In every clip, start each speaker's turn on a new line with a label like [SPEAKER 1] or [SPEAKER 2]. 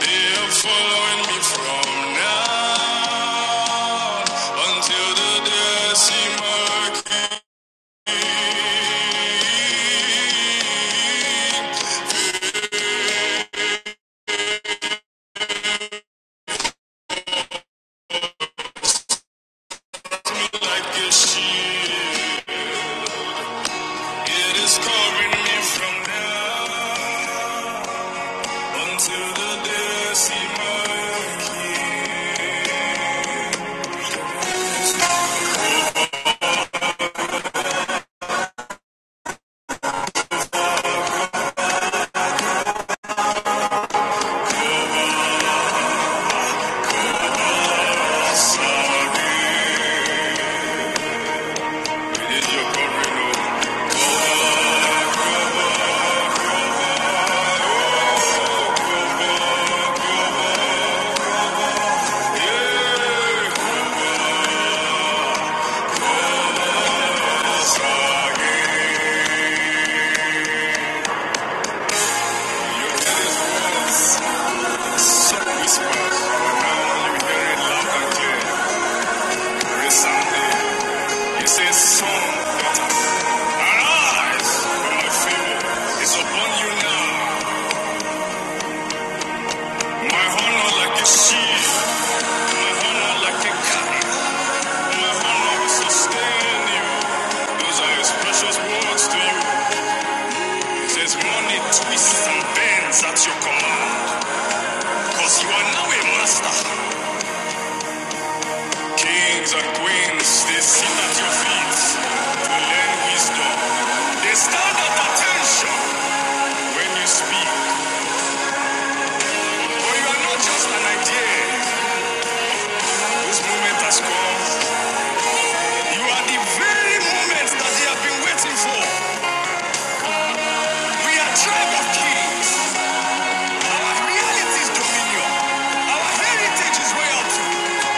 [SPEAKER 1] They're following me from now until the day I see my working like a shield. It is covering me from now until the day I see my working. Sound is your covering over. Some whisper, now you hear it loud and clear. Resounding. It's a song that arise from my favor. It's upon you now. Mahono like a sheep, Mahono like a kite, Mahono will sustain you. Those are his precious words to you. There's money twists and bends at your command, cause you are now a master. Kings and queens, they sit at your feet to learn wisdom. They stand at attention when you speak, but you are not just an idea. This moment has come. You are the very moment that they have been waiting for. We are tribe of kings. Our reality is dominion. Our heritage is royalty.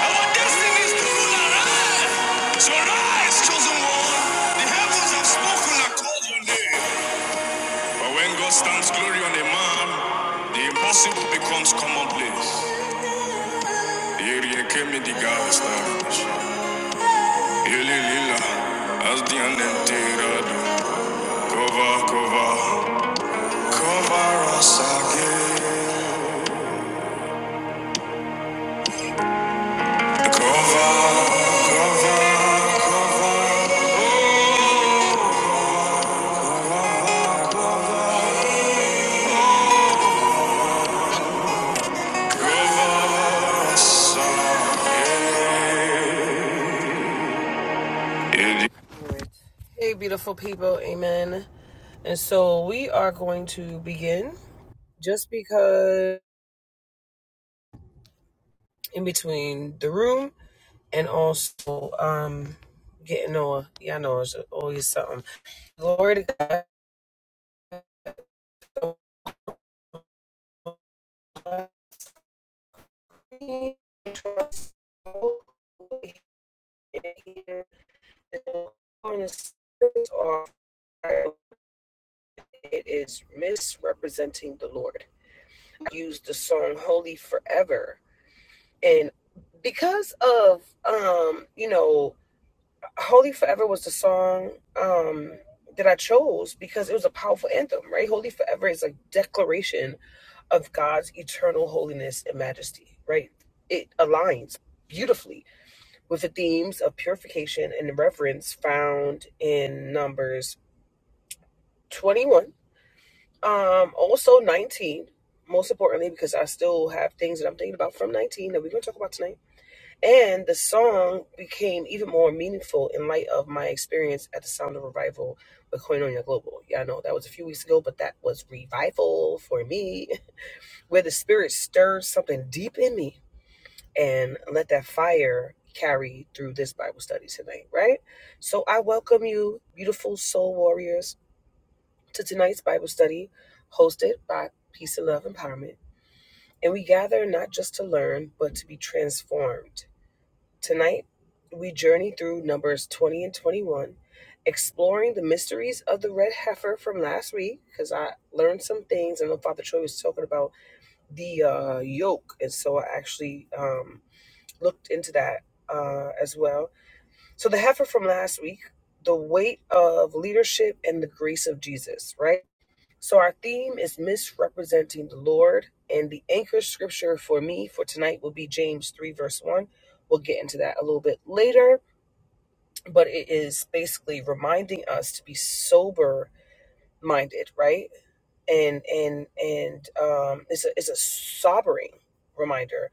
[SPEAKER 1] Our destiny is to rule and reign. So rise, chosen one. The heavens have spoken and called your name. But when God stands glory on a man, the impossible becomes commonplace. Yeri kemi diga established. Ili lila, as the unenterado. Cover, cover, cover us again. Cover, cover. Hey, beautiful people, amen. And so we are going to begin just because in between the room and also um getting on. Y'all know it's always something. Glory to God. Trust It is misrepresenting the Lord. used the song Holy Forever. And because of um, you know, Holy Forever was the song um that I chose because it was a powerful anthem, right? Holy Forever is a declaration of God's eternal holiness and majesty, right? It aligns beautifully with the themes of purification and reverence found in Numbers 21 Um, also 19, most importantly, because I still have things that I'm thinking about from 19 that we're going to talk about tonight. And the song became even more meaningful in light of my experience at the Sound of Revival with Koinonia Global. Yeah, I know that was a few weeks ago, but that was revival for me, where the Spirit stirs something deep in me and let that fire carry through this Bible study tonight, right? So I welcome you, beautiful soul warriors to tonight's Bible study hosted by Peace and Love Empowerment. And we gather not just to learn, but to be transformed. Tonight, we journey through Numbers 20 and 21, exploring the mysteries of the red heifer from last week, because I learned some things. I know Father Troy was talking about the uh, yoke, and so I actually um, looked into that uh, as well. So, the heifer from last week, the weight of leadership and the grace of Jesus, right? So, our theme is misrepresenting the Lord, and the anchor scripture for me for tonight will be James 3, verse 1. We'll get into that a little bit later, but it is basically reminding us to be sober minded, right? And and and um, it's a it's a sobering reminder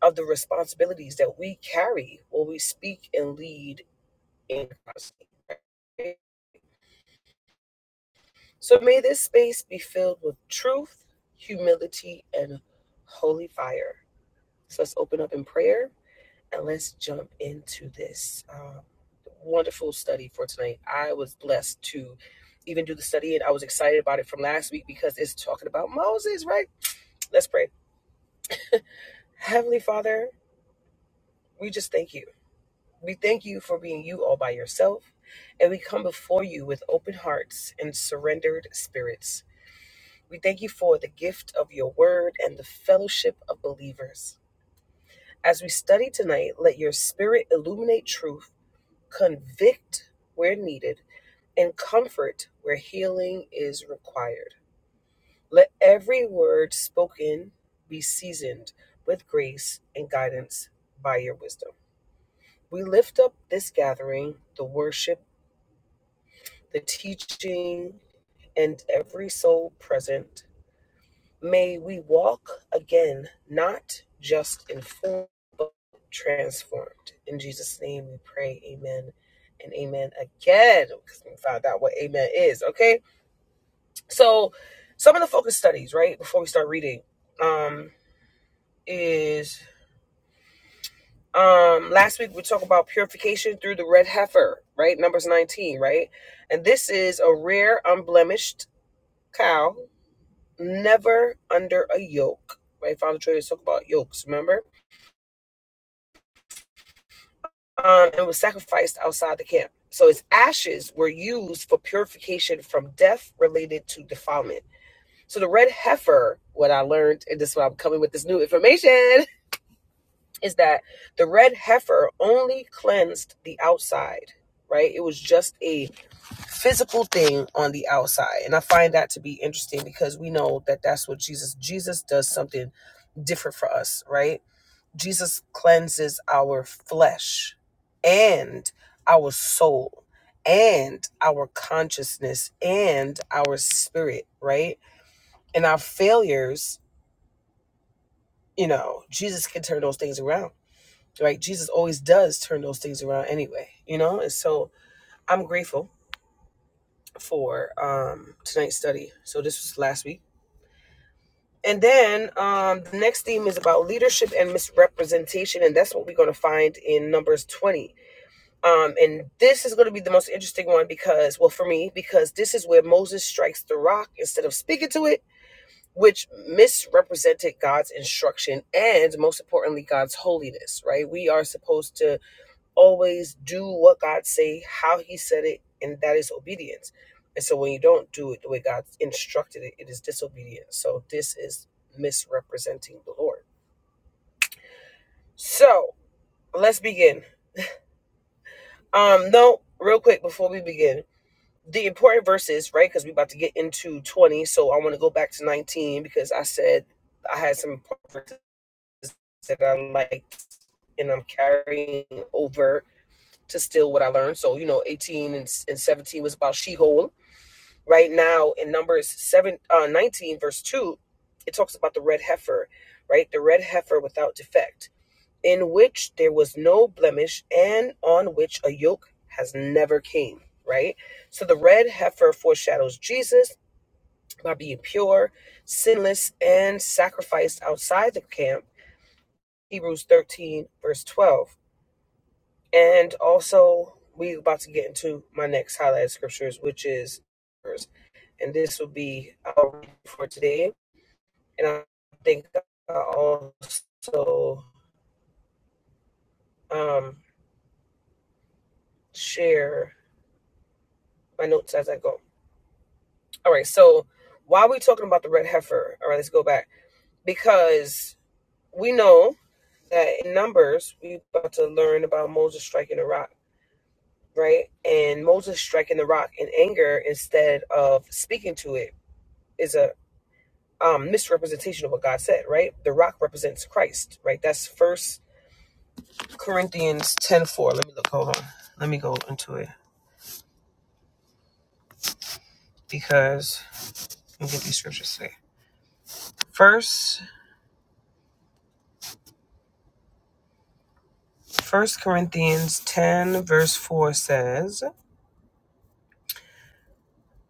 [SPEAKER 1] of the responsibilities that we carry when we speak and lead in Christ. right? So may this space be filled with truth, humility, and holy fire. So let's open up in prayer and let's jump into this um, wonderful study for tonight. I was blessed to even do the study and I was excited about it from last week because it's talking about Moses, right? Let's pray. Heavenly Father, we just thank you. We thank you for being you all by yourself. And we come before you with open hearts and surrendered spirits. We thank you for the gift of your word and the fellowship of believers. As we study tonight, let your spirit illuminate truth, convict where needed, and comfort where healing is required. Let every word spoken be seasoned with grace and guidance by your wisdom. We lift up this gathering, the worship, the teaching, and every soul present May we walk again, not just informed, but transformed. In Jesus' name we pray, amen and amen again, because we found out what amen is, okay? So, some of the focus studies, right, before we start reading, um, is um last week we talked about purification through the red heifer right numbers 19 right and this is a rare unblemished cow never under a yoke right father traders talked about yokes remember um, and was sacrificed outside the camp. So its ashes were used for purification from death related to defilement. So the red heifer, what I learned, and this is why I'm coming with this new information, is that the red heifer only cleansed the outside, right? It was just a physical thing on the outside. And I find that to be interesting because we know that that's what Jesus, Jesus does something different for us, right? Jesus cleanses our flesh and our soul and our consciousness and our spirit, right? And our failures, you know, Jesus can turn those things around, right? Jesus always does turn those things around anyway, you know? And so I'm grateful for um, tonight's study. So this was last week. And then um, the next theme is about leadership and misrepresentation. And that's what we're going to find in Numbers 20 Um, and this is going to be the most interesting one because, well, for me, because this is where Moses strikes the rock instead of speaking to it, which misrepresented God's instruction and, most importantly, God's holiness. Right? We are supposed to always do what God say, how He said it, and that is obedience. And so, when you don't do it the way God instructed it, it is disobedience. So this is misrepresenting the Lord. So let's begin. Um, no, real quick before we begin the important verses, right? Because we're about to get into 20. So I want to go back to 19 because I said I had some important verses that I liked and I'm carrying over to still what I learned. So, you know, 18 and, and 17 was about Sheol. Right now in Numbers 7, uh, 19, verse 2, it talks about the red heifer, right? The red heifer without defect in which there was no blemish and on which a yoke has never came, right? So the red heifer foreshadows Jesus by being pure, sinless, and sacrificed outside the camp, Hebrews 13, verse 12. And also, we're about to get into my next highlighted scriptures, which is, and this will be our read for today. And I think I will also um, share my notes as I go. All right, so why are we talking about the red heifer, all right, let's go back because we know that in Numbers we're about to learn about Moses striking the rock, right? And Moses striking the rock in anger instead of speaking to it is a um, misrepresentation of what God said, right? The rock represents Christ, right? That's First Corinthians ten four. Let me look. Hold on. Let me go into it because let me get these scriptures today. First, First Corinthians ten verse four says.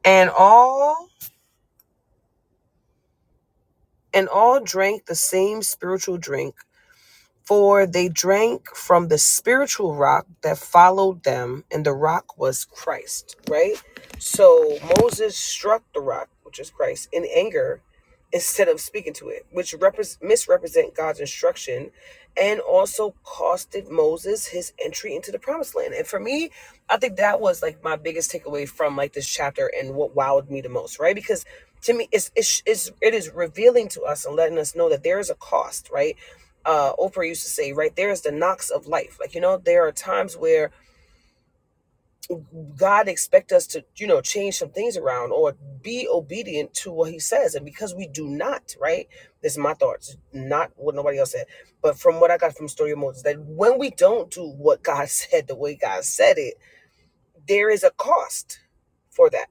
[SPEAKER 1] and all and all drank the same spiritual drink, For they drank from the spiritual rock that followed them, and the rock was Christ, right? So Moses struck the rock, which is Christ, in anger instead of speaking to it, which repres misrepresent God's instruction and also costed Moses his entry into the promised land. And for me, I think that was like my biggest takeaway from like this chapter and what wowed me the most, right? Because to me, it's, it's, it's, it is revealing to us and letting us know that there is a cost, right? uh, Oprah used to say, right there is the knocks of life. Like, you know, there are times where God expects us to, you know, change some things around or be obedient to what he says. And because we do not, right? This is my thoughts, not what nobody else said. But from what I got from Story of Moses, that when we don't do what God said the way God said it, there is a cost for that.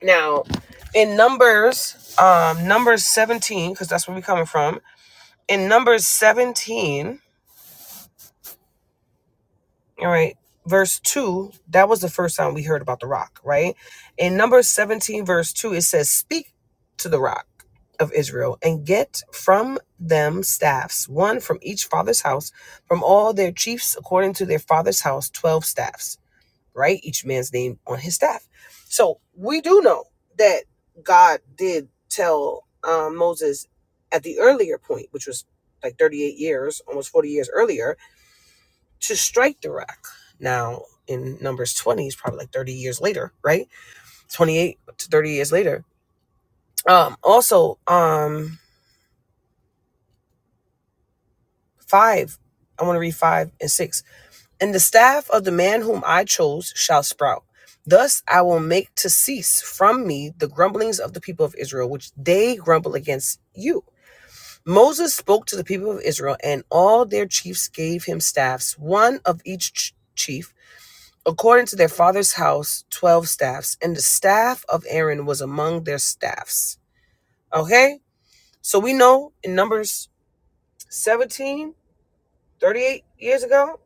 [SPEAKER 1] Now, in Numbers, um, Numbers 17, because that's where we're coming from, in Numbers 17, All right. Verse 2, that was the first time we heard about the rock, right? In Numbers 17, verse 2, it says, Speak to the rock of Israel and get from them staffs, one from each father's house, from all their chiefs according to their father's house, 12 staffs, right? Each man's name on his staff. So we do know that God did tell um, Moses at the earlier point, which was like 38 years, almost 40 years earlier, to strike the rock. Now, in Numbers 20, it's probably like 30 years later, right? 28 to 30 years later. Um, also, um, five, I want to read five and six. And the staff of the man whom I chose shall sprout. Thus I will make to cease from me the grumblings of the people of Israel, which they grumble against you. Moses spoke to the people of Israel, and all their chiefs gave him staffs, one of each chief according to their father's house, 12 staffs, and the staff of Aaron was among their staffs. Okay? So we know in Numbers 17 38 years ago,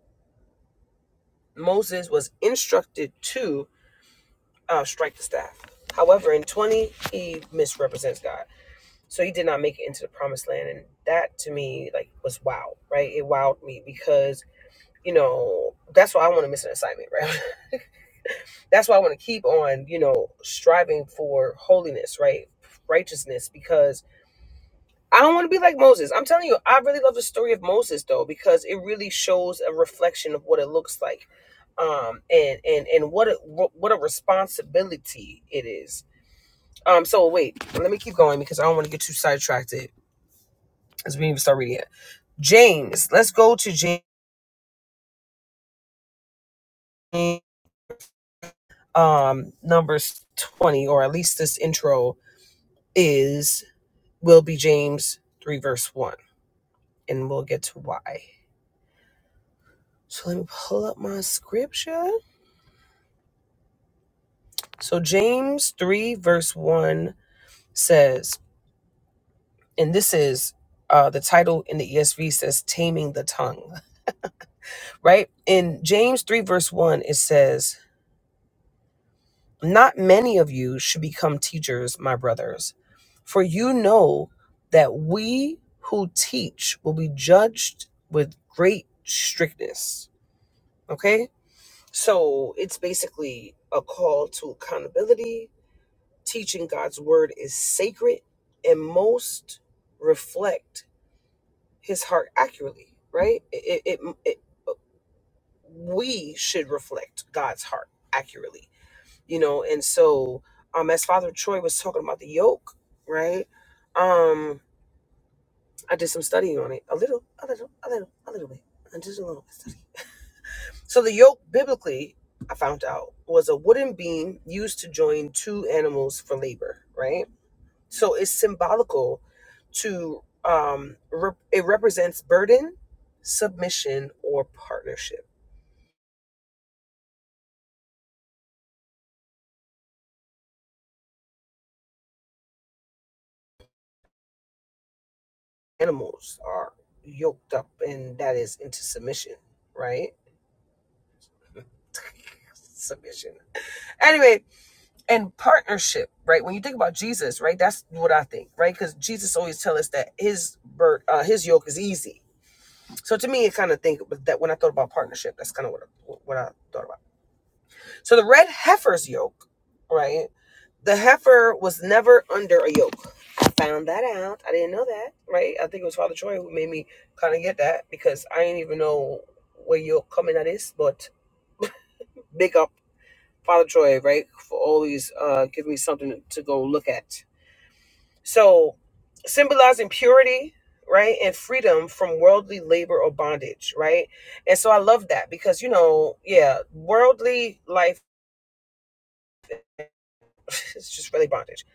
[SPEAKER 1] Moses was instructed to uh, strike the staff. However, in 20, he misrepresents God. So he did not make it into the promised land. And that to me, like, was wow, right? It wowed me because, you know, that's why I want to miss an assignment, right? that's why I want to keep on, you know, striving for holiness, right? Righteousness, because I don't want to be like Moses. I'm telling you, I really love the story of Moses though, because it really shows a reflection of what it looks like, um, and and and what a what a responsibility it is. Um, so wait, let me keep going because I don't want to get too sidetracked as we even start reading it. James, let's go to James, um, numbers twenty, or at least this intro is will be James 3, verse 1. And we'll get to why. So let me pull up my scripture. So James 3, verse 1 says, and this is uh, the title in the ESV says, Taming the Tongue, right? In James 3, verse 1, it says, Not many of you should become teachers, my brothers, for you know that we who teach will be judged with great strictness. Okay? So it's basically a call to accountability. Teaching God's word is sacred, and most reflect His heart accurately. Right? It, it, it, it we should reflect God's heart accurately. You know, and so um, as Father Troy was talking about the yoke, right? Um, I did some studying on it, a little, a little, a little, a little bit, just a little bit. So the yoke, biblically, I found out, was a wooden beam used to join two animals for labor, right? So it's symbolical to, um, rep- it represents burden, submission, or partnership. Animals are yoked up, and that is into submission, right? Submission. Anyway, and partnership, right? When you think about Jesus, right, that's what I think, right? Because Jesus always tell us that his bur- uh, his yoke is easy, So to me, I kind of think that when I thought about partnership, that's kind of what I, what I thought about. So the red heifer's yoke, right? The heifer was never under a yoke. I found that out. I didn't know that, right? I think it was Father Troy who made me kind of get that because I didn't even know where yoke coming at is. But big up Father Troy, right, for always uh, giving me something to go look at So, symbolizing purity, right, and freedom from worldly labor or bondage, right? And so I love that because, you know, yeah, worldly life is just really bondage.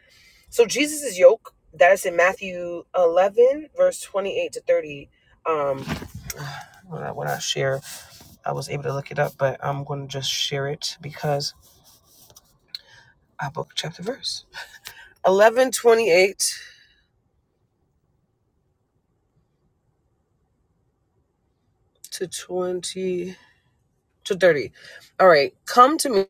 [SPEAKER 1] So, Jesus' yoke, that is in Matthew 11, verse 28 to 30. Um, when I, when I share, I was able to look it up, but I'm going to just share it because I booked chapter verse 11, 28 to 20 to 30. All right, come to me.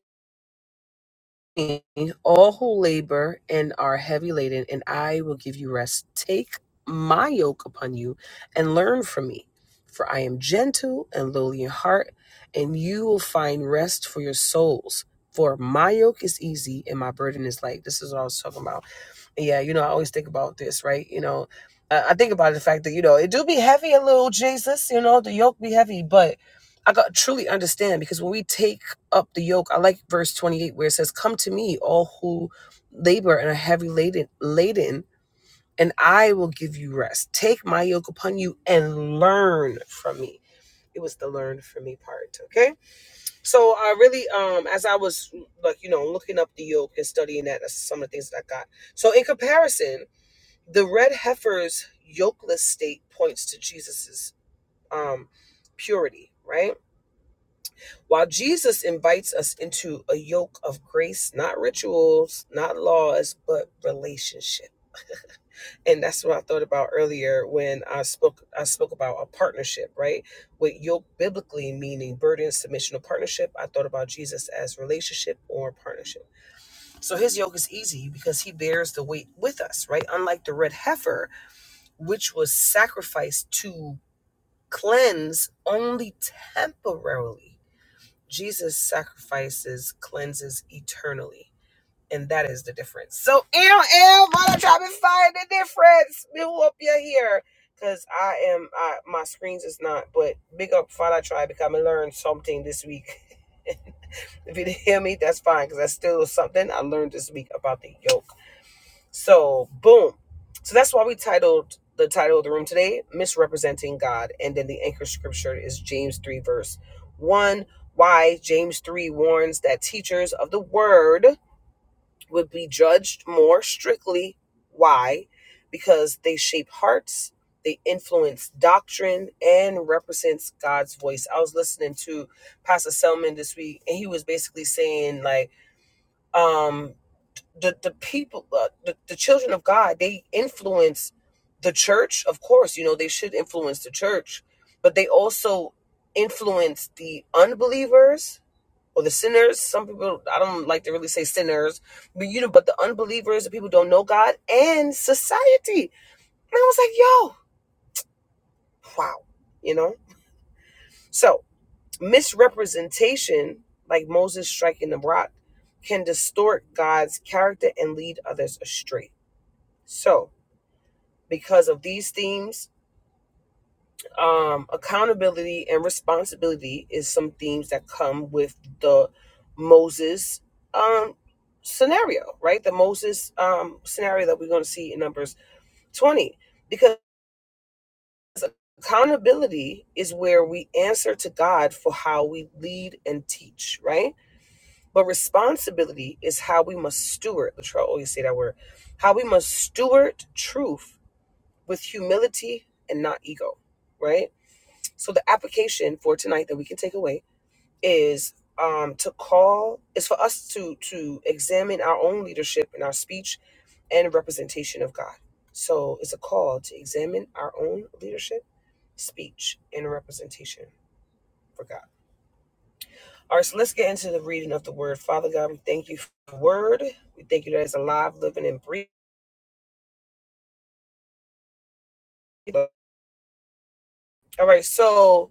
[SPEAKER 1] all who labor and are heavy laden, and I will give you rest. Take my yoke upon you and learn from me, for I am gentle and lowly in heart, and you will find rest for your souls. For my yoke is easy and my burden is light. This is what I was talking about yeah, you know, I always think about this, right? You know, I, I think about the fact that you know it do be heavy a little, Jesus. You know, the yoke be heavy, but I got truly understand because when we take up the yoke, I like verse twenty eight where it says, "Come to me, all who labor and are heavy laden, laden, and I will give you rest. Take my yoke upon you and learn from me." It was the learn from me part, okay? So I really, um, as I was like, you know, looking up the yoke and studying that, that's some of the things that I got. So in comparison, the red heifer's yokeless state points to Jesus's um, purity, right? While Jesus invites us into a yoke of grace, not rituals, not laws, but relationship. And that's what I thought about earlier when I spoke I spoke about a partnership, right? With yoke biblically meaning burden, submission, or partnership. I thought about Jesus as relationship or partnership. So his yoke is easy because he bears the weight with us, right? Unlike the red heifer which was sacrificed to cleanse only temporarily. Jesus sacrifices, cleanses eternally. And that is the difference. So, ew, ew, wanna try to find the difference. We hope you're here. Cause I am, I, my screens is not, but big up Father Try because I learned something this week. if you didn't hear me, that's fine, cause that's still something I learned this week about the yoke. So boom. So that's why we titled the title of the room today, Misrepresenting God. And then the anchor scripture is James 3, verse 1. Why James 3 warns that teachers of the word would be judged more strictly. Why? Because they shape hearts, they influence doctrine, and represents God's voice. I was listening to Pastor Selman this week, and he was basically saying, like, um the the people uh, the, the children of god they influence the church of course you know they should influence the church but they also influence the unbelievers or the sinners some people i don't like to really say sinners but you know but the unbelievers the people who don't know god and society and i was like yo wow you know so misrepresentation like moses striking the rock can distort god's character and lead others astray so because of these themes um, accountability and responsibility is some themes that come with the moses um, scenario right the moses um, scenario that we're going to see in numbers 20 because accountability is where we answer to god for how we lead and teach right but responsibility is how we must steward Latrell always say that word how we must steward truth with humility and not ego right So the application for tonight that we can take away is um, to call is for us to to examine our own leadership and our speech and representation of God. So it's a call to examine our own leadership, speech, and representation for God. All right, so let's get into the reading of the word. Father God, we thank you for the word. We thank you that it's alive, living, and breathing. All right, so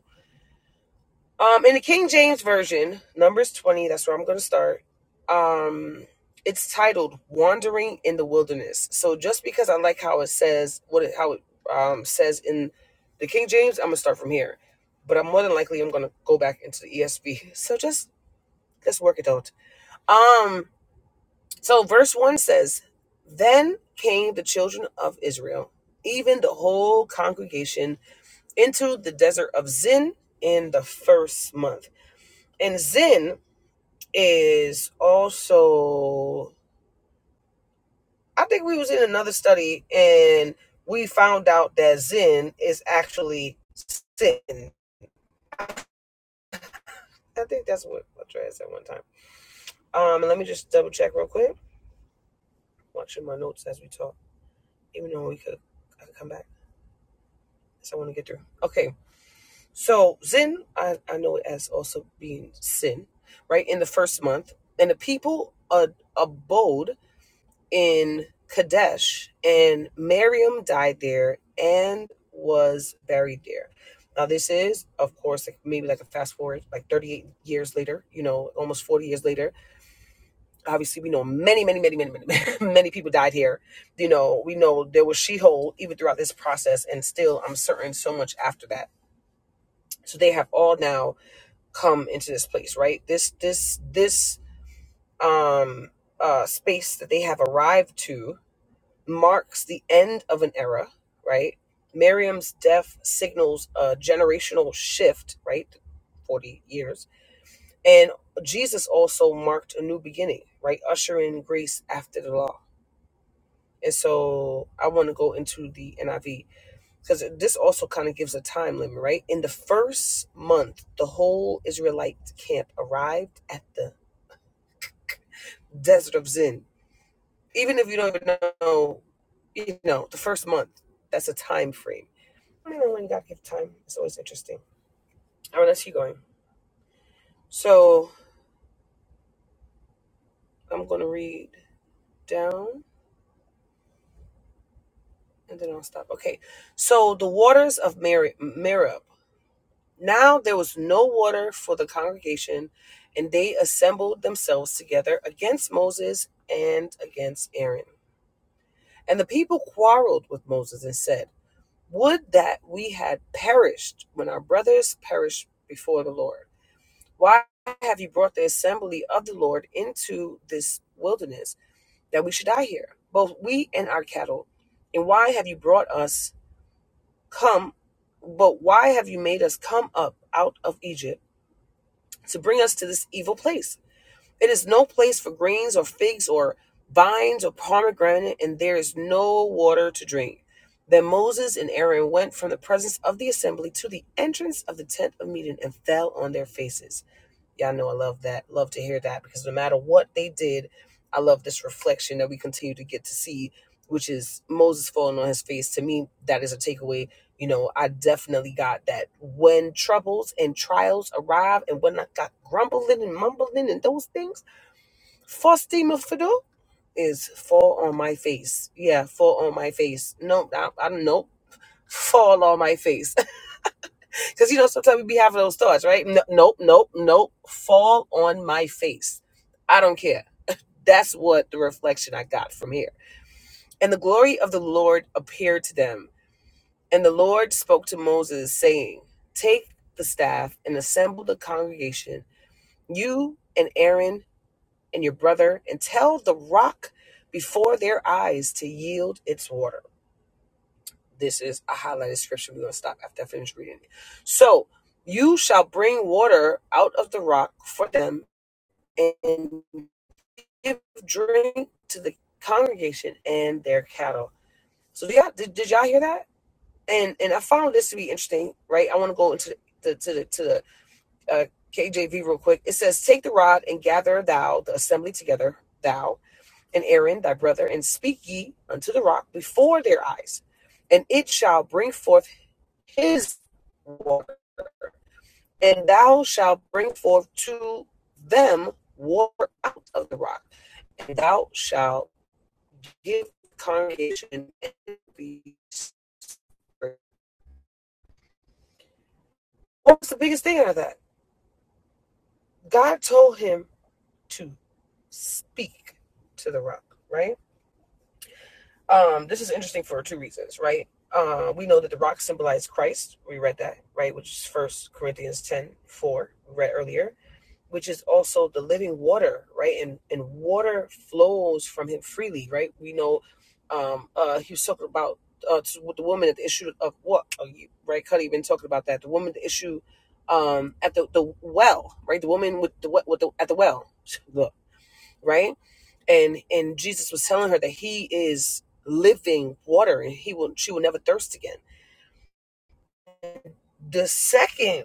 [SPEAKER 1] Um, in the King James Version, Numbers 20, that's where I'm going to start. Um, it's titled Wandering in the Wilderness. So just because I like how it says, what it, how it um, says in the King James, I'm going to start from here. But I'm more than likely, I'm going to go back into the ESV. So just, let's work it out. Um, so verse 1 says, Then came the children of Israel, even the whole congregation, into the desert of Zin in the first month. And Zin is also I think we was in another study and we found out that Zen is actually sin. I think that's what I tried at one time. Um and let me just double check real quick. Watching my notes as we talk. Even though we could I could come back. So I want to get through. Okay. So Zen I, I know it as also being sin, right? In the first month. And the people uh, abode in Kadesh, and Miriam died there and was buried there. Now, this is, of course, like maybe like a fast forward, like 38 years later, you know, almost 40 years later. Obviously, we know many, many, many, many, many, many people died here. You know, we know there was Sheol even throughout this process, and still, I'm certain so much after that. So they have all now come into this place, right? This, this, this, um, uh, space that they have arrived to marks the end of an era, right? Miriam's death signals a generational shift, right? 40 years. And Jesus also marked a new beginning, right? Ushering grace after the law. And so I want to go into the NIV because this also kind of gives a time limit, right? In the first month, the whole Israelite camp arrived at the desert of Zin. Even if you don't even know, you know, the first month, that's a time frame I don't know when God gives time. It's always interesting. All right, let's keep going. So I'm going to read down and then I'll stop. Okay. So the waters of Mer- Merib. Now there was no water for the congregation, and they assembled themselves together against Moses and against Aaron. And the people quarreled with Moses and said, Would that we had perished when our brothers perished before the Lord. Why have you brought the assembly of the Lord into this wilderness that we should die here, both we and our cattle? And why have you brought us come, but why have you made us come up out of Egypt to bring us to this evil place? It is no place for grains or figs or vines or pomegranate, and there is no water to drink. Then Moses and Aaron went from the presence of the assembly to the entrance of the tent of meeting and fell on their faces. Y'all know I love that. Love to hear that because no matter what they did, I love this reflection that we continue to get to see, which is Moses falling on his face. To me, that is a takeaway. You know, I definitely got that when troubles and trials arrive and when I got grumbling and mumbling and those things, first thing must to do is fall on my face. Yeah, fall on my face. No, I, I don't know. Fall on my face. Because you know, sometimes we be having those thoughts, right? No, nope, nope, nope. Fall on my face. I don't care. That's what the reflection I got from here. And the glory of the Lord appeared to them. And the Lord spoke to Moses, saying, Take the staff and assemble the congregation, you and Aaron and your brother, and tell the rock before their eyes to yield its water. This is a highlighted scripture. We're going to stop after I finish reading it. So, you shall bring water out of the rock for them and give drink to the congregation and their cattle. So, did y'all, did, did y'all hear that? And and I found this to be interesting, right? I want to go into the, to the, to the uh, KJV real quick. It says, Take the rod and gather thou the assembly together, thou and Aaron thy brother, and speak ye unto the rock before their eyes, and it shall bring forth his water, and thou shalt bring forth to them water out of the rock, and thou shalt give the congregation what was the biggest thing out of that? God told him to speak to the rock, right? Um, this is interesting for two reasons, right? Uh, we know that the rock symbolized Christ. We read that, right? Which is First Corinthians 10 4 we read earlier which is also the living water, right? And and water flows from him freely, right? We know um uh he was talking about uh with the woman at the issue of what oh, you, right Cuddy been talking about that. The woman the issue um at the, the well, right? The woman with the with the at the well. Look, right? And and Jesus was telling her that he is living water and he will she will never thirst again. The second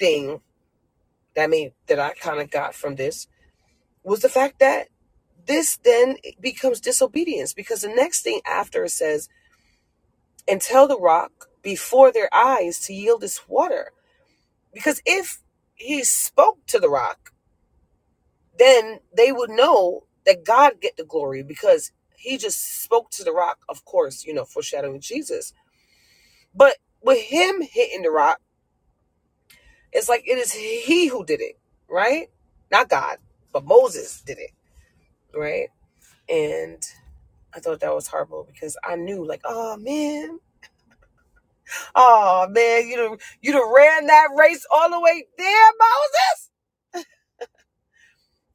[SPEAKER 1] thing that made that I kind of got from this was the fact that this then becomes disobedience because the next thing after it says, and tell the rock before their eyes to yield this water. Because if he spoke to the rock, then they would know that God get the glory because he just spoke to the rock, of course, you know, foreshadowing Jesus. But with him hitting the rock, it's like it is he who did it, right? Not God, but Moses did it, right? And I thought that was horrible because I knew, like, oh man, oh man, you done, you done ran that race all the way there, Moses.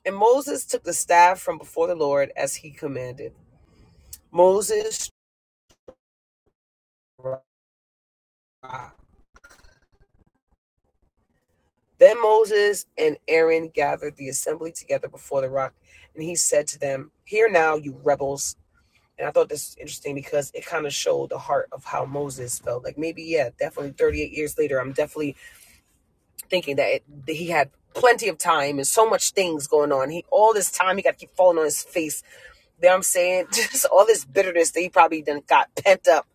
[SPEAKER 1] And Moses took the staff from before the Lord as he commanded. Moses, then Moses and Aaron gathered the assembly together before the rock, and he said to them, "Hear now, you rebels." And I thought this was interesting because it kind of showed the heart of how Moses felt. Like maybe, yeah, definitely 38 years later, I'm definitely thinking that, it, that he had plenty of time and so much things going on. He all this time he got to keep falling on his face. You know what I'm saying? Just all this bitterness that he probably done got pent up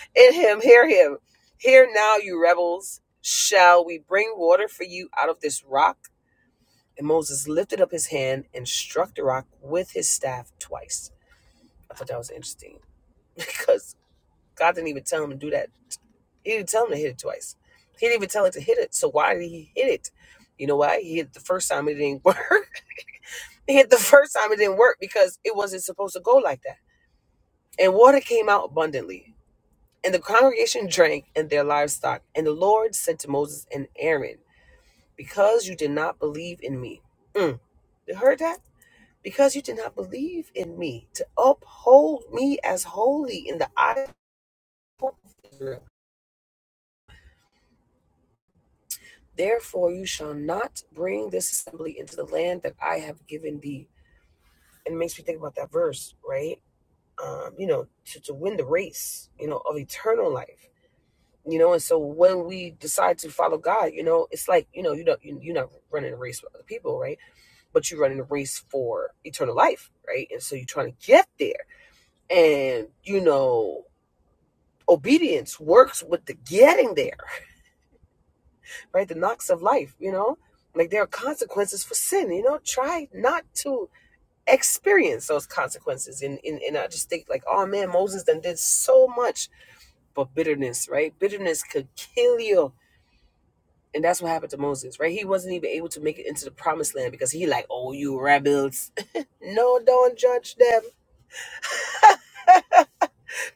[SPEAKER 1] in him. Hear him. Hear now, you rebels. Shall we bring water for you out of this rock? And Moses lifted up his hand and struck the rock with his staff twice. I thought that was interesting because God didn't even tell him to do that He didn't tell him to hit it twice. He didn't even tell him to hit it. So why did he hit it? You know why? He hit it the first time it didn't work. he hit the first time it didn't work because it wasn't supposed to go like that. And water came out abundantly. And the congregation drank and their livestock. And the Lord said to Moses and Aaron, Because you did not believe in me. Mm, you heard that? Because you did not believe in me to uphold me as holy in the eyes." of Israel Therefore, you shall not bring this assembly into the land that I have given thee. And it makes me think about that verse, right? Um, you know, to, to win the race, you know, of eternal life. You know, and so when we decide to follow God, you know, it's like, you know, you don't, you- you're not running a race with other people, right? But you're running a race for eternal life, right? And so you're trying to get there. And, you know, obedience works with the getting there right? The knocks of life, you know? Like there are consequences for sin, you know? Try not to experience those consequences. And, and, and I just think, like, oh man, Moses done did so much, but bitterness, right? Bitterness could kill you. And that's what happened to Moses, right? He wasn't even able to make it into the promised land because he, like, oh, you rebels. no, don't judge them.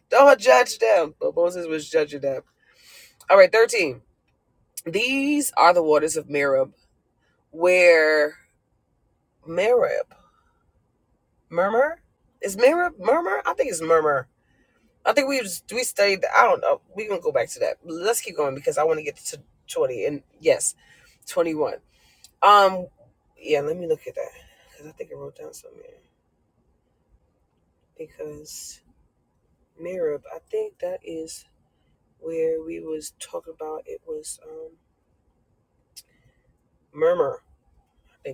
[SPEAKER 1] Don't judge them. But Moses was judging them. All right, 13. These are the waters of Merib, where Merib Murmur? Is Mirror Murmur? I think it's Murmur. I think we was, we studied. I don't know. We're gonna go back to that. Let's keep going because I want to get to twenty and yes, twenty one. Um, yeah. Let me look at that because I think I wrote down something. because Mirab. I think that is where we was talking about. It was um Murmur. I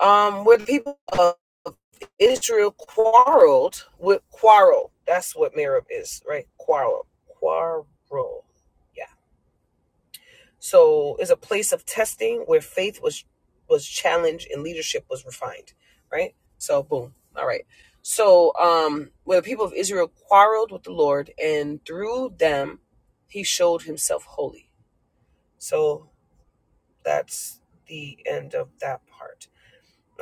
[SPEAKER 1] um, where the people of Israel quarreled with quarrel. That's what Merib is, right? Quarrel. Quarrel. Yeah. So it's a place of testing where faith was was challenged and leadership was refined. Right? So boom. All right. So um where the people of Israel quarreled with the Lord and through them he showed himself holy. So that's the end of that part.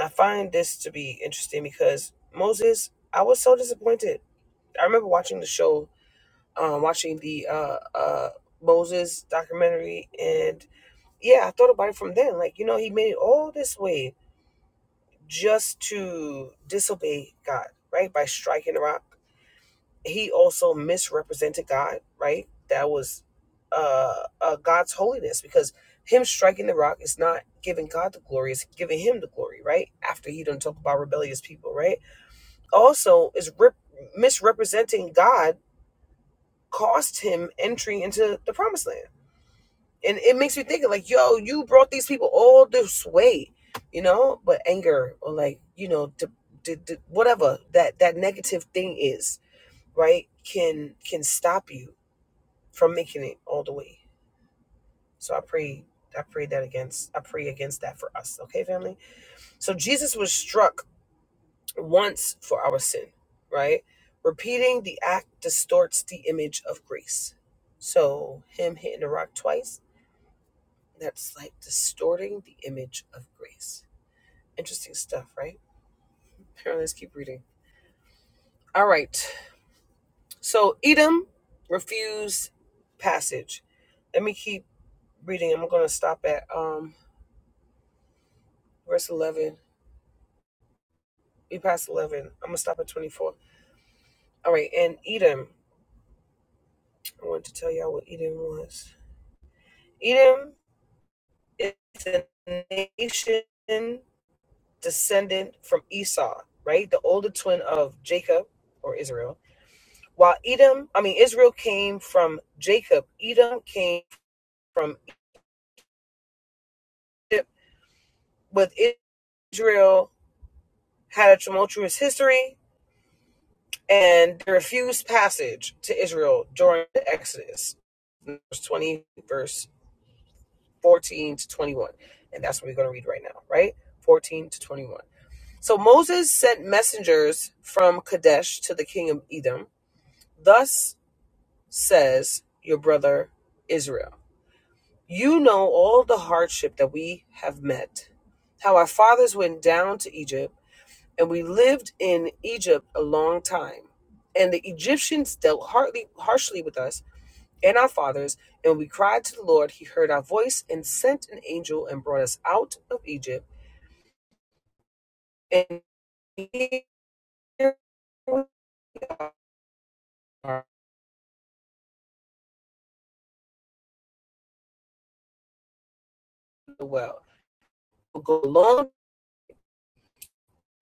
[SPEAKER 1] I find this to be interesting because Moses, I was so disappointed. I remember watching the show, um, watching the uh, uh, Moses documentary, and yeah, I thought about it from then. Like, you know, he made it all this way just to disobey God, right? By striking the rock. He also misrepresented God, right? That was uh, uh, God's holiness because him striking the rock is not giving God the glory, it's giving him the glory, right? After he done talk about rebellious people, right? also is rep- misrepresenting God cost him entry into the promised land. And it makes me think like, yo, you brought these people all this way, you know, but anger or like, you know, d- d- d- whatever that that negative thing is, right? Can can stop you from making it all the way. So I pray I pray that against I pray against that for us, okay, family? So Jesus was struck once for our sin, right? Repeating the act distorts the image of grace. So, him hitting the rock twice, that's like distorting the image of grace. Interesting stuff, right? Apparently, let's keep reading. All right. So, Edom refused passage. Let me keep reading. I'm going to stop at um verse 11. We passed 11. I'm going to stop at 24. All right. And Edom, I wanted to tell y'all what Edom was. Edom It's a nation descendant from Esau, right? The older twin of Jacob or Israel. While Edom, I mean, Israel came from Jacob, Edom came from Egypt. With Israel had a tumultuous history and they refused passage to Israel during the Exodus. verse 20, verse 14 to 21. And that's what we're going to read right now, right? 14 to 21. So Moses sent messengers from Kadesh to the king of Edom. Thus says your brother Israel You know all the hardship that we have met, how our fathers went down to Egypt, and we lived in Egypt a long time. And the Egyptians dealt hardly, harshly with us and our fathers, and we cried to the Lord. He heard our voice and sent an angel and brought us out of Egypt. And here we are in the well. go along,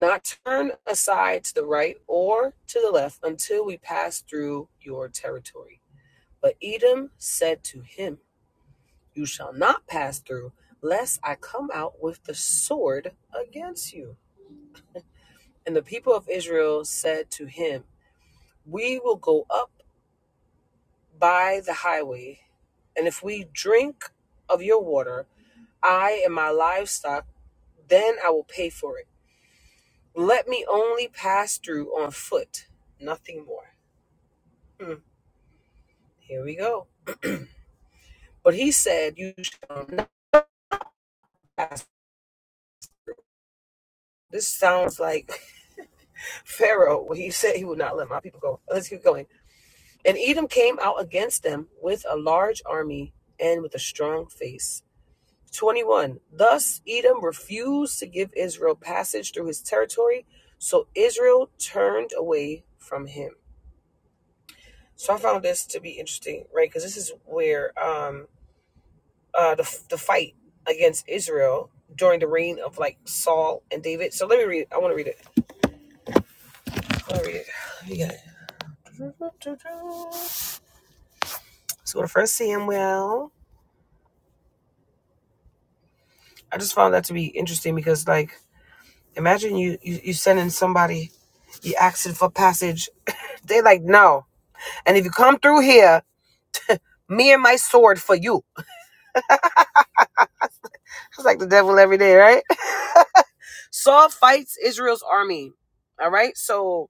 [SPEAKER 1] not turn aside to the right or to the left until we pass through your territory. But Edom said to him, You shall not pass through, lest I come out with the sword against you. And the people of Israel said to him, We will go up by the highway, and if we drink of your water, I and my livestock, then I will pay for it. Let me only pass through on foot, nothing more. Mm, here we go. But he said, You shall not pass. This sounds like Pharaoh, when he said he would not let my people go. Let's keep going. And Edom came out against them with a large army and with a strong face. 21. Thus Edom refused to give Israel passage through his territory, so Israel turned away from him. So I found this to be interesting, right? Because this is where um uh, the the fight against Israel during the reign of like Saul and David. So let me read. It. I want to read it. I want to read it. You got it. So the first Samuel. I just found that to be interesting because like imagine you you, you sending somebody you asking for passage. They like no, and if you come through here, me and my sword for you. It's like the devil every day, right? Saul fights Israel's army. All right, so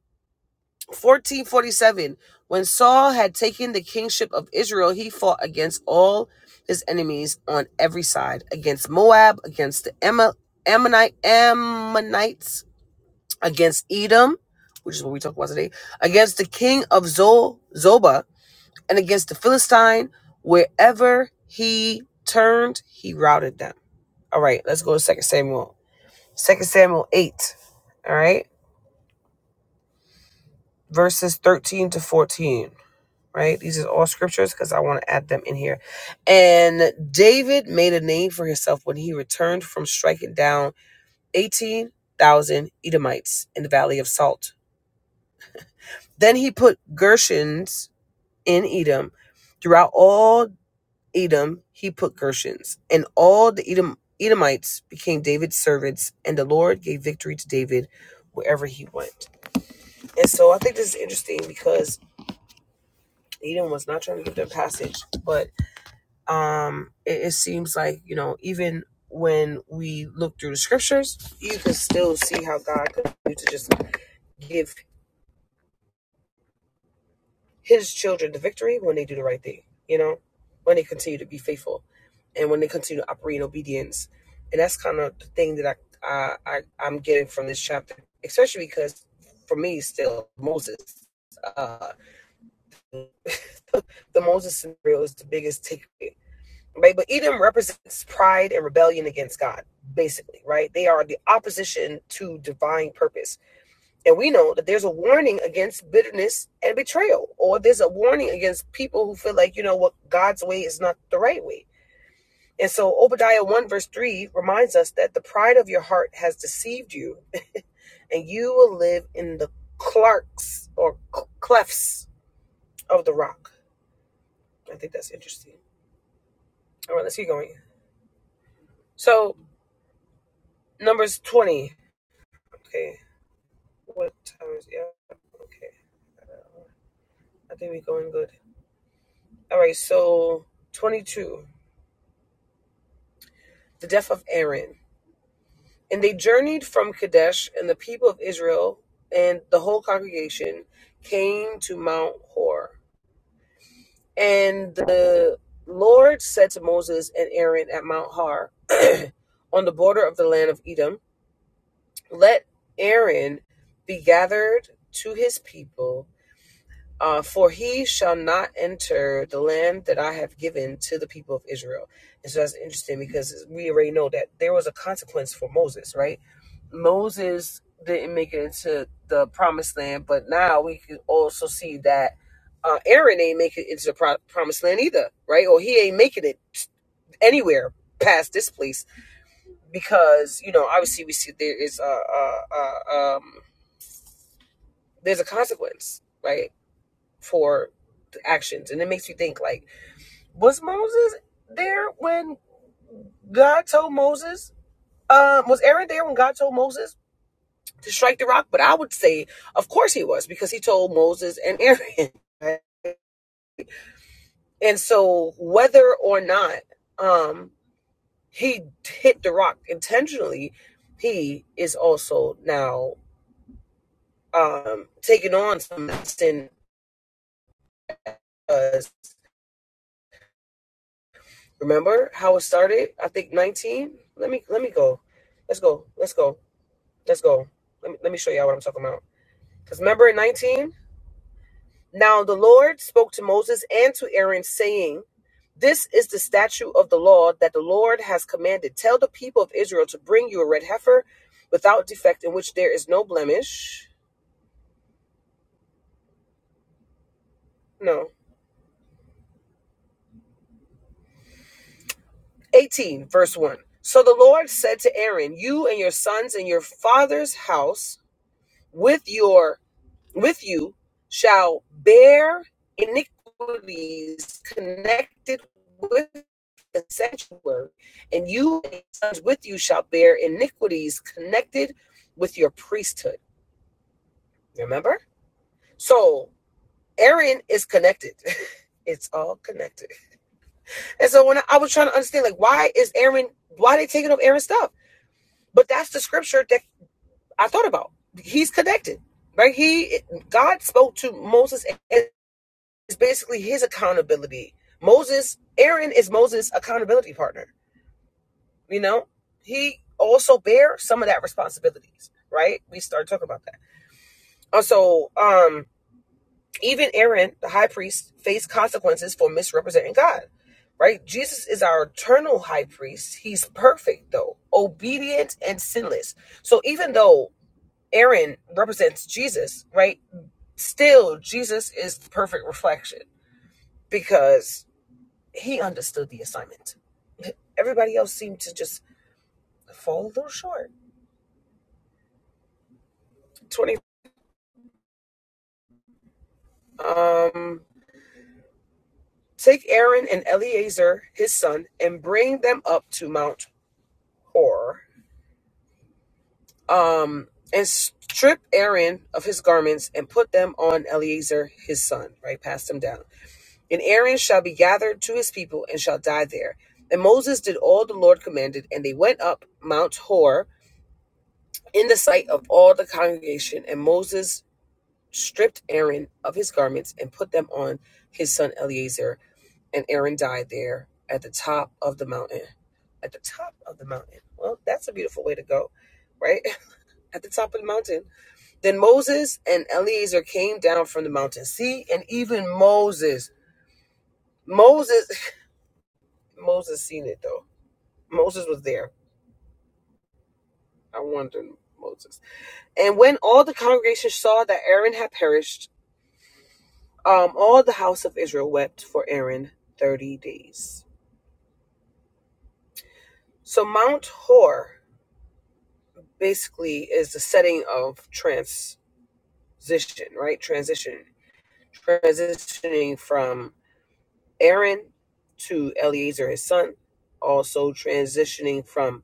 [SPEAKER 1] 1447 when saul had taken the kingship of israel he fought against all his enemies on every side against moab against the ammonite ammonites against edom which is what we talk about today against the king of zobah and against the philistine wherever he turned he routed them all right let's go to Second samuel Second samuel 8 all right verses 13 to 14 right? These are all scriptures because I want to add them in here. And David made a name for himself when he returned from striking down 18,000 Edomites in the Valley of Salt. Then he put Gershons in Edom. Throughout all Edom, he put Gershons. And all the Edom, Edomites became David's servants, and the Lord gave victory to David wherever he went. And so I think this is interesting because Edom was not trying to give them passage, but um it, it seems like you know even when we look through the scriptures you can still see how god could do to just give his children the victory when they do the right thing you know when they continue to be faithful and when they continue to operate in obedience and that's kind of the thing that i i, I i'm getting from this chapter especially because for me still moses uh the moses scenario is the biggest takeaway right? But Edom represents pride and rebellion against God, basically, right? They are the opposition to divine purpose. And we know that there's a warning against bitterness and betrayal, or there's a warning against people who feel like, you know what, God's way is not the right way. And so Obadiah 1 verse 3 reminds us that the pride of your heart has deceived you, and you will live in the clarks or clefts of the rock. I think that's interesting. All right, let's keep going. So, Numbers 20. Okay, What time is it? yeah? Okay, I think we're going good. All right, so 22, the death of Aaron. And they journeyed from Kadesh, and the people of Israel and the whole congregation came to Mount Hor. And the Lord said to Moses and Aaron at Mount Har, on the border of the land of Edom, Let Aaron be gathered to his people, Uh, for he shall not enter the land that I have given to the people of Israel. And so that's interesting because we already know that there was a consequence for Moses, right? Moses didn't make it into the promised land, but now we can also see that uh, Aaron ain't make it into the pro- promised land either, right? Or he ain't making it anywhere past this place because you know obviously we see there is a, a, a um there's a consequence, right? for the actions. And it makes you think like, was Moses there when God told Moses? Um, was Aaron there when God told Moses to strike the rock? But I would say, of course he was, because he told Moses and Aaron. right? And so whether or not um he hit the rock intentionally, he is also now um taking on some sin because remember how it started? I think nineteen. Let me let me go. Let's go. Let's go Let's go. Let me, let me show y'all what I'm talking about. Because remember in 19? Now the Lord spoke to Moses and to Aaron, saying, This is the statute of the law that the Lord has commanded. Tell the people of Israel to bring you a red heifer without defect, in which there is no blemish. No. 18, verse 1. So the Lord said to Aaron, You and your sons and your father's house, with your with you shall bear iniquities connected with the sanctuary, and you and your sons with you shall bear iniquities connected with your priesthood. Remember? So Aaron is connected. it's all connected. And so when I, I was trying to understand, like, why is Aaron, why are they taking up Aaron's stuff? But that's the scripture that I thought about. He's connected, right? He, God spoke to Moses and. It's basically his accountability. Moses, Aaron is Moses' accountability partner. You know, he also bear some of that responsibilities, right? We started talking about that. Also, um, even Aaron, the high priest, faced consequences for misrepresenting God, right? Jesus is our eternal high priest. He's perfect, though, obedient and sinless. So even though Aaron represents Jesus, right? Still, Jesus is the perfect reflection because he understood the assignment. Everybody else seemed to just fall a little short. 20. Um, take Aaron and Eleazar, his son, and bring them up to Mount Hor. Um, and strip Aaron of his garments and put them on Eleazar, his son, right? Pass them down. And Aaron shall be gathered to his people and shall die there. And Moses did all the Lord commanded, and they went up Mount Hor in the sight of all the congregation. And Moses stripped Aaron of his garments and put them on his son Eleazar. And Aaron died there at the top of the mountain. At the top of the mountain. Well, that's a beautiful way to go, right? At the top of the mountain. Then Moses and Eleazar came down from the mountain. See, and even Moses, Moses, Moses seen it though. Moses was there. I wondered, Moses. And when all the congregation saw that Aaron had perished, um, all the house of Israel wept for Aaron 30 days. So Mount Hor basically is the setting of transition, right? Transition, transitioning from Aaron to Eleazar, his son. Also transitioning from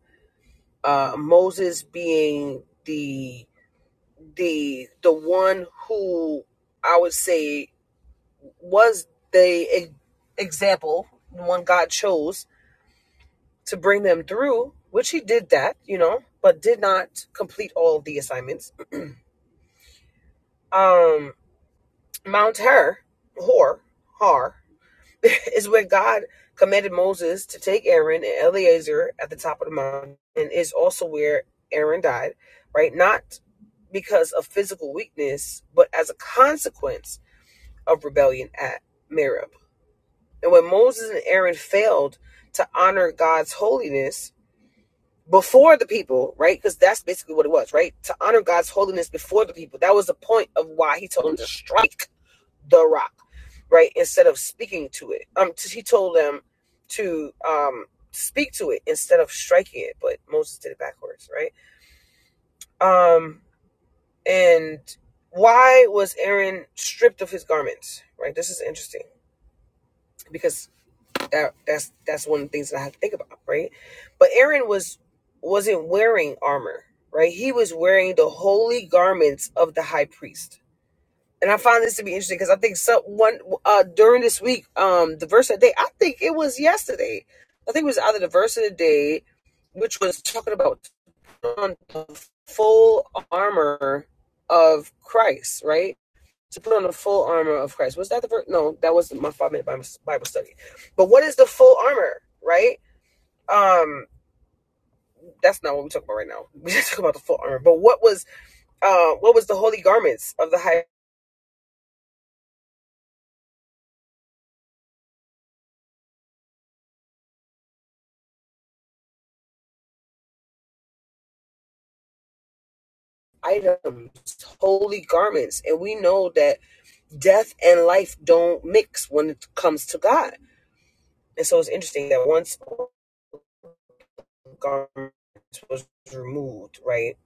[SPEAKER 1] uh, Moses being the the the one who I would say was the e- example, the one God chose to bring them through, which he did that, you know, but did not complete all of the assignments Um, Mount Her, Hor, Har, is where God commanded Moses to take Aaron and Eleazar at the top of the mountain, and is also where Aaron died, right? Not because of physical weakness, but as a consequence of rebellion at Merib. And when Moses and Aaron failed to honor God's holiness before the people, right? Because that's basically what it was, right? To honor God's holiness before the people. That was the point of why he told them to strike the rock, right? Instead of speaking to it. Um, he told them to um speak to it instead of striking it, but Moses did it backwards, right? Um, and why was Aaron stripped of his garments, right? This is interesting because that that's that's one of the things that I have to think about, right? But Aaron was wasn't wearing armor, right? He was wearing the holy garments of the high priest and I find this to be interesting because I think some one uh, during this week, um, the verse of the day, I think it was yesterday. I think it was either the verse of the day, which was talking about put on the full armor of Christ, right? To put on the full armor of Christ. Was that the verse? No, that wasn't my five minute Bible study. But what is the full armor, right? Um, that's not what we're talking about right now. We're just talking about the full armor. But what was uh what was the holy garments of the high items, holy garments. And we know that death and life don't mix when it comes to God. And so it's interesting that once garments was removed, right,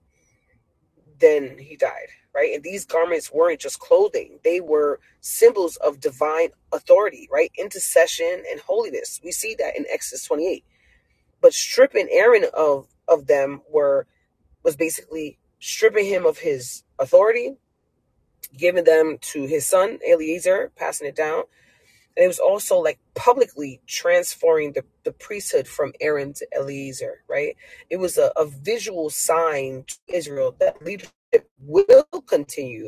[SPEAKER 1] then he died, right? And these garments weren't just clothing, they were symbols of divine authority, right? Intercession and holiness. We see that in Exodus 28. But stripping Aaron of of them were was basically stripping him of his authority giving them to his son Eliezer, passing it down. And it was also like publicly transferring the, the priesthood from Aaron to Eliezer, right? It was a, a visual sign to Israel that leadership will continue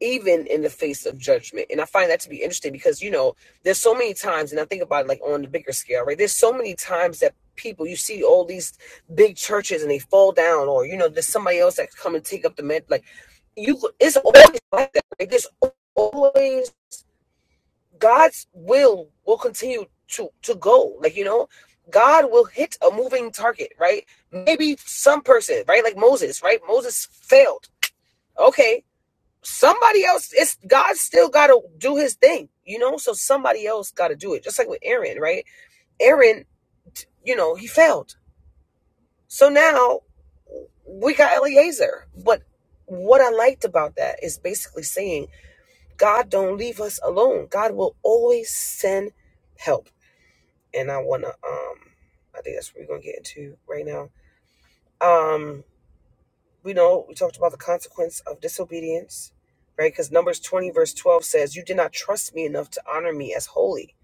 [SPEAKER 1] even in the face of judgment. And I find that to be interesting because, you know, there's so many times, and I think about it like on the bigger scale, right? There's so many times that people, you see all these big churches and they fall down, or, you know, there's somebody else that come and take up the med. Like, you, it's always like that. Like, there's always God's will will continue to to go. Like, you know, God will hit a moving target, right? Maybe some person, right? Like Moses, right? Moses failed. Okay, somebody else it's god still got to do his thing you know so somebody else got to do it just like with aaron right aaron you know he failed so now we got eliezer but what i liked about that is basically saying god don't leave us alone god will always send help and i want to um i think that's what we're gonna get into right now Um, we know we talked about the consequence of disobedience, right? Because Numbers 20, verse 12 says, You did not trust me enough to honor me as holy,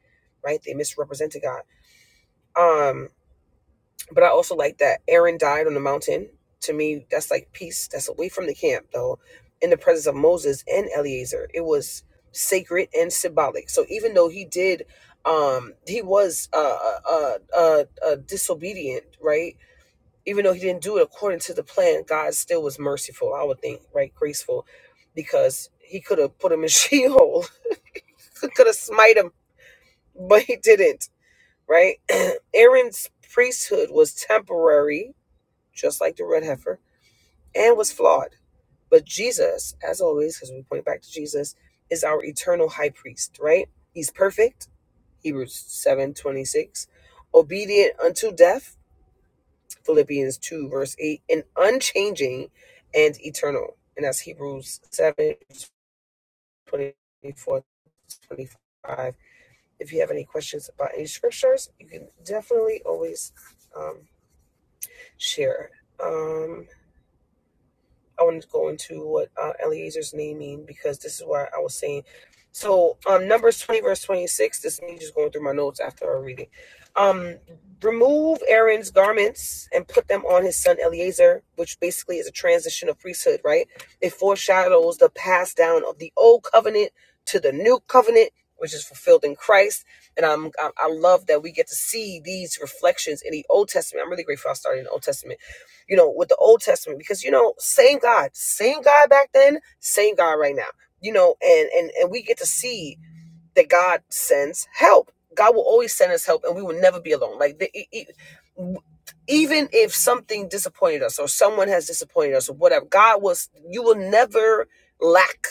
[SPEAKER 1] right? They misrepresented God. Um, but I also like that Aaron died on the mountain. To me, that's like peace. That's away from the camp, though, in the presence of Moses and Eleazar. It was sacred and symbolic. So even though he did, um, he was uh, uh, uh, uh, uh, disobedient, right? even though he didn't do it according to the plan, God still was merciful, I would think, right? Graceful, because he could have put him in Sheol, could have smite him, but he didn't, right? Aaron's priesthood was temporary, just like the red heifer, and was flawed. But Jesus, as always, because we point back to Jesus, is our eternal high priest, right? He's perfect, Hebrews seven twenty six, obedient unto death, Philippians 2, verse 8, and unchanging and eternal. And that's Hebrews seven twenty four twenty five. If you have any questions about any scriptures, you can definitely always um, share. Um, I wanted to go into what uh, Eliezer's naming because this is why I was saying. So, um, Numbers 20, verse 26, this is me just going through my notes after our reading. Um, remove Aaron's garments and put them on his son Eliezer, which basically is a transition of priesthood, right? It foreshadows the pass down of the old covenant to the new covenant, which is fulfilled in Christ. And I'm, I, I love that we get to see these reflections in the Old Testament. I'm really grateful I started in the Old Testament you know, with the Old Testament because you know, same God, same God back then, same God right now. You know, and and and we get to see that God sends help. God will always send us help, and we will never be alone. Like the, e- e- w- even if something disappointed us or someone has disappointed us or whatever, God was. You will never lack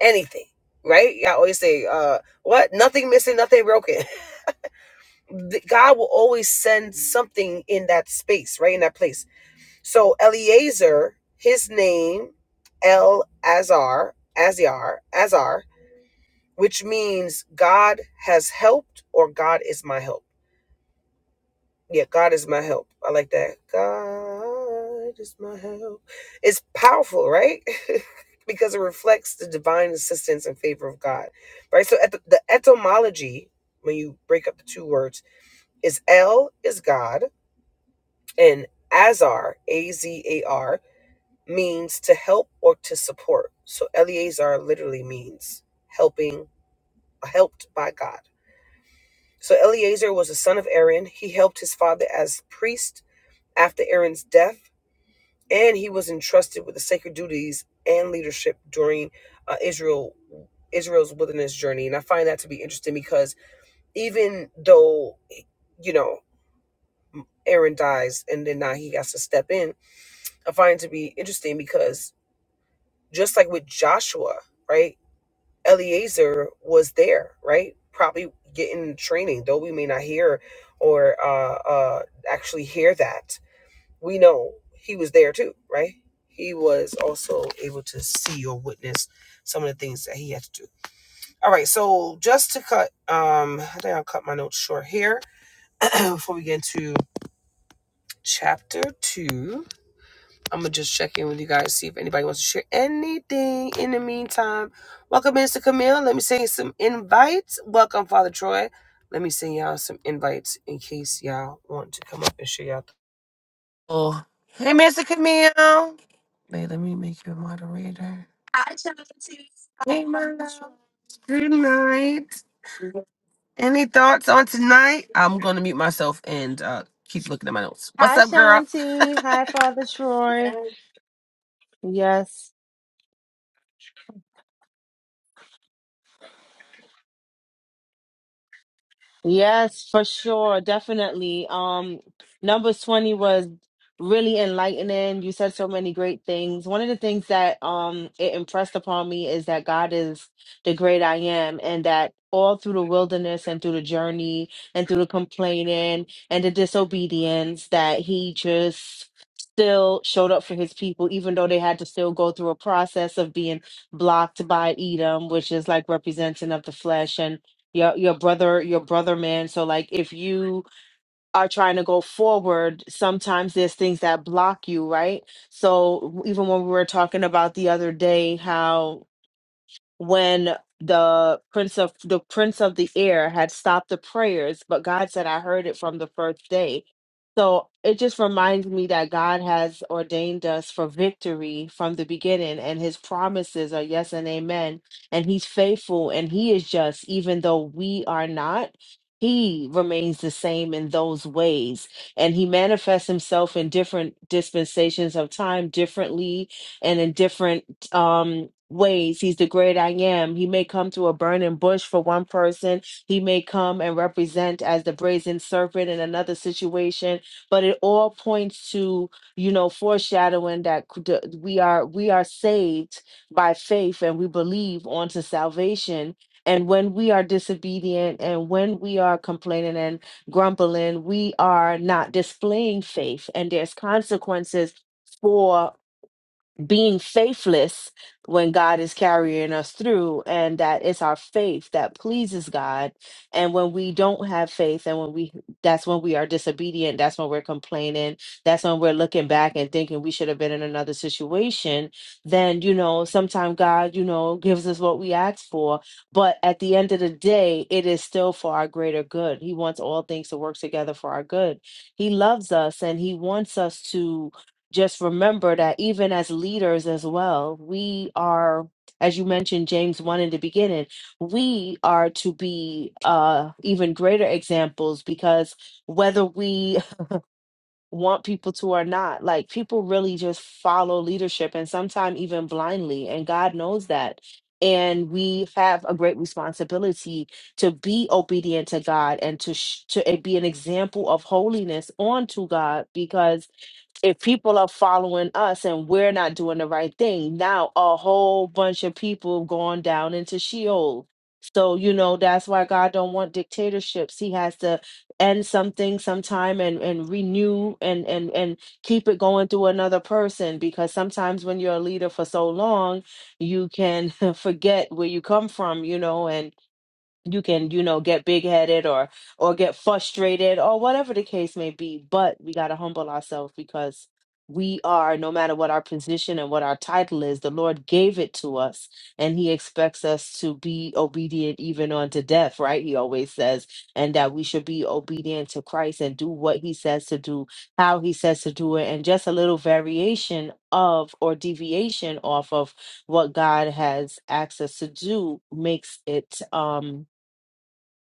[SPEAKER 1] anything, right? Yeah, I always say, uh, "What? Nothing missing, nothing broken." The- God will always send something in that space, right in that place so Eliezer, his name, El Azar, Aziar, Azar, which means God has helped or God is my help. Yeah, God is my help. I like that. God is my help. It's powerful, right? because it reflects the divine assistance and favor of God, right? So at the, the etymology, when you break up the two words, is El is God and Azar, A Z A R means to help or to support. So Eleazar literally means helping, helped by God. So Eleazar was a son of Aaron. He helped his father as priest after Aaron's death, and he was entrusted with the sacred duties and leadership during uh, Israel Israel's wilderness journey. And I find that to be interesting because even though you know Aaron dies and then now he has to step in, I find it to be interesting because just like with Joshua, right? Eliezer was there, right? Probably getting training, though we may not hear or uh, uh, actually hear that. We know he was there too, right? He was also able to see or witness some of the things that he had to do. All right, so just to cut, um, I think I'll cut my notes short here before we get into chapter two. I'm gonna just check in with you guys, see if anybody wants to share anything in the meantime. Welcome, Mr. Camille. Let me send you some invites. Welcome, Father Troy. Let me send y'all some invites in case y'all want to come up and share y'all. Oh, hey, Mr. Camille. Wait, let me make you a moderator. Hey, my love. good night. Any thoughts on tonight? I'm gonna mute myself and uh, keep looking at my notes. What's
[SPEAKER 2] Hi,
[SPEAKER 1] up, girl?
[SPEAKER 2] Shanti. Hi, Father Troy. Yes, Yes, for sure, definitely. Um, Numbers 20 was really enlightening. You said so many great things. One of the things that um it impressed upon me is that God is the great I am, and that all through the wilderness and through the journey and through the complaining and the disobedience, that He just still showed up for His people, even though they had to still go through a process of being blocked by Edom, which is like representing of the flesh. And your your brother your brother man so like if you are trying to go forward sometimes there's things that block you right so even when we were talking about the other day how when the prince of the prince of the air had stopped the prayers but god said i heard it from the first day so it just reminds me that god has ordained us for victory from the beginning and his promises are yes and amen and he's faithful and he is just even though we are not he remains the same in those ways and he manifests himself in different dispensations of time differently and in different um ways he's the great i am he may come to a burning bush for one person he may come and represent as the brazen serpent in another situation but it all points to you know foreshadowing that c- the- we are we are saved by faith and we believe onto salvation and when we are disobedient and when we are complaining and grumbling we are not displaying faith and there's consequences for being faithless when God is carrying us through, and that it's our faith that pleases God. And when we don't have faith, and when we that's when we are disobedient, that's when we're complaining, that's when we're looking back and thinking we should have been in another situation, then you know, sometimes God, you know, gives us what we ask for, but at the end of the day, it is still for our greater good. He wants all things to work together for our good. He loves us and he wants us to just remember that even as leaders as well, we are, as you mentioned, James 1 in the beginning, we are to be uh, even greater examples because whether we want people to or not, like people really just follow leadership and sometimes even blindly. And God knows that. And we have a great responsibility to be obedient to God and to sh- to eh, be an example of holiness onto God because if people are following us and we're not doing the right thing, now a whole bunch of people going down into Sheol. So, you know, that's why God don't want dictatorships. He has to end something sometime and, and renew and, and, and keep it going through another person because sometimes when you're a leader for so long, you can forget where you come from, you know, and you can you know get big headed or or get frustrated or whatever the case may be but we got to humble ourselves because we are no matter what our position and what our title is the lord gave it to us and he expects us to be obedient even unto death right he always says and that we should be obedient to christ and do what he says to do how he says to do it and just a little variation of or deviation off of what god has asked us to do makes it um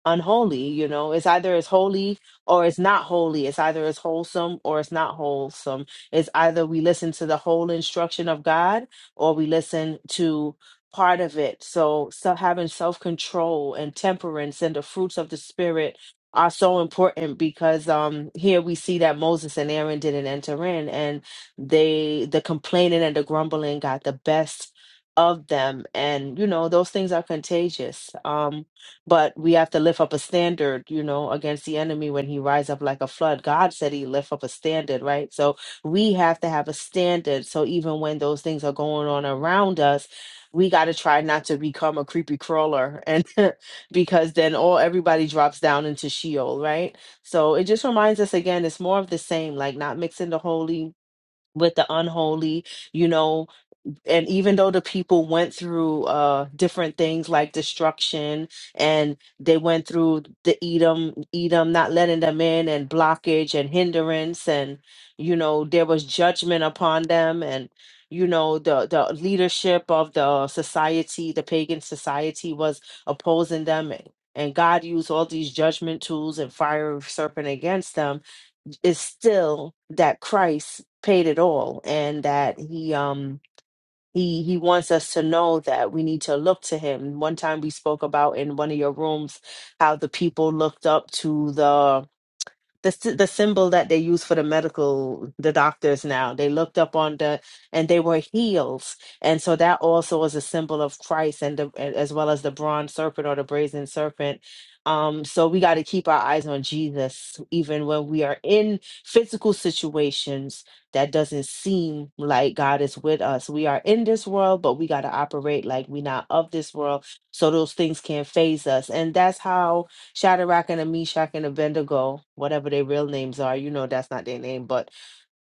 [SPEAKER 2] unholy you know it's either it's holy or it's not holy it's either it's wholesome or it's not wholesome it's either we listen to the whole instruction of god or we listen to part of it so so having self-control and temperance and the fruits of the spirit are so important because um here we see that moses and aaron didn't enter in and they the complaining and the grumbling got the best of them and you know those things are contagious um but we have to lift up a standard you know against the enemy when he rise up like a flood god said he lift up a standard right so we have to have a standard so even when those things are going on around us we got to try not to become a creepy crawler and because then all everybody drops down into sheol right so it just reminds us again it's more of the same like not mixing the holy with the unholy you know and even though the people went through uh different things like destruction and they went through the Edom Edom not letting them in and blockage and hindrance and you know there was judgment upon them and you know the the leadership of the society the pagan society was opposing them and and God used all these judgment tools and fire of serpent against them is still that Christ paid it all and that he um he he wants us to know that we need to look to him one time we spoke about in one of your rooms how the people looked up to the the sy- the symbol that they use for the medical the doctors now they looked up on the and they were heels and so that also is a symbol of christ and the, and as well as the bronze serpent or the brazen serpent um so we got to keep our eyes on jesus even when we are in physical situations that doesn't seem like god is with us we are in this world but we got to operate like we're not of this world so those things can't phase us and that's how Shadrach and a Meshach and Abednego, whatever their real names are, you know that's not their name, but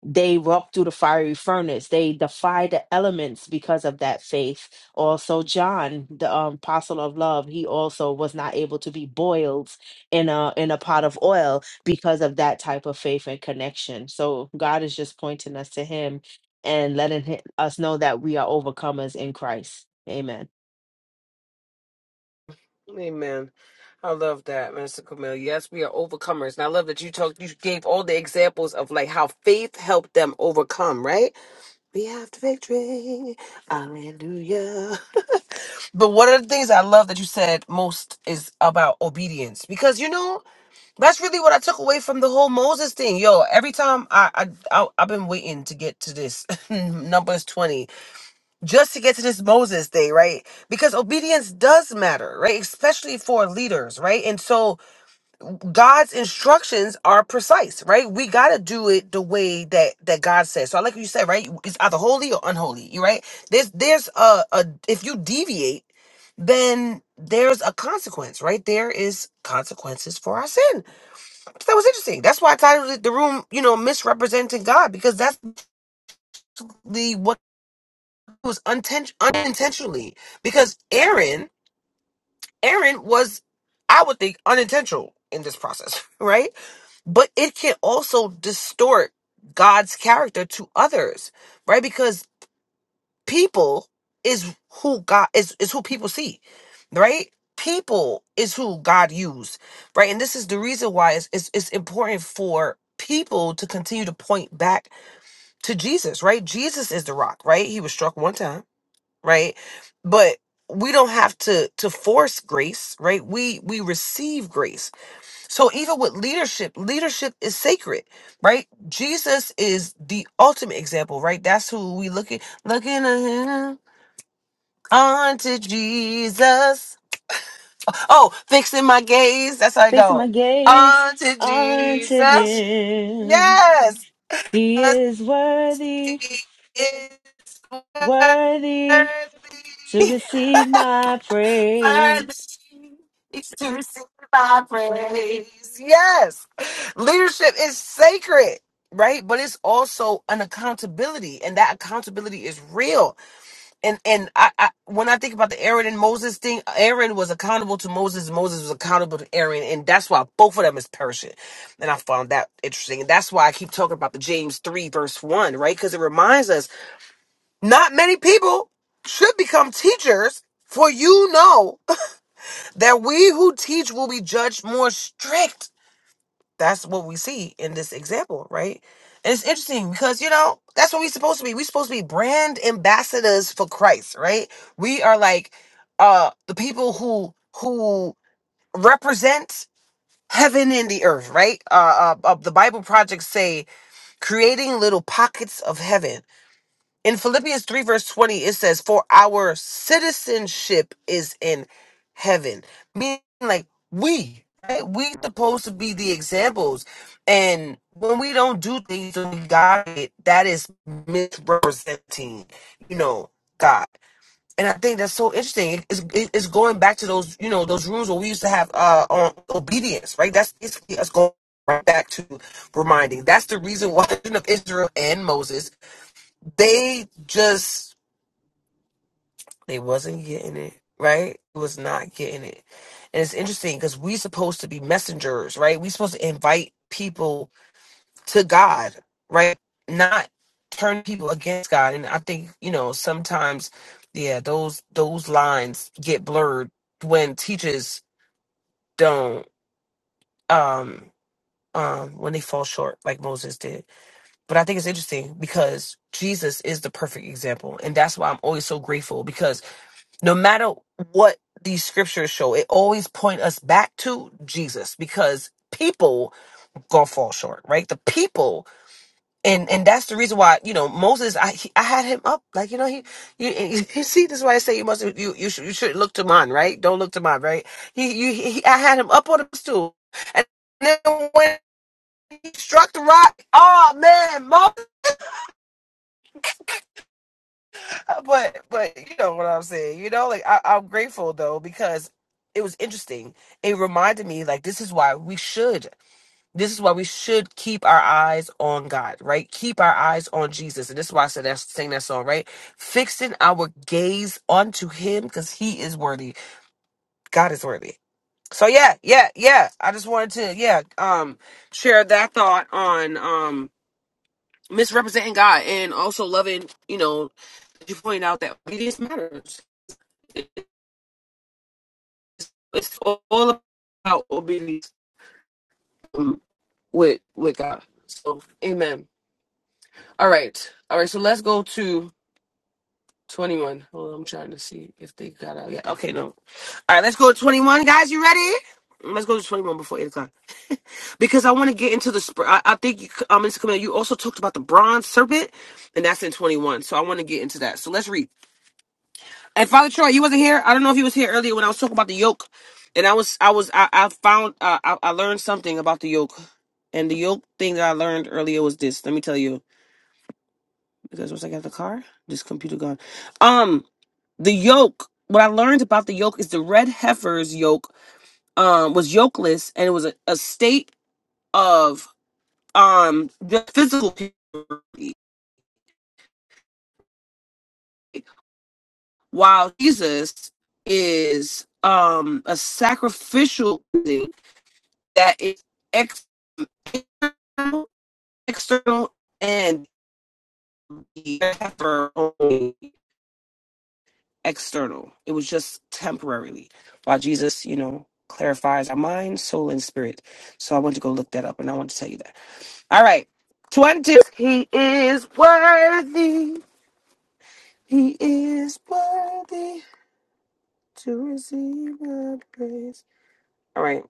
[SPEAKER 2] they walked through the fiery furnace. They defied the elements because of that faith. Also, John, the um, apostle of love, he also was not able to be boiled in a in a pot of oil because of that type of faith and connection. So God is just pointing us to Him and letting hi- us know that we are overcomers in Christ. Amen.
[SPEAKER 1] Amen. I love that, Mr. Camille. Yes, we are overcomers. And I love that you talked you gave all the examples of like how faith helped them overcome, right? We have the victory. Hallelujah. But one of the things I love that you said most is about obedience. Because you know, that's really what I took away from the whole Moses thing. Yo, every time I I, I I've been waiting to get to this numbers 20 just to get to this Moses day, right? Because obedience does matter, right? Especially for leaders, right? And so God's instructions are precise, right? We gotta do it the way that that God says. So, like you said, right? It's either holy or unholy, you right? There's there's a, a if you deviate, then there's a consequence, right? There is consequences for our sin. So That was interesting. That's why I titled it the room, you know, misrepresenting God, because that's the what. was unten- unintentionally because Aaron, Aaron was, I would think, unintentional in this process, right? But it can also distort God's character to others, right? Because people is who God is is who people see, right? People is who God used, right? And this is the reason why it's it's, it's important for people to continue to point back to Jesus, right? Jesus is the rock, right? He was struck one time right but we don't have to to force grace right we we receive grace so even with leadership leadership is sacred right jesus is the ultimate example right that's who we look at looking at him unto jesus oh fixing my gaze that's how i
[SPEAKER 2] Fixing
[SPEAKER 1] go
[SPEAKER 2] my gaze
[SPEAKER 1] unto jesus
[SPEAKER 2] unto Him
[SPEAKER 1] yes
[SPEAKER 2] He
[SPEAKER 1] 'cause
[SPEAKER 2] is worthy,
[SPEAKER 1] he is
[SPEAKER 2] worthy to
[SPEAKER 1] worthy.
[SPEAKER 2] receive my praise.
[SPEAKER 1] Yes. Leadership is sacred, right? But it's also an accountability, and that accountability is real. And and I, I when I think about the Aaron and Moses thing, Aaron was accountable to Moses, Moses was accountable to Aaron, and that's why both of them is perishing. And I found that interesting. And that's why I keep talking about the James 3 verse 1, right? Because it reminds us not many people should become teachers, for you know that we who teach will be judged more strict that's what we see in this example, right? And it's interesting because you know that's what we're supposed to be. We're supposed to be brand ambassadors for Christ, right? We are like uh the people who who represent heaven and the earth, right? Uh, uh, uh the Bible projects say creating little pockets of heaven in Philippians 3, verse 20, it says, For our citizenship is in heaven. Meaning, like, we, right? We supposed to be the examples. And when we don't do things and we God it, that is misrepresenting, you know, God. And I think that's so interesting. It- It's, it- it's going back to those, you know, those rules where we used to have uh, on obedience, right? That's basically us going right back to reminding. That's the reason why the children of Israel and Moses they just they wasn't getting it right It was not getting it and it's interesting because we supposed to be messengers right we supposed to invite people to god right not turn people against god and i think you know sometimes yeah those those lines get blurred when teachers don't um um when they fall short like moses did but i think it's interesting because jesus is the perfect example and that's why i'm always so grateful because no matter what these scriptures show, it always point us back to Jesus because people gonna fall short, right? The people, and and that's the reason why you know Moses. I he, I had him up like you know he you, you you see this is why I say you must you you should you should look to mine, right? Don't look to mine, right? He you he- I had him up on the stool, and then when he struck the rock, oh man, Moses. Uh, but but you know what I'm saying. You know, like I, I'm grateful though because it was interesting. It reminded me like this is why we should. This is why we should keep our eyes on God, right? Keep our eyes on Jesus, and this is why I said that sing that song, right? Fixing our gaze onto Him because He is worthy. God is worthy. So yeah, yeah, yeah. I just wanted to yeah um share that thought on um misrepresenting God and also loving. You know, you point out that obedience matters it's all about obedience um, with with God. So amen. All right. All right. So let's go to 21. Hold on, I'm trying to see if they got out. Yeah. Okay, no. All right, let's go to 21, guys. You ready? Let's go to 21 before 8 o'clock. Because I want to get into the sp I, I think you um Mr. Camille, you also talked about the bronze serpent, and that's in 21. So I want to get into that. So let's read. And Father Troy, you wasn't here. I don't know if you was here earlier when I was talking about the yoke, and I was, I was, I, I found, uh, I, I learned something about the yoke, and the yoke thing that I learned earlier was this. Let me tell you, because once I got the car, this computer gone. Um, the yoke. What I learned about the yoke is the red heifer's yoke, um, was yokeless, and it was a, a state of um the physical purity, while Jesus is um a sacrificial. thing. that is external, external, and external. It was just temporarily while Jesus, you know, clarifies our mind, soul, and spirit. So I want to go look that up and I want to tell you that. All right. 20. He is worthy. He is worthy to receive the praise. All right.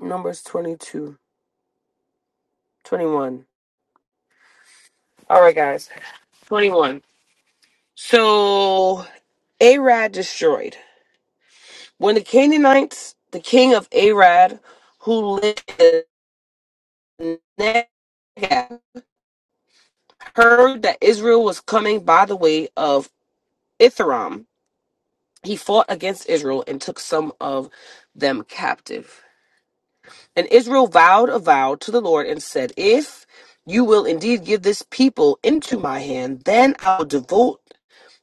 [SPEAKER 1] Numbers 22, 21. All right, guys. 21. So Arad destroyed. When the Canaanites, the king of Arad, who lived in Negev, heard that Israel was coming by the way of Ithram, he fought against Israel and took some of them captive. And Israel vowed a vow to the Lord and said, If you will indeed give this people into my hand, then I'll devote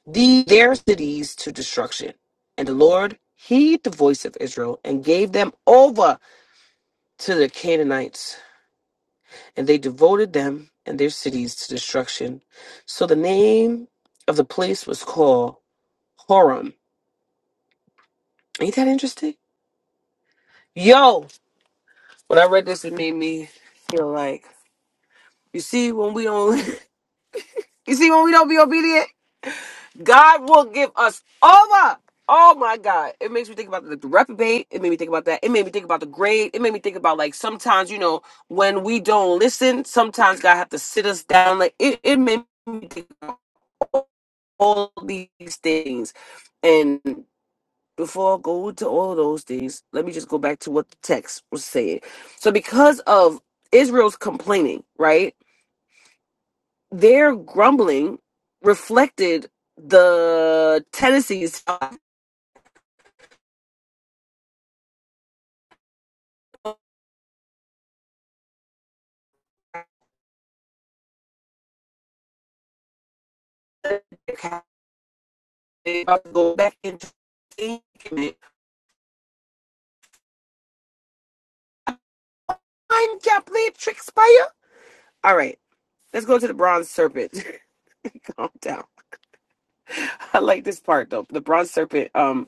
[SPEAKER 1] the, their cities to destruction. And the Lord heed the voice of Israel and gave them over to the Canaanites, and they devoted them and their cities to destruction. So the name of the place was called Horam. Ain't that interesting? Yo, when I read this, it made me feel like you see when we don't, you see when we don't be obedient. God will give us over. Oh my God. It makes me think about the, the reprobate. It made me think about that. It made me think about the grade. It made me think about like sometimes, you know, when we don't listen, sometimes God have to sit us down. Like it, it made me think about all all these things. And before I go to all of those things, let me just go back to what the text was saying. So because of Israel's complaining, right? Their grumbling reflected the tendencies Okay, About go back into treatment. I'm not playing tricks by you. All right, let's go to the bronze serpent. Calm down. I like this part though. The bronze serpent um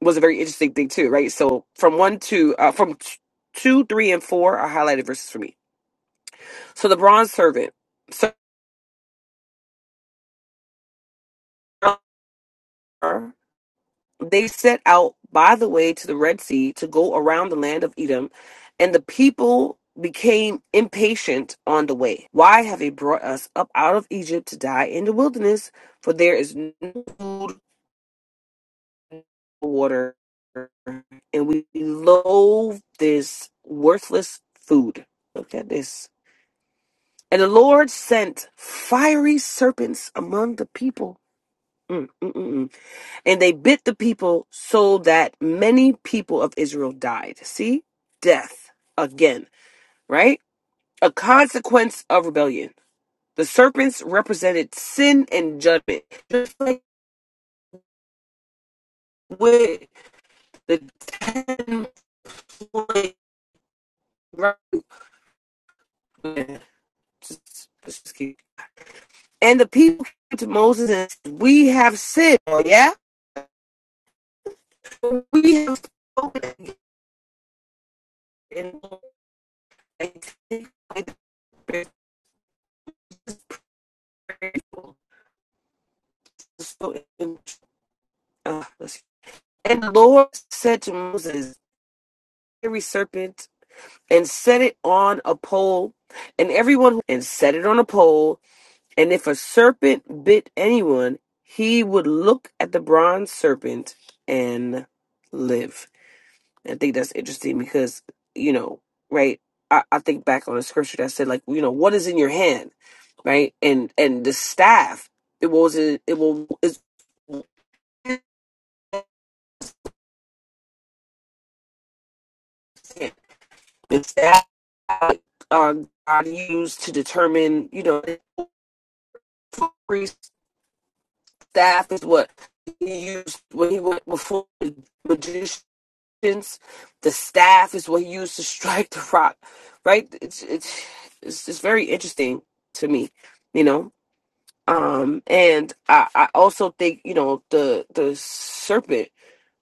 [SPEAKER 1] was a very interesting thing too, right? So from one to uh, from t- two, three, and four are highlighted verses for me. So the bronze serpent. so, they set out by the way to the Red Sea to go around the land of Edom, and the people became impatient on the way. Why have they brought us up out of Egypt to die in the wilderness? For there is no food, no water, and we loathe this worthless food. Look at this. And the Lord sent fiery serpents among the people. Mm, mm, mm, mm. And they bit the people so that many people of Israel died. See? Death again, right? A consequence of rebellion. The serpents represented sin and judgment. Just like with the ten plagues, right? Just- keep- And the people came to Moses and said, We have sinned, oh, yeah? We have spoken and So, uh, let's And the Lord said to Moses, every serpent, and set it on a pole, and everyone who and set it on a pole, and if a serpent bit anyone, he would look at the bronze serpent and live. And I think that's interesting because, you know, right? I, I think back on a scripture that said, like, you know, what is in your hand, right? And and the staff, it was it, it will is It's that um, God used to determine, you know, the staff is what he used when he went before the magicians. The staff is what he used to strike the rock, right? It's it's it's just very interesting to me, you know. Um, and I, I also think you know the the serpent.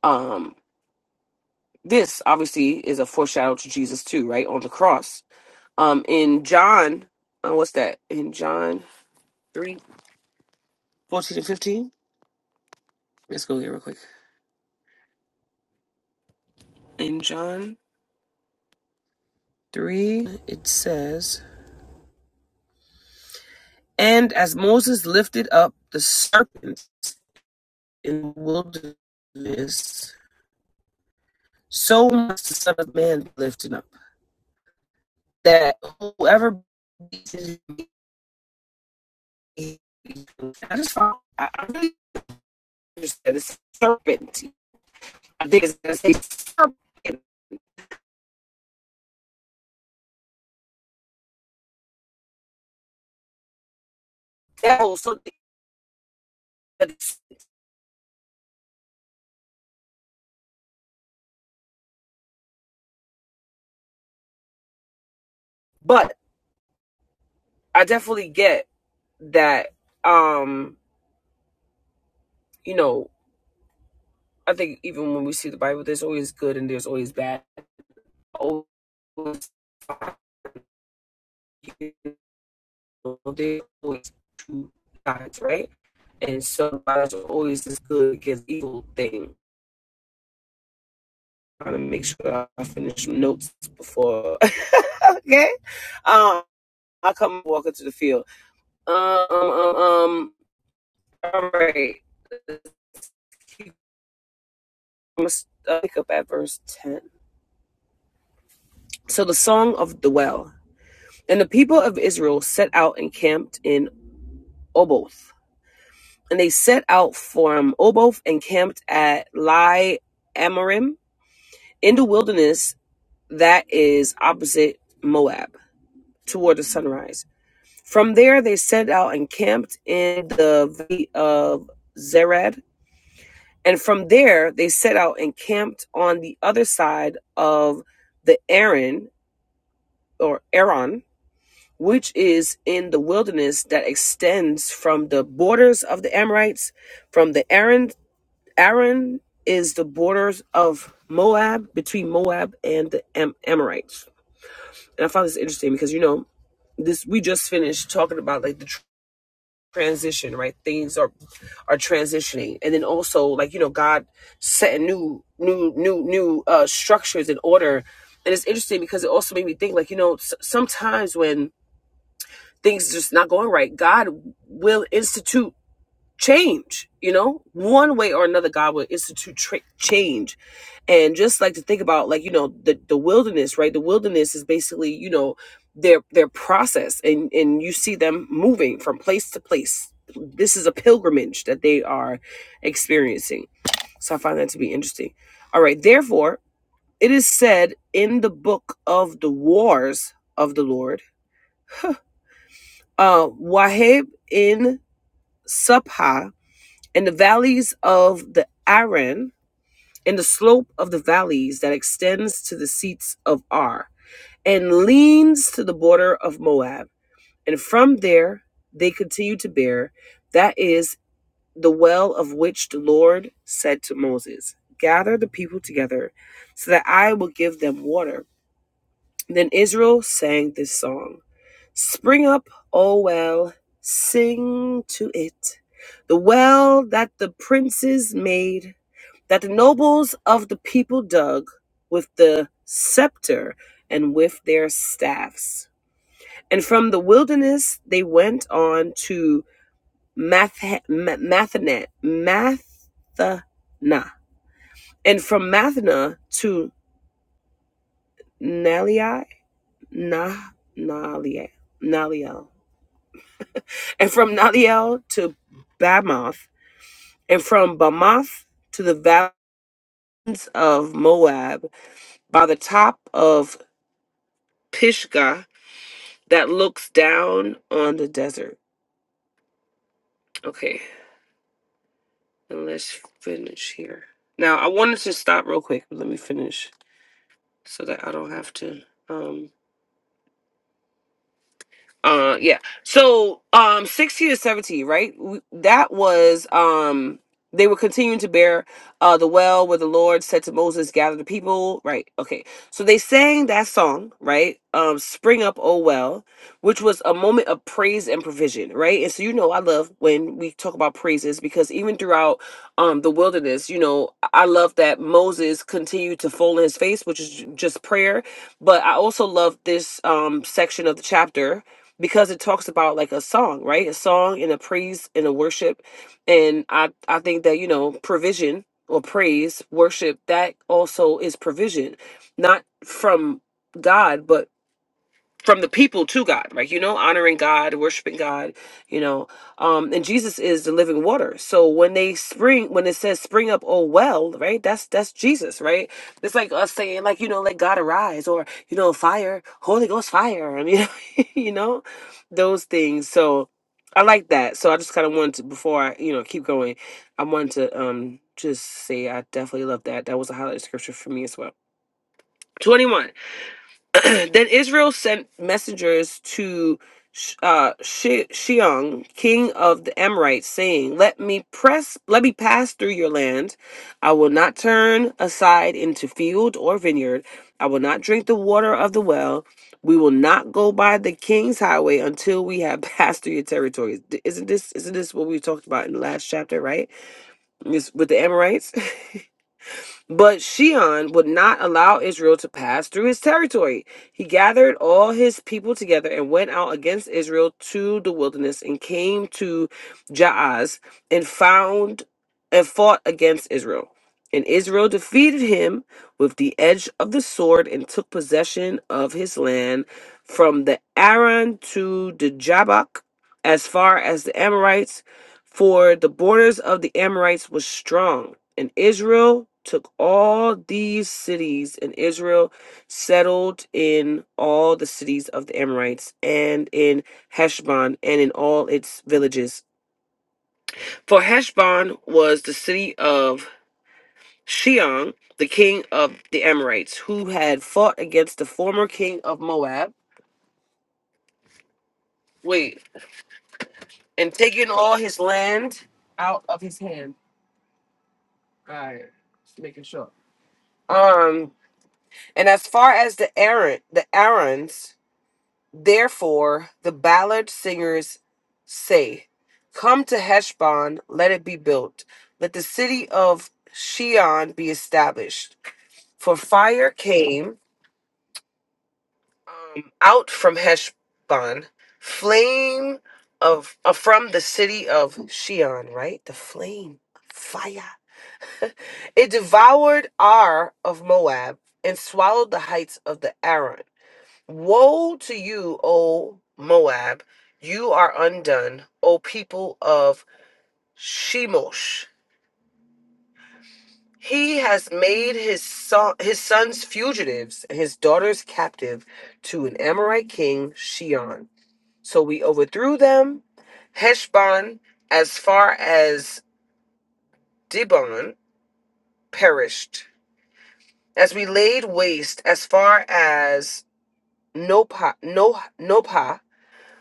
[SPEAKER 1] Um, this obviously is a foreshadow to Jesus too, right on the cross Um, in John, uh, what's that? In John three, fourteen 14 and 15? Let's go here real quick. In John 3, it says, And as Moses lifted up the serpent in the wilderness, so must the Son of Man be lifted up, that whoever believes in him may- be saved." I just found, I, I really understand this serpent. I think it's going to say serpent, devil, something. But I definitely get that um, you know, I think even when we see the Bible, there's always good and there's always bad. Always you know, there's always two sides, right? And so there's always this good against evil thing. I'm Trying to make sure I finish notes before okay. Um I come walk into the field. Um um um um, all right. Let's keep- I'm gonna pick up at verse 10. So the song of the well. And the people of Israel set out and camped in Oboth. And they set out from Oboth and camped at Lai Amorim in the wilderness that is opposite Moab toward the sunrise. From there they set out and camped in the valley of Zered. And from there they set out and camped on the other side of the Aaron or Aaron which is in the wilderness that extends from the borders of the Amorites, from the Aaron. Aaron is the borders of Moab between Moab and the Am- Amorites. And I found this interesting because you know this. We just finished talking about like the tr- transition, right? Things are are transitioning, and then also like you know God setting new new new new uh, structures in order. And it's interesting because it also made me think like you know s- sometimes when things just not going right, God will institute change. You know, one way or another, God will institute tra- change. And just like to think about, like you know, the the wilderness, right? The wilderness is basically, you know, their their process, and and you see them moving from place to place. This is a pilgrimage that they are experiencing. So I find that to be interesting. All right, therefore, it is said in the book of the wars of the Lord, uh, Wahib in Supha, and the valleys of the Aran, and the slope of the valleys that extends to the seats of Ar, and leans to the border of Moab. And from there they continue to bear, that is the well of which the Lord said to Moses, Gather the people together, so that I will give them water then Israel sang this song Spring up, O well, sing to it. The well that the princes made, that the nobles of the people dug with the scepter and with their staffs. And from the wilderness they went on to Math- Ma- Mathana, Mathana. And from Mathana to Naliel." Nah, Naliai, and from Nadiel to Bamoth, and from Bamoth to the valleys of Moab, by the top of Pisgah that looks down on the desert. Okay, and let's finish here. Now, I wanted to stop real quick, but let me finish so that I don't have to. Um, Uh, yeah. So, um, sixteen to seventeen, right? W- That was um, they were continuing to bear uh the well where the Lord said to Moses, "Gather the people." Right. Okay. So they sang that song, right? Um, "Spring Up, O Well," which was a moment of praise and provision, right? And so you know, I love when we talk about praises because even throughout um the wilderness, you know, I I love that Moses continued to fall on his face, which is j- just prayer. But I also love this um section of the chapter because it talks about like a song, right? A song and a praise and a worship. And I, I think that, you know, provision or praise, worship, that also is provision, not from God, but from the people to God, right? You know, honoring God, worshiping God, you know. Um, and Jesus is the living water. So when they spring, when it says spring up, oh well, right? That's that's Jesus, right? It's like us saying, like, you know, let God arise or, you know, fire, Holy Ghost fire, and you know, you know, those things. So I like that. So I just kind of wanted to before I, you know, keep going, I wanted to um just say I definitely love that. That was a highlight of scripture for me as well. 21. then Israel sent messengers to Sh- uh, She- Sheung, king of the Amorites, saying, "Let me press, let me pass through your land. I will not turn aside into field or vineyard. I will not drink the water of the well. We will not go by the king's highway until we have passed through your territories." D- Isn't this isn't this what we talked about in the last chapter, right? This, with the Amorites. But Sheon would not allow Israel to pass through his territory. He gathered all his people together and went out against Israel to the wilderness and came to Jaaz and found and fought against Israel. And Israel defeated him with the edge of the sword and took possession of his land from the Aran to the Jabbok as far as the Amorites, for the borders of the Amorites was strong. And Israel took all these cities, and Israel settled in all the cities of the Amorites, and in Heshbon, and in all its villages. For Heshbon was the city of Sheong, the king of the Amorites, who had fought against the former king of Moab. Wait, and taken all his land out of his hand. All right, just making sure. Um, and as far as the Aaron, the Aarons Therefore, the ballad singers say, Come to Heshbon, let it be built. Let the city of Shion be established. For fire came um, out from Heshbon, flame of uh, from the city of Shion, right? The flame, fire. It devoured Ar of Moab and swallowed the heights of the Aran. Woe to you, O Moab! You are undone, O people of Shemosh. He has made his son, his sons fugitives and his daughters captive to an Amorite king, Shion. So we overthrew them. Heshbon, as far as Dibon, perished. As we laid waste as far as Nopa, no, Nopa,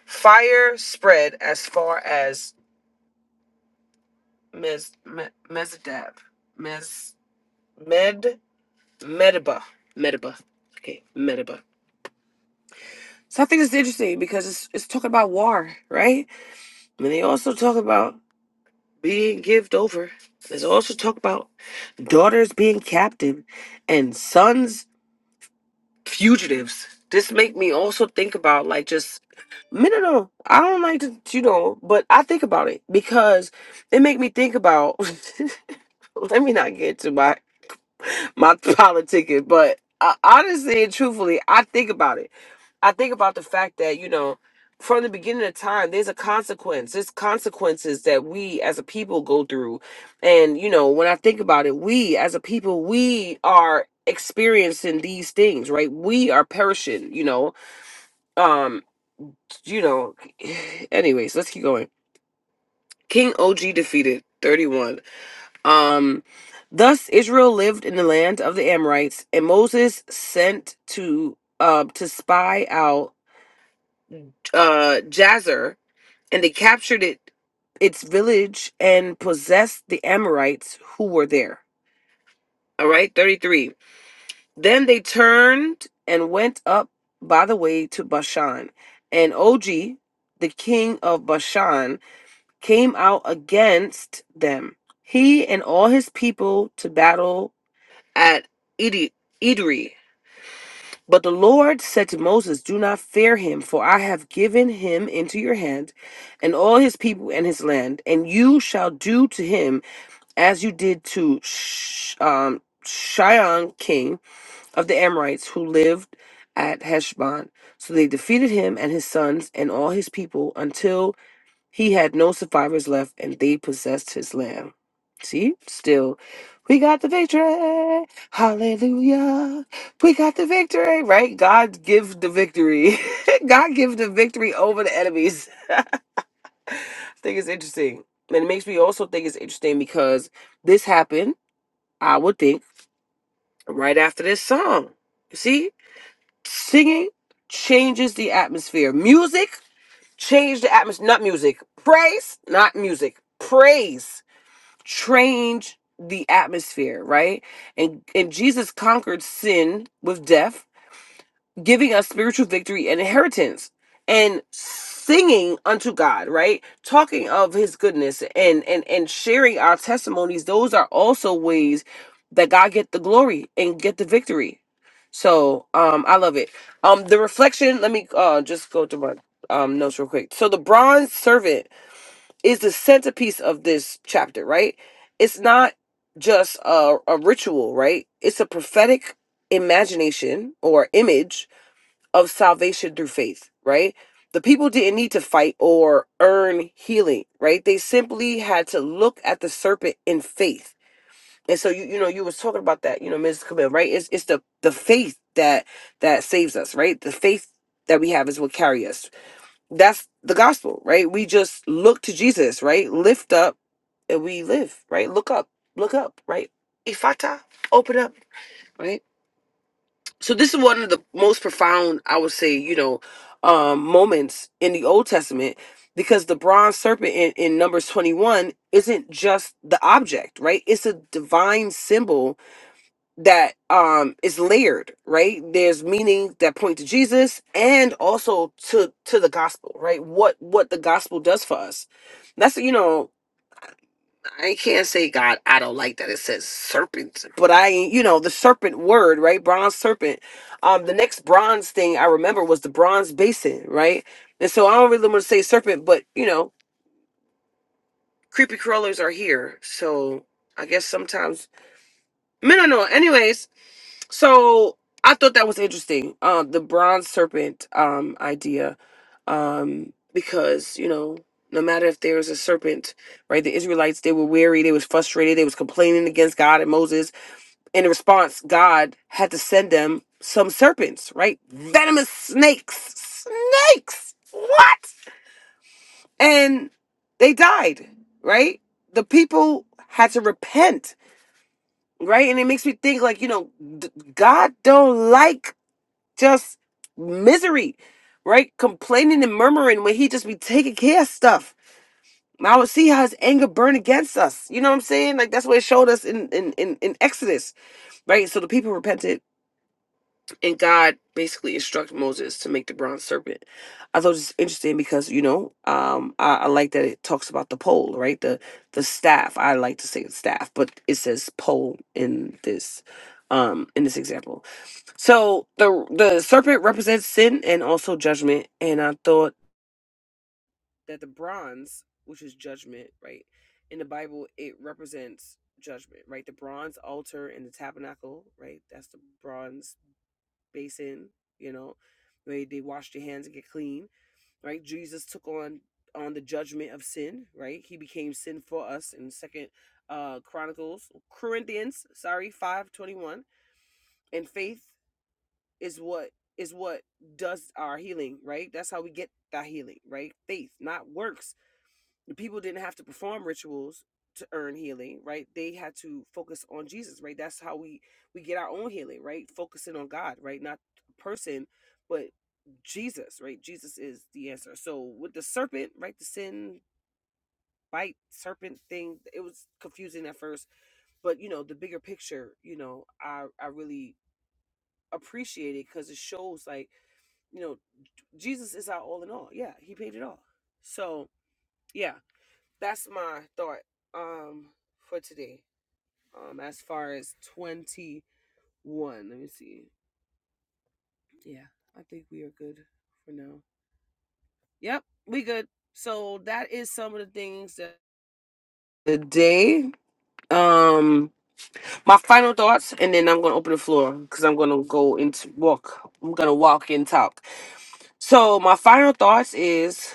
[SPEAKER 1] fire spread as far as Mes Me- Mezdab. Mes Med Medeba. Medeba. Okay, Medeba. So I think it's interesting because it's it's talking about war, right? And they also talk about being given over. There's also talk about daughters being captive and sons fugitives. This make me also think about like just no, no, no. I don't like to, you know, but I think about it because it make me think about. let me not get to my my pilot But uh, honestly and truthfully, I think about it. I think about the fact that, you know, from the beginning of time, there's a consequence. There's consequences that we as a people go through. And, you know, when I think about it, we as a people, we are experiencing these things, right? We are perishing, you know. Um, you know, anyways, let's keep going. King OG defeated 31. Um, thus Israel lived in the land of the Amorites, and Moses sent to uh, to spy out uh, Jazer, and they captured it, its village, and possessed the Amorites who were there. All right, thirty three. Then they turned and went up by the way to Bashan, and Og, the king of Bashan, came out against them, he and all his people, to battle at Edi- Edrei. But the Lord said to Moses, Do not fear him, for I have given him into your hand, and all his people and his land, and you shall do to him as you did to Sh- um, Shion, king of the Amorites, who lived at Heshbon. So they defeated him and his sons and all his people until he had no survivors left, and they possessed his land. See, still, we got the victory. Hallelujah. We got the victory, right? God give the victory. God give the victory over the enemies. I think it's interesting. And it makes me also think it's interesting because this happened, I would think, right after this song. See, singing changes the atmosphere. Music changed the atmosphere. Not music. Praise, not music. Praise change the atmosphere, right? And and Jesus conquered sin with death, giving us spiritual victory and inheritance and singing unto God, right? Talking of his goodness and and and sharing our testimonies, those are also ways that God get the glory and get the victory. So, um I love it. Um the reflection, let me uh just go to my um notes real quick. So the bronze servant is the centerpiece of this chapter, right? It's not just a, a ritual, right? It's a prophetic imagination or image of salvation through faith, right? The people didn't need to fight or earn healing, right? They simply had to look at the serpent in faith. And so you you know you was talking about that, you know, Mrs. Camille, right? It's it's the the faith that that saves us, right? The faith that we have is what carries us, that's the gospel, right? We just look to Jesus, right? Lift up and we live, right? Look up, look up, right? Ifata, open up, right? So this is one of the most profound, I would say, you know, um, moments in the Old Testament because the bronze serpent in, in Numbers 21 isn't just the object, right? It's a divine symbol that um is layered right there's meaning that point to jesus and also to to the gospel right what what the gospel does for us that's you know i can't say god i don't like that it says serpent but i you know the serpent word right bronze serpent um the next bronze thing i remember was the bronze basin right and so i don't really want to say serpent but you know creepy crawlers are here so i guess sometimes I don't know anyways So I thought that was interesting. Um, the bronze serpent um idea, um, because you know, no matter if there was a serpent, right? The Israelites they were weary, they was frustrated, they was complaining against God and Moses. In response, God had to send them some serpents, right? Venomous snakes, snakes. What? And they died, right? The people had to repent, right? And it makes me think, like you know, d- God don't like just misery, right? Complaining and murmuring when he just be taking care of stuff. And I would see how his anger burn against us. You know what I'm saying? Like that's what it showed us in in in, in Exodus, right? So the people repented, and God basically instructed Moses to make the bronze serpent. I thought it was interesting because you know um, I, I like that it talks about the pole, right? The the staff. I like to say staff, but it says pole in this um in this example so the the serpent represents sin and also judgment, and I thought that the bronze, which is judgment, right? In the Bible, it represents judgment, right? The bronze altar and the tabernacle, right? That's the bronze basin, you know, where they wash their hands and get clean, right? Jesus took on on the judgment of sin, right? He became sin for us in Second uh Chronicles, Corinthians, sorry, five twenty one, and faith. is what is what does our healing, right? That's how we get that healing, right? Faith, not works. The people didn't have to perform rituals to earn healing, right? They had to focus on Jesus, right? That's how we we get our own healing, right? Focusing on God, right? Not a person, but Jesus, right? Jesus is the answer. So with the serpent, right? The sin bite serpent thing, it was confusing at first, but you know, the bigger picture, you know, I I really appreciate it because it shows like you know Jesus is our all in all. Yeah, he paid it all. So yeah, that's my thought um for today. Um as far as twenty one. Let me see. Yeah, I think we are good for now. Yep, we good. So that is some of the things that the day. Um my final thoughts, and then I'm gonna open the floor because I'm gonna go into walk. I'm gonna walk and talk. So my final thoughts is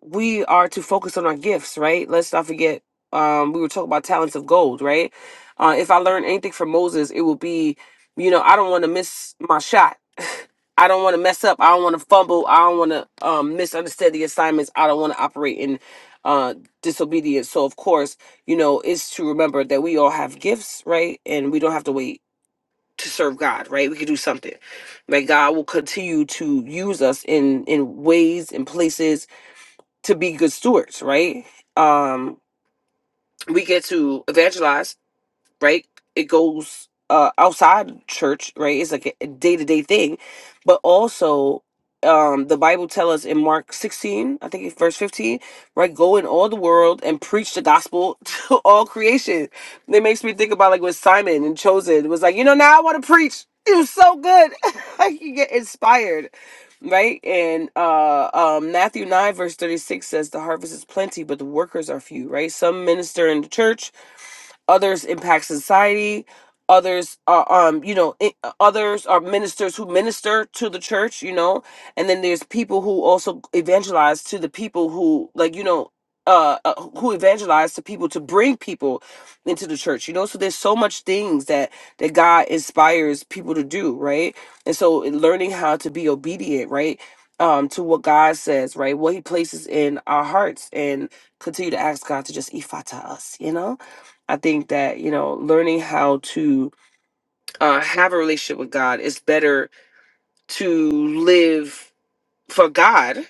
[SPEAKER 1] we are to focus on our gifts, right? Let's not forget um we were talking about talents of gold, right? Uh if I learn anything from Moses, it will be, you know, I don't want to miss my shot. I don't want to mess up. I don't want to fumble. I don't want to um misunderstand the assignments. I don't want to operate in uh disobedience. So of course you know, is to remember that we all have gifts, right? And we don't have to wait to serve God, right? We could do something. Like God will continue to use us in in ways and places to be good stewards, right? Um we get to evangelize right? It goes uh outside church, right? It's like a day to day thing, but also um the Bible tells us in Mark 16, I think it's verse 15, right? Go in all the world and preach the gospel to all creation. It makes me think about like with Simon and Chosen was like, you know, now I want to preach. It was so good. like you get inspired. Right? And uh um Matthew 9 verse 36 says the harvest is plenty, but the workers are few, right? Some minister in the church, others impact society others are um you know i- others are ministers who minister to the church you know and then there's people who also evangelize to the people who like you know uh, uh who evangelize to people to bring people into the church you know so there's so much things that that god inspires people to do right and so in learning how to be obedient right um to what god says right what he places in our hearts and continue to ask god to just ifata us you know I think that, you know, learning how to uh, have a relationship with God is better to live for God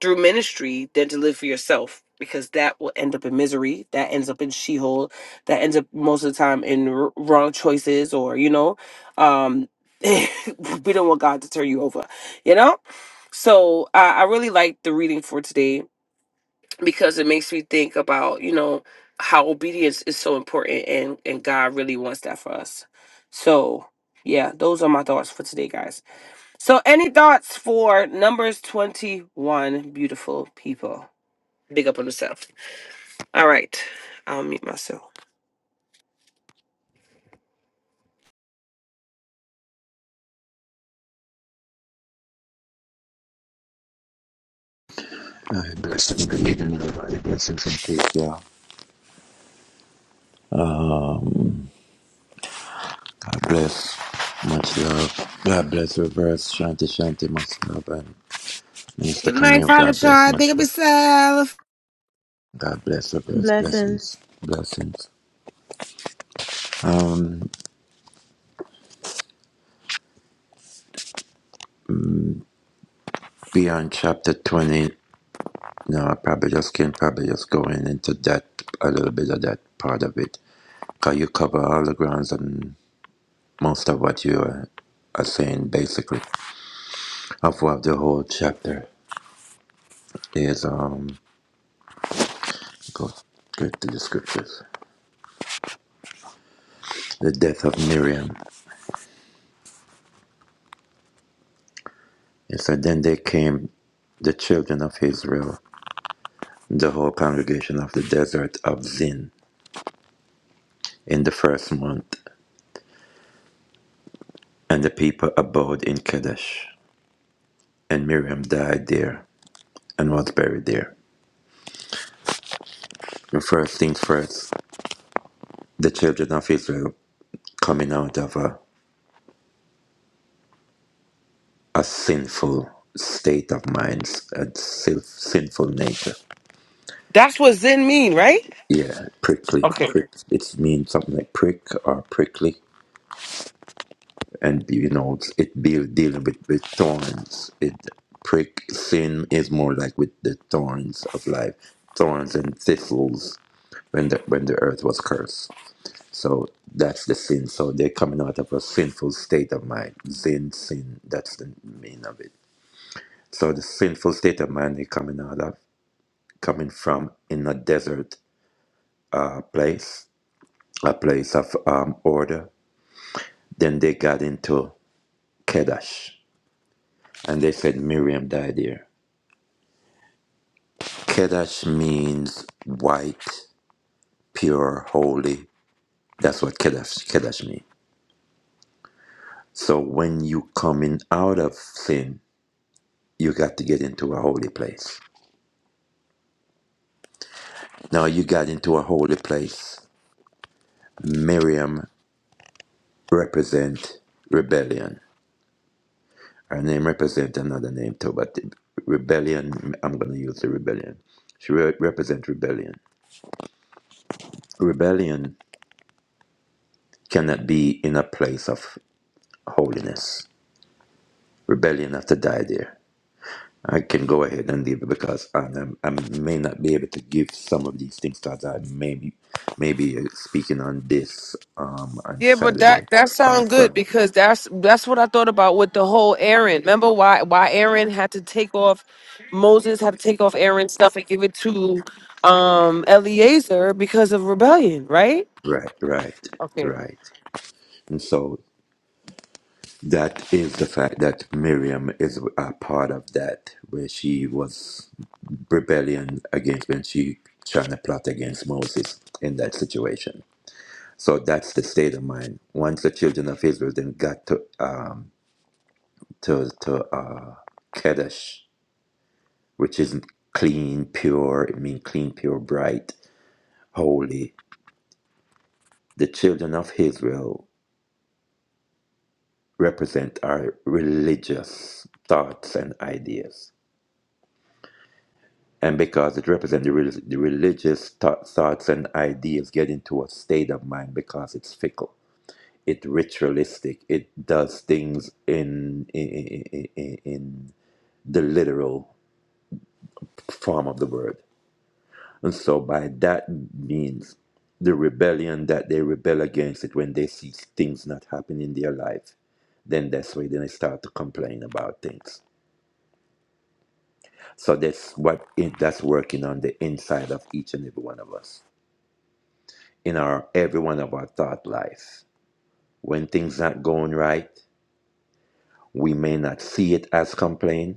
[SPEAKER 1] through ministry than to live for yourself because that will end up in misery. That ends up in she hole. That ends up most of the time in r- wrong choices or, you know, um, we don't want God to turn you over, you know? So I I really like the reading for today because it makes me think about you know how obedience is so important and and god really wants that for us so yeah those are my thoughts for today guys so any thoughts for numbers 21 beautiful people big up on yourself all right i'll meet myself
[SPEAKER 3] Aye, blessings, good everybody. Blessings and peace, y'all. God bless. Much love. God bless Reverse. Shanti Shanti, much love. And
[SPEAKER 1] Good
[SPEAKER 3] Mr.
[SPEAKER 1] night,
[SPEAKER 3] Camille,
[SPEAKER 1] Father
[SPEAKER 3] God bless.
[SPEAKER 1] Sean. Big
[SPEAKER 3] Much
[SPEAKER 1] up
[SPEAKER 3] love.
[SPEAKER 1] yourself.
[SPEAKER 3] God bless Reverse.
[SPEAKER 2] Blessing.
[SPEAKER 3] Blessings. Blessings. Um, beyond chapter 20, no, I probably just can probably just go in into that, a little bit of that part of it. Because you cover all the grounds and most of what you are, are saying, basically, of what the whole chapter is. um, Go, go to the scriptures. The death of Miriam. It said, Then they came the children of Israel, the whole congregation of the desert of Zin, in the first month, and the people abode in Kadesh. And Miriam died there and was buried there. The first things first, the children of Israel coming out of a, a sinful state of minds, a sin- sinful nature.
[SPEAKER 1] that's what zen mean right
[SPEAKER 3] Yeah, prickly,
[SPEAKER 1] Okay.
[SPEAKER 3] prick. It means something like prick or prickly. and you know it's, it deal, dealing with, with thorns it prick sin is more like with the thorns of life thorns and thistles when the when the earth was cursed so that's the sin so they're coming out of a sinful state of mind sin sin that's the meaning of it so the sinful state of mind they're coming out of coming from in a desert uh, place a place of um, order then they got into kedash and they said miriam died here Kedesh means white, pure, holy. That's what Kedesh, Kedesh means. So when you coming out of sin, you got to get into a holy place. Now you got into a holy place. Miriam represent rebellion. Her name represent another name too, but rebellion, I'm going to use the rebellion. She re- represent rebellion. Rebellion cannot be in a place of holiness. Rebellion have to die there I can go ahead and leave it because I, am- I may not be able to give some of these things because I may be, may be uh, speaking on this um, on
[SPEAKER 1] Yeah, but that
[SPEAKER 3] Saturday
[SPEAKER 1] that
[SPEAKER 3] or
[SPEAKER 1] sounds good
[SPEAKER 3] Sunday.
[SPEAKER 1] because that's that's what I thought about with the whole Aaron. Remember why why Aaron had to take off Moses had to take off Aaron's stuff and give it to um Eliezer because of rebellion, right?
[SPEAKER 3] Right, right,
[SPEAKER 1] Okay.
[SPEAKER 3] right. And so that is the fact that Miriam is a part of that where she was rebellion against when she trying to plot against Moses in that situation. So that's the state of mind. Once the children of Israel then got to um. to to uh, Kadesh, which is clean, pure. It means clean, pure, bright, holy. The children of Israel represent our religious thoughts and ideas, and because it represents the, rel- the religious thought, thoughts and ideas, get into a state of mind because it's fickle. It's ritualistic. It does things in in, in, in in the literal form of the word And so by that means the rebellion that they rebel against it when they see things not happening in their life, then that's why then they start to complain about things. So that's what it, that's working on the inside of each and every one of us. In our every one of our thought life. When things not going right, we may not see it as complain,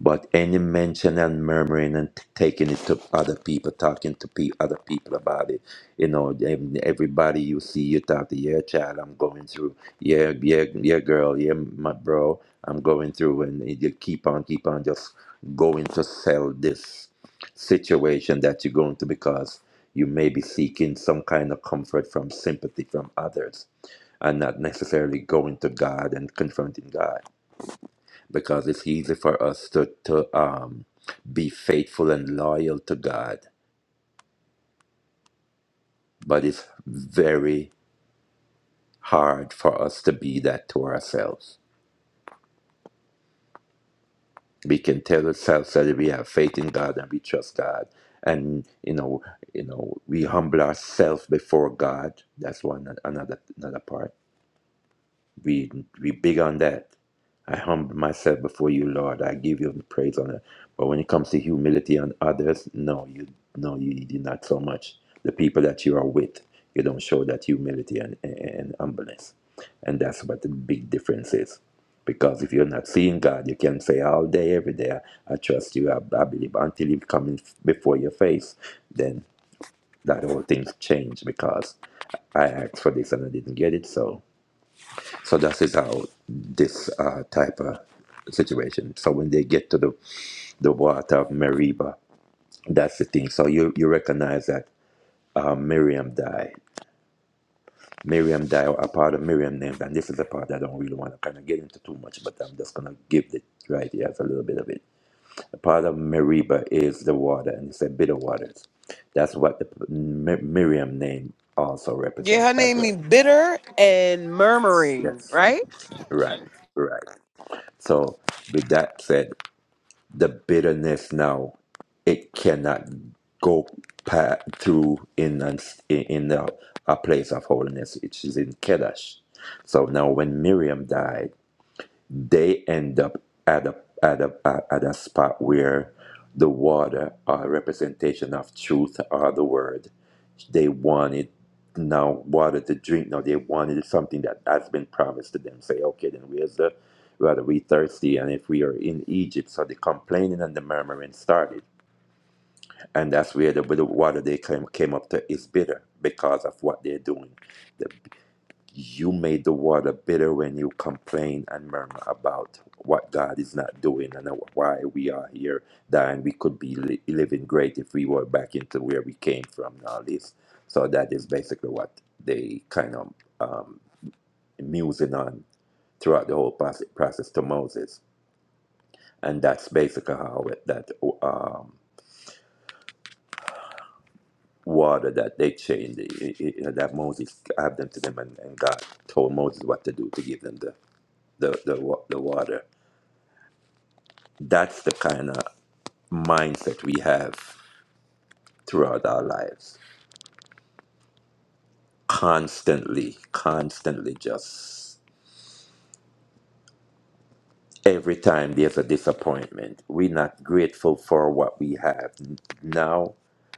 [SPEAKER 3] But any mention and murmuring and t- taking it to other people, talking to pe- other people about it, you know, em- everybody you see, you talk to, yeah, child, I'm going through, yeah, yeah, yeah, girl, yeah, my bro, I'm going through, and it- you keep on, keep on, just going to sell this situation that you're going to because you may be seeking some kind of comfort from sympathy from others and not necessarily going to God and confronting God because it's easy for us to, to um, be faithful and loyal to God, but it's very hard for us to be that to ourselves. We can tell ourselves that we have faith in God and we trust God, and you know, you know, we humble ourselves before God. That's one another another part We we big on that. I humble myself before you, Lord. I give you the praise on it. But when it comes to humility on others, no, you no, you, you do not so much. The people that you are with, you don't show that humility and, and, and humbleness. And that's what the big difference is. Because if you're not seeing God, you can say all day, every day, I, I trust you, I, I believe, until you come in before your face, then that whole thing's changed because I asked for this and I didn't get it, so so that is how this uh, type of situation. So when they get to the, the water of Meribah, that's the thing. So you, you recognize that uh, Miriam died. Miriam died, a part of Miriam named, and this is a part I don't really want to kind of get into too much, but I'm just going to give it right here as a little bit of it. A part of Meribah is the water, and it's a bitter waters. That's what the mm, Mi- Miriam name also
[SPEAKER 1] Yeah,
[SPEAKER 3] represents
[SPEAKER 1] her
[SPEAKER 3] as
[SPEAKER 1] name
[SPEAKER 3] well.
[SPEAKER 1] means bitter and murmuring,
[SPEAKER 3] Yes.
[SPEAKER 1] right?
[SPEAKER 3] Right. Right. So with that said, the bitterness now it cannot go pa- through in an, in a, a place of holiness which is in Kedesh. So now when Miriam died, they end up at a at a at a spot where the water are representation of truth or the word they wanted now water to drink. Now they wanted something that has been promised to them. Say, okay, then where's the rather we thirsty and if we are in Egypt. So the complaining and the murmuring started. And that's where the, with the water they came, came up to is bitter because of what they're doing. The you made the water bitter when you complain and murmur about what God is not doing and why we are here dying. We could be li- living great if we were back into where we came from and all this. So that is basically what they kind of um, musing on throughout the whole process, process to Moses. And that's basically how it, that um, water that they changed, it, it, it- that Moses gave them to them and, and God told Moses what to do to give them the, the, the, wa- the water That's the kind of mindset we have throughout our lives. Constantly, constantly just. every time there's a disappointment. We're not grateful for what we have n- now,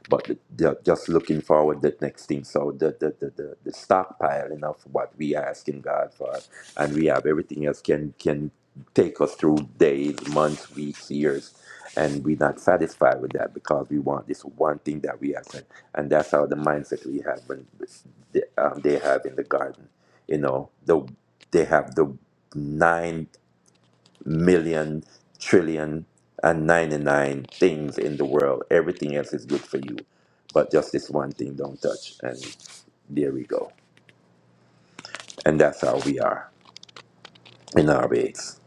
[SPEAKER 3] but the, the- just looking forward the next thing. So the the, the, the the stockpiling of what we asking God for, and we have everything else can can take us through days, months, weeks, years, and we're not satisfied with that because we want this one thing that we have, and, and that's how the mindset we have when they, um, they have in the garden. You know, the they have the nine. Million, trillion, and ninety-nine things in the world. Everything else is good for you. But just this one thing don't touch. And there we go. And that's how we are in our ways.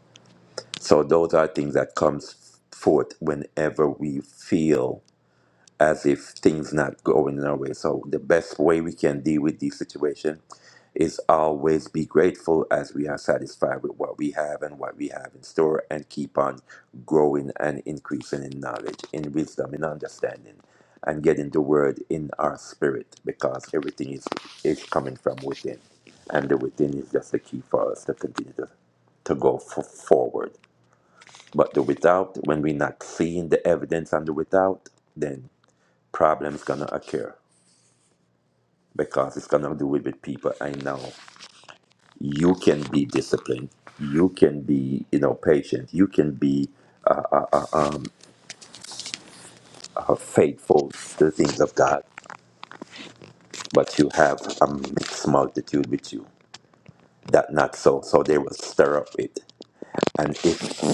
[SPEAKER 3] So those are things that comes forth whenever we feel as if things not going our way. So the best way we can deal with this situation is always be grateful as we are satisfied with what we have and what we have in store and keep on growing and increasing in knowledge, in wisdom, in understanding, and getting the word in our spirit because everything is, is coming from within. And the within is just the key for us to continue to, to go f- forward. But the without, when we're not seeing the evidence on the without, then problems gonna occur because it's gonna do it with people I know. You can be disciplined. You can be, you know, patient. You can be uh, uh, faithful to the things of God, but you have a mixed multitude with you. That not so. So they will stir up it. And if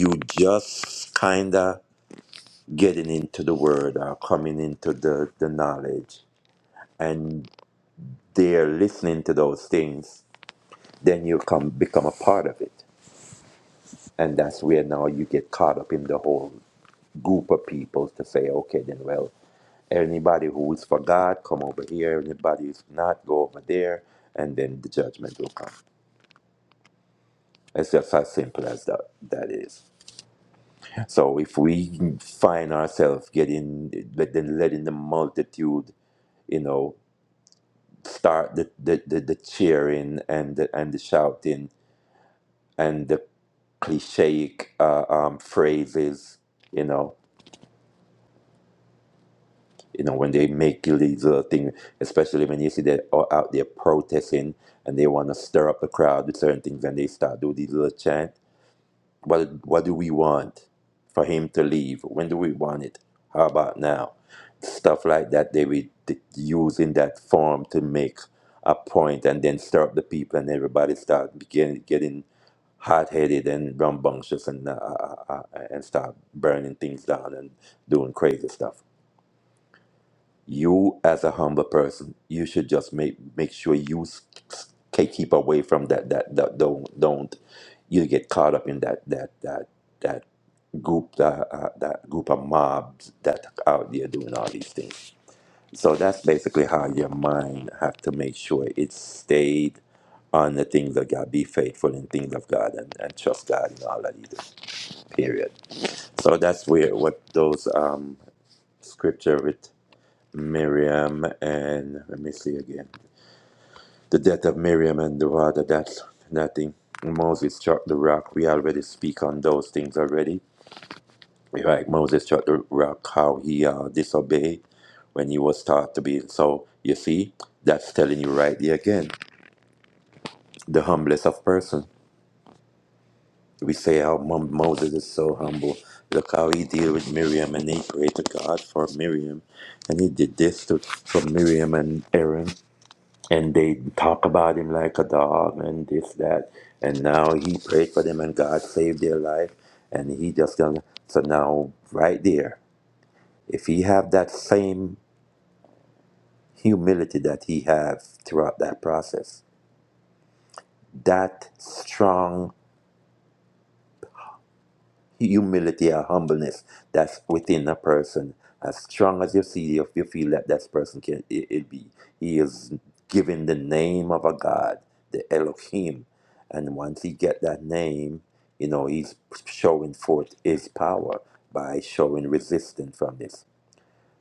[SPEAKER 3] you just kinda getting into the word or coming into the, the knowledge and they're listening to those things, then you come become a part of it And that's where now you get caught up in the whole group of people to say, okay, then, well, anybody who is for God, come over here. Anybody who's not, go over there. And then the judgment will come. It's just as simple as that, that is. So if we find ourselves getting, let- then letting the multitude, you know, start the, the, the, the cheering and the, and the shouting and the cliche uh, um, phrases, you know. you know, when they make these little things, especially when you see that all out there protesting and they want to stir up the crowd with certain things and they start do these little chant. What, what do we want for him to leave? When do we want it? How about now? Stuff like that, they would t- use in that form to make a point and then stir up the people and everybody start begin, getting hot-headed and rambunctious and, uh, uh, uh, uh, and start burning things down and doing crazy stuff you as a humble person you should just make make sure you s- s- ke- keep away from that that, that don't don't you get caught up in that that that that group that uh, that group of mobs that out there doing all these things so that's basically how your mind have to make sure it's stayed on the things of God, be faithful in things of God, and, and trust God in all that He does. Period. So that's where what those um, scripture with. Miriam and let me see again. The death of Miriam and the water, that's nothing. Moses struck the rock. We already speak on those things already. Right, Moses struck the rock, how he uh, disobeyed when he was taught to be. So you see, that's telling you right there again, the humblest of person. We say how Mo- Moses is so humble. Look how he deal with Miriam, and he prayed to God for Miriam, and he did this to for Miriam and Aaron. and they talk about him like a dog and this that and now he prayed for them and god saved their life and he just gonna so now right there if he have that same humility that he have throughout that process that strong humility or humbleness that's within a person. As strong as you see, if you feel that that person can, it, it be. He is given the name of a God, the Elohim, and once he get that name, you know he's showing forth his power by showing resistance from this.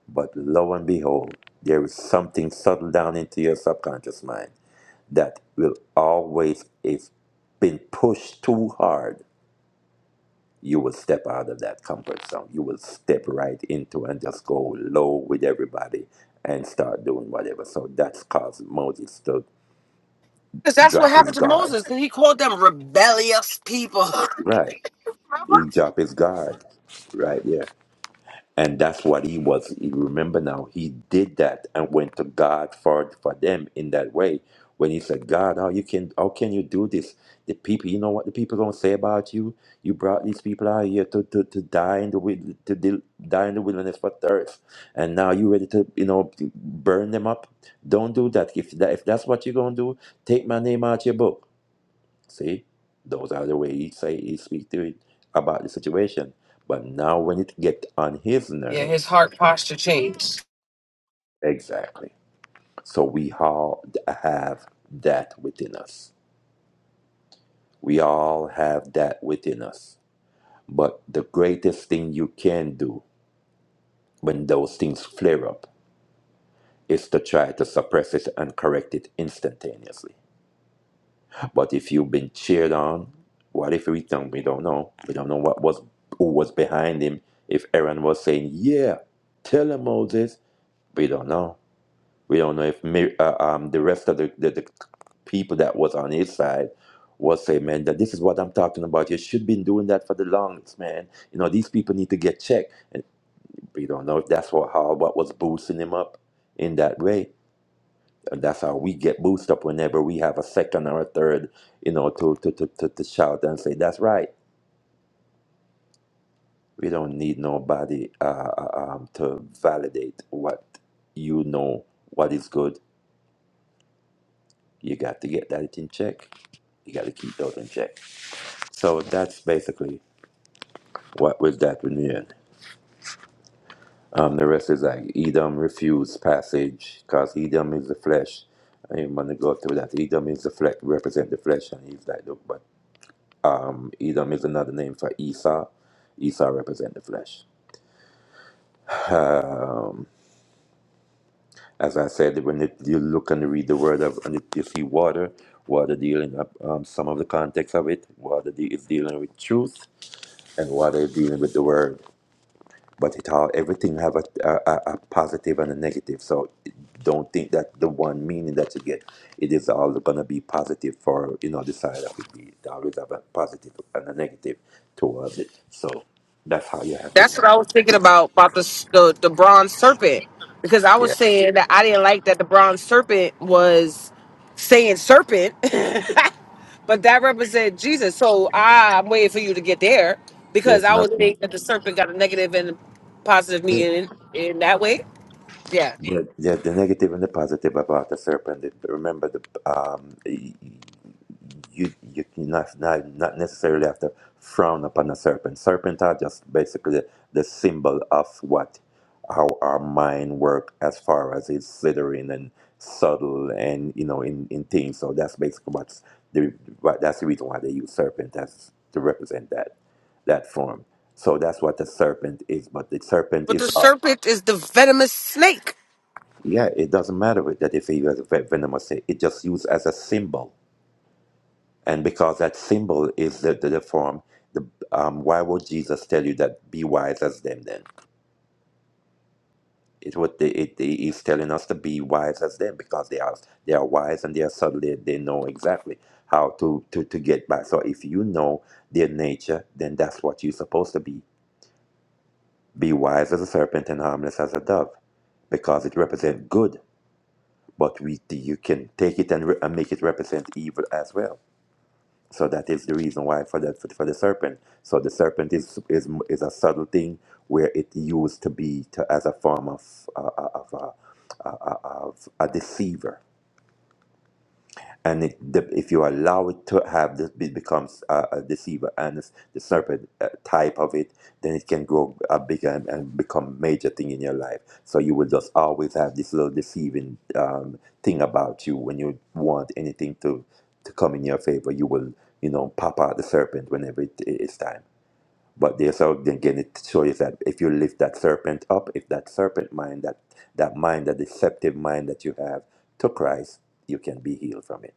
[SPEAKER 3] But lo and behold, there is something subtle down into your subconscious mind that will always is been pushed too hard you will step out of that comfort zone. You will step right into and just go low with everybody and start doing whatever. So that's caused Moses to
[SPEAKER 1] Because that's what
[SPEAKER 3] drop his
[SPEAKER 1] happened to
[SPEAKER 3] guard.
[SPEAKER 1] Moses. Because he called them rebellious people.
[SPEAKER 3] Right. He dropped his guard. Right. Yeah. And that's what he was. He remember now, he did that and went to God for for them in that way. When he said, God, how you can how can you do this? The people, you know what the people gonna say about you? You brought these people out here to, to, to die in the wil- to dil- die in the wilderness for thirst, and now you ready to you know burn them up? Don't do that. If that if that's what you're gonna do, take my name out your book. See, those are the way he say he speak to it about the situation. But now when it get on his
[SPEAKER 1] Yeah, his
[SPEAKER 3] nerves,
[SPEAKER 1] heart posture changed.
[SPEAKER 3] exactly. So we all have that within us. We all have that within us. But the greatest thing you can do when those things flare up is to try to suppress it and correct it instantaneously. But if you've been cheered on, what if we don't? We don't know. We don't know what was who was behind him. If Aaron was saying, "Yeah, tell him Moses," we don't know. We don't know if Mi- uh, um, the rest of the, the the people that was on his side was saying, "Man, that this is what I'm talking about. You should been doing that for the longest, man. You know these people need to get checked." And we don't know if that's what how what was boosting him up in that way that's how we get boosted up whenever we have a second or a third, you know, to to to, to, to shout and say that's right. We don't need nobody uh, uh, um, to validate what you know, what is good. You got to get that in check. You got to keep those in check. So that's basically what with that union. Um, the rest is like Edom refused passage because Edom is the flesh. I didn't want to go through that. Edom is the flesh, represent the flesh, and he's like, look, but Edom is another name for Esau. Esau represents the flesh. Um, as I said, when it, you look and read the word of, and it, you see water, water dealing up um, some of the context of it. Water de- is dealing with truth, and water is dealing with the word. But it all everything have a, a, a positive and a negative. So don't think that the one meaning that you get, it is all gonna be positive for you know the side of it. It always have a positive and a negative towards it. So that's how you have to.
[SPEAKER 1] That's what I was thinking about about the s- the, the bronze serpent because I
[SPEAKER 3] Yeah.
[SPEAKER 1] was saying that I didn't like that the bronze serpent was saying serpent, but that represents Jesus. So I, I'm waiting for you to get there because
[SPEAKER 3] There's
[SPEAKER 1] I would
[SPEAKER 3] nothing.
[SPEAKER 1] think that the serpent got a negative and positive
[SPEAKER 3] Yeah,
[SPEAKER 1] meaning in that way. Yeah,
[SPEAKER 3] yeah, yeah, the negative and the positive about the serpent. If- Remember, the um, y- you you not not not necessarily have to frown upon a serpent. Serpent are just basically the symbol of what how our mind work as far as it's slithering and subtle and you know in in things. So that's basically what's the what, that's the reason why they use serpent as to represent that that form. So that's what the serpent is. But the serpent
[SPEAKER 1] but
[SPEAKER 3] is.
[SPEAKER 1] the serpent is the venomous snake.
[SPEAKER 3] Yeah, it doesn't matter with that if he was ve- venomous. It it just used as a symbol, and because that symbol is the the, the form, the um, why would Jesus tell you that be wise as them? Then it would it, it he's telling us to be wise as them because they are they are wise and they are subtle. They, they know exactly how to to to get by. So if you know their nature, then that's what you're supposed to be. Be wise as a serpent and harmless as a dove, because it represents good. but we you can take it and, re- and make it represent evil as well. So that is the reason why for the for for the serpent. So the serpent is is is a subtle thing where it used to be to, as a form of uh, uh, of, uh, uh, uh, of a deceiver and it, the, if you allow it to have this it becomes a, a deceiver and it's the serpent uh, type of it then it can grow uh, bigger and, and become a major thing in your life so you will just always have this little deceiving um, thing about you when you want anything to to come in your favor you will you know pop out the serpent whenever it, it's time but there's so then again it shows you that if you lift that serpent up, if that serpent mind, that that mind, that deceptive mind that you have to Christ, you can be healed from it.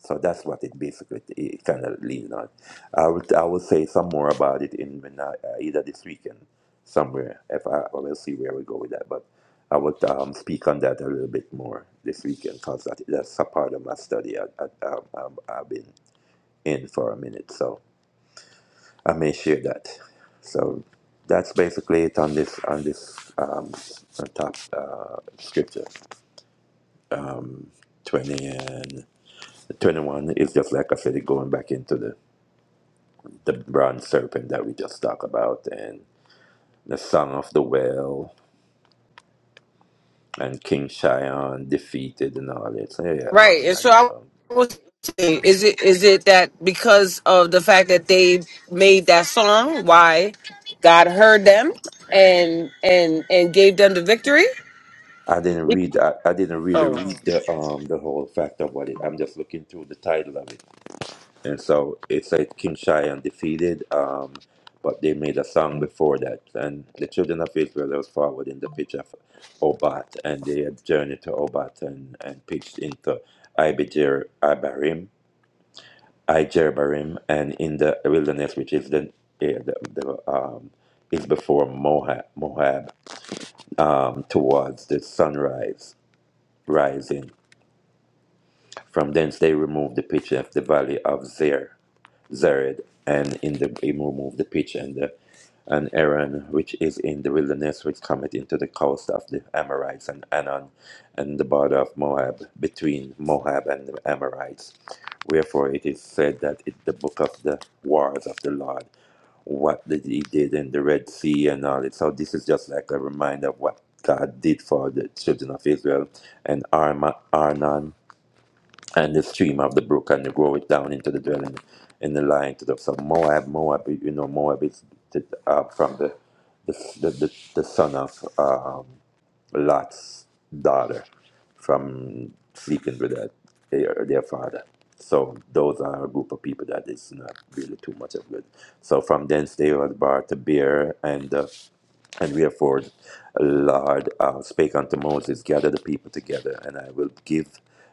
[SPEAKER 3] So that's what it basically it kind of leans on. I will I will say some more about it in when I, uh, either this weekend somewhere. If I I will see where we go with that, but I would um, speak on that a little bit more this weekend because that, that's a part of my study I, I, um, um, I've been in for a minute. So. I may share that. So that's basically it on this on this um, top uh, scripture. Twenty and twenty-one is just like I said, it going back into the the bronze serpent that we just talked about, and the song of the well, and King Shion defeated and all that. So yeah,
[SPEAKER 1] Right.
[SPEAKER 3] I'm
[SPEAKER 1] And
[SPEAKER 3] not
[SPEAKER 1] so
[SPEAKER 3] even
[SPEAKER 1] I
[SPEAKER 3] going.
[SPEAKER 1] was saying, is it is it that because of the fact that they made that song, why God heard them and and and gave them the victory?
[SPEAKER 3] I didn't read. I, I didn't really
[SPEAKER 1] Oh.
[SPEAKER 3] read the um the whole fact of what it. I'm just looking through the title of it. And so it's like Kinshai undefeated, um, but they made a song before that. And the children of Israel was forward in the pitch of Obat, and they had journeyed to Obat and, and pitched into Ibijer Ibarim, Ijerbarim, and in the wilderness, which is the, eh, the, the um, is before Moab, Moab um, towards the sunrise rising. From thence they removed the pitch of the valley of Zer Zared, and in the he removed the pitch and the and Aaron, which is in the wilderness, which cometh into the coast of the Amorites and Anon, and the border of Moab, between Moab and the Amorites. Wherefore it is said that in the book of the wars of the Lord, what did he did in the Red Sea and all it. So this is just like a reminder of what God did for the children of Israel and Arma, Arnon and the stream of the brook and they grow it down into the dwelling in the line to the so Moab, Moab, you know, Moab is t- uh, from the the, the, the the son of um, Lot's daughter from sleeping with their, their their father. So those are a group of people that is not really too much of good. So from thence they were brought to Beer, and uh, and wherefore, Lord, uh, spake unto Moses, gather the people together, and I will give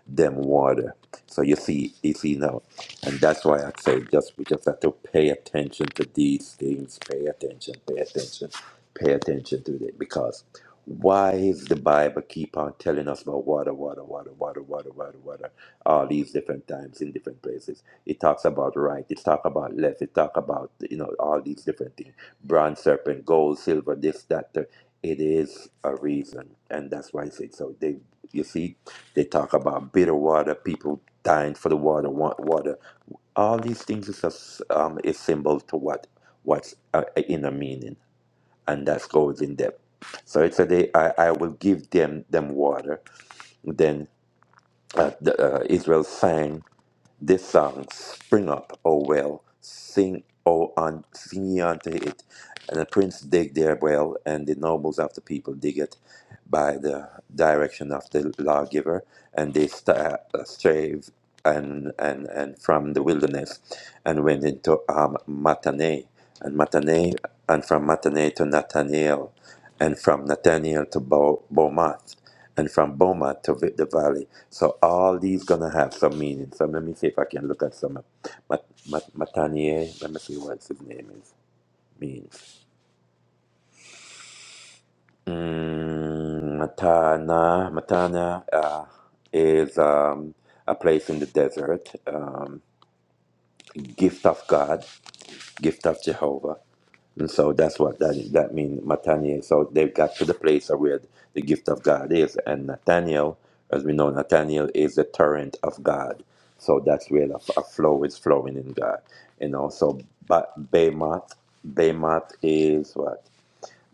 [SPEAKER 3] them water. So you see, you see now, and that's why I say just we just have to pay attention to these things. Pay attention, pay attention, pay attention to it. Because why is the Bible keep on telling us about water, water, water, water, water, water, water, all these different times in different places? It talks about right, it talks about left, it talks about you know all these different things bronze serpent, gold, silver, this, that, the, it is a reason. And that's why I say so. They, you see, they talk about bitter water, people dying for the water, want water. All these things is a, s- um, is symbol to what what's uh, in a meaning, and that goes in depth. So it's a day I, I will give them them water. Then uh, the, uh, Israel sang this song, spring up, oh well, sing, oh on, sing ye unto it and the prince dig their well, and the nobles of the people dig it by the direction of the lawgiver, and they sta uh, strave and, and, and from the wilderness and went into um, Mataneh, and Mataneh, and from Mataneh to Nathaniel, and from Nathaniel to Bo- Bomath, and from Bomath to Vi- the valley. So all these gonna have some meaning. So let me see if I can look at some of Mat- Mat- Mataneh. Let me see what his name is means. Mm, Matana, Matana uh, is um, a place in the desert, um, gift of God, gift of Jehovah. And so that's what that, that means, Matania. So they got to the place of where the gift of God is. And Nathaniel, as we know, Nathaniel is the torrent of God. So that's where a, a flow is flowing in God. And also, but Behemoth, Behemoth is what?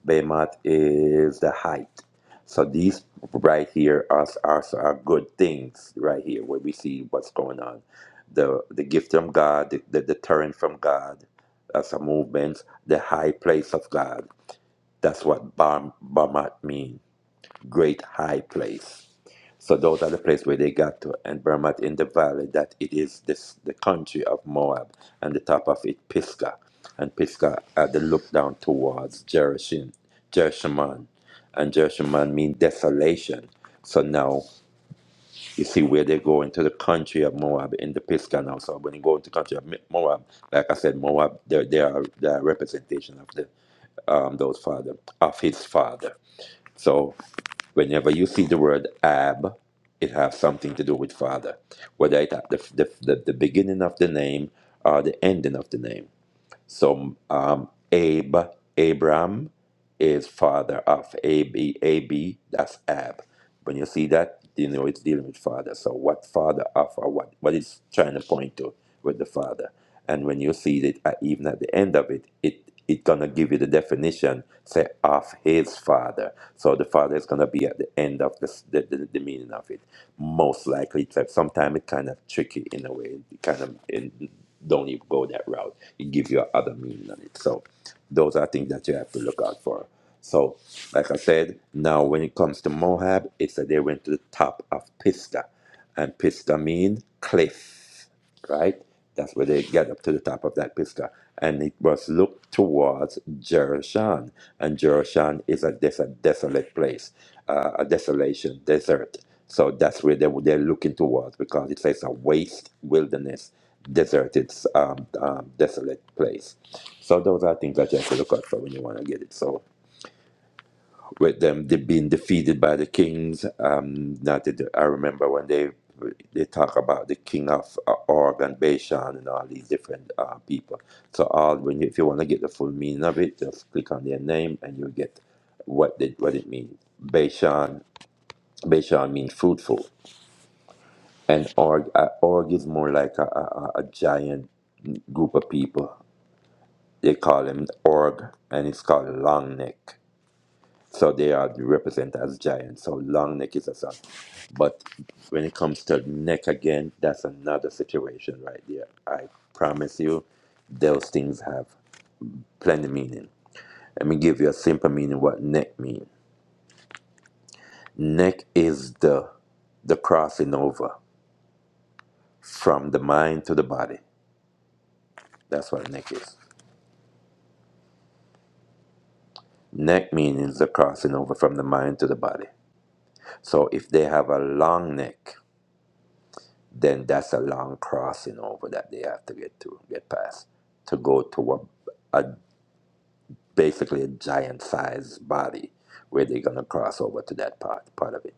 [SPEAKER 3] Behemoth is the height. So these right here are, are, are good things right here where we see what's going on. The the gift from God, the, the deterrent from God, as a movement, the high place of God. That's what Bam Bamat mean. Great high place. So those are the place where they got to, and Bermat in the valley, that it is this the country of Moab, and the top of it Pisgah, and Pisgah at the look down towards Jerushin, Jerushaman, and Jerushaman mean desolation. So now you see where they go into the country of Moab in the Pisgah now. So when you go into the country of Mi- Moab, like I said, Moab, they they are the representation of the um, those father of his father. So. Whenever you see the word Ab, it has something to do with father, whether it's at the, the, the, the beginning of the name or the ending of the name. So um, Abe, Abram is father of AB, AB, that's Ab. When you see that, you know it's dealing with father. So what father of or what, what it's trying to point to with the father. And when you see it, uh, even at the end of it, it it gonna give you the definition, say, of his father. So the father is gonna be at the end of this, the, the, the meaning of it. Most likely, it's like, sometimes it's kind of tricky in a way, kind of in don't even go that route. It gives you other meaning on it. So those are things that you have to look out for. So, like I said, now when it comes to Moab, it's that they went to the top of Pista, and Pista means cliff right? That's where they get up to the top of that Pisgah. And it was looked towards Jerushan. And Jerushan is a, des- a desolate place, uh, a desolation, desert. So that's where they, were- they're looking towards because it says a waste wilderness, deserted, um, um, desolate place. So those are things that you have to look out for when you want to get it. So with them they being defeated by the kings. Um, that they, do- I remember when they they talk about the king of uh, Og and Bashan and all these different uh, people. So all when you, if you want to get the full meaning of it, just click on their name and you get what it what it means. Bashan Bashan means fruitful, and Org uh, Og is more like a, a, a a giant group of people. They call him Org, and it's called Long Neck. So they are represented as giants. So long neck is a son. But when it comes to neck again, that's another situation right there. I promise you, those things have plenty meaning. Let me give you a simple meaning what neck means. Neck is the the crossing over from the mind to the body. That's what neck is. Neck meaning the crossing over from the mind to the body. So if they have a long neck, then that's a long crossing over that they have to get to get past to go to a, a basically a giant size body where they're gonna cross over to that part part of it.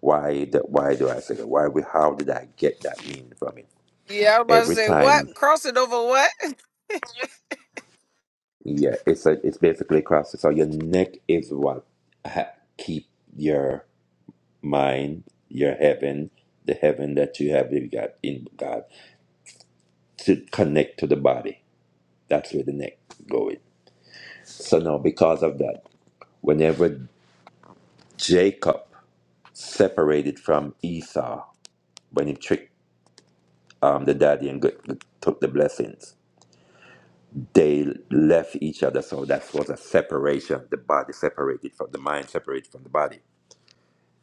[SPEAKER 3] Why the, why do I say that? Why we how did I get that meaning from it?
[SPEAKER 1] Yeah, I was about to
[SPEAKER 3] Every
[SPEAKER 1] say
[SPEAKER 3] time,
[SPEAKER 1] what? Crossing over what?
[SPEAKER 3] yeah, it's a it's basically crossing. So your neck is what ha- keep your mind, your heaven, the heaven that you have you got in God to connect to the body. That's where the neck going. So now, because of that, whenever Jacob separated from Esau, when he tricked um, the daddy and got, took the blessings, they left each other. So that was a separation. The body separated from the mind, separated from the body.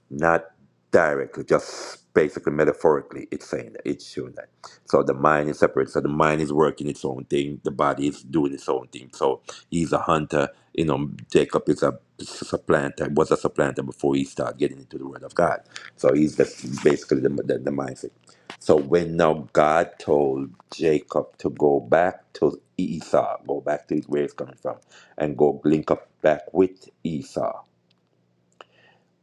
[SPEAKER 3] not directly, just basically metaphorically, it's saying that it's showing that. So the mind is separate. So the mind is working its own thing. The body is doing its own thing. So he's a hunter. You know, Jacob is a supplanter. Was a supplanter before he started getting into the Word of God. So he's just basically the, the, the mindset. So when now God told Jacob to go back to Esau, go back to where he's coming from, and go link up back with Esau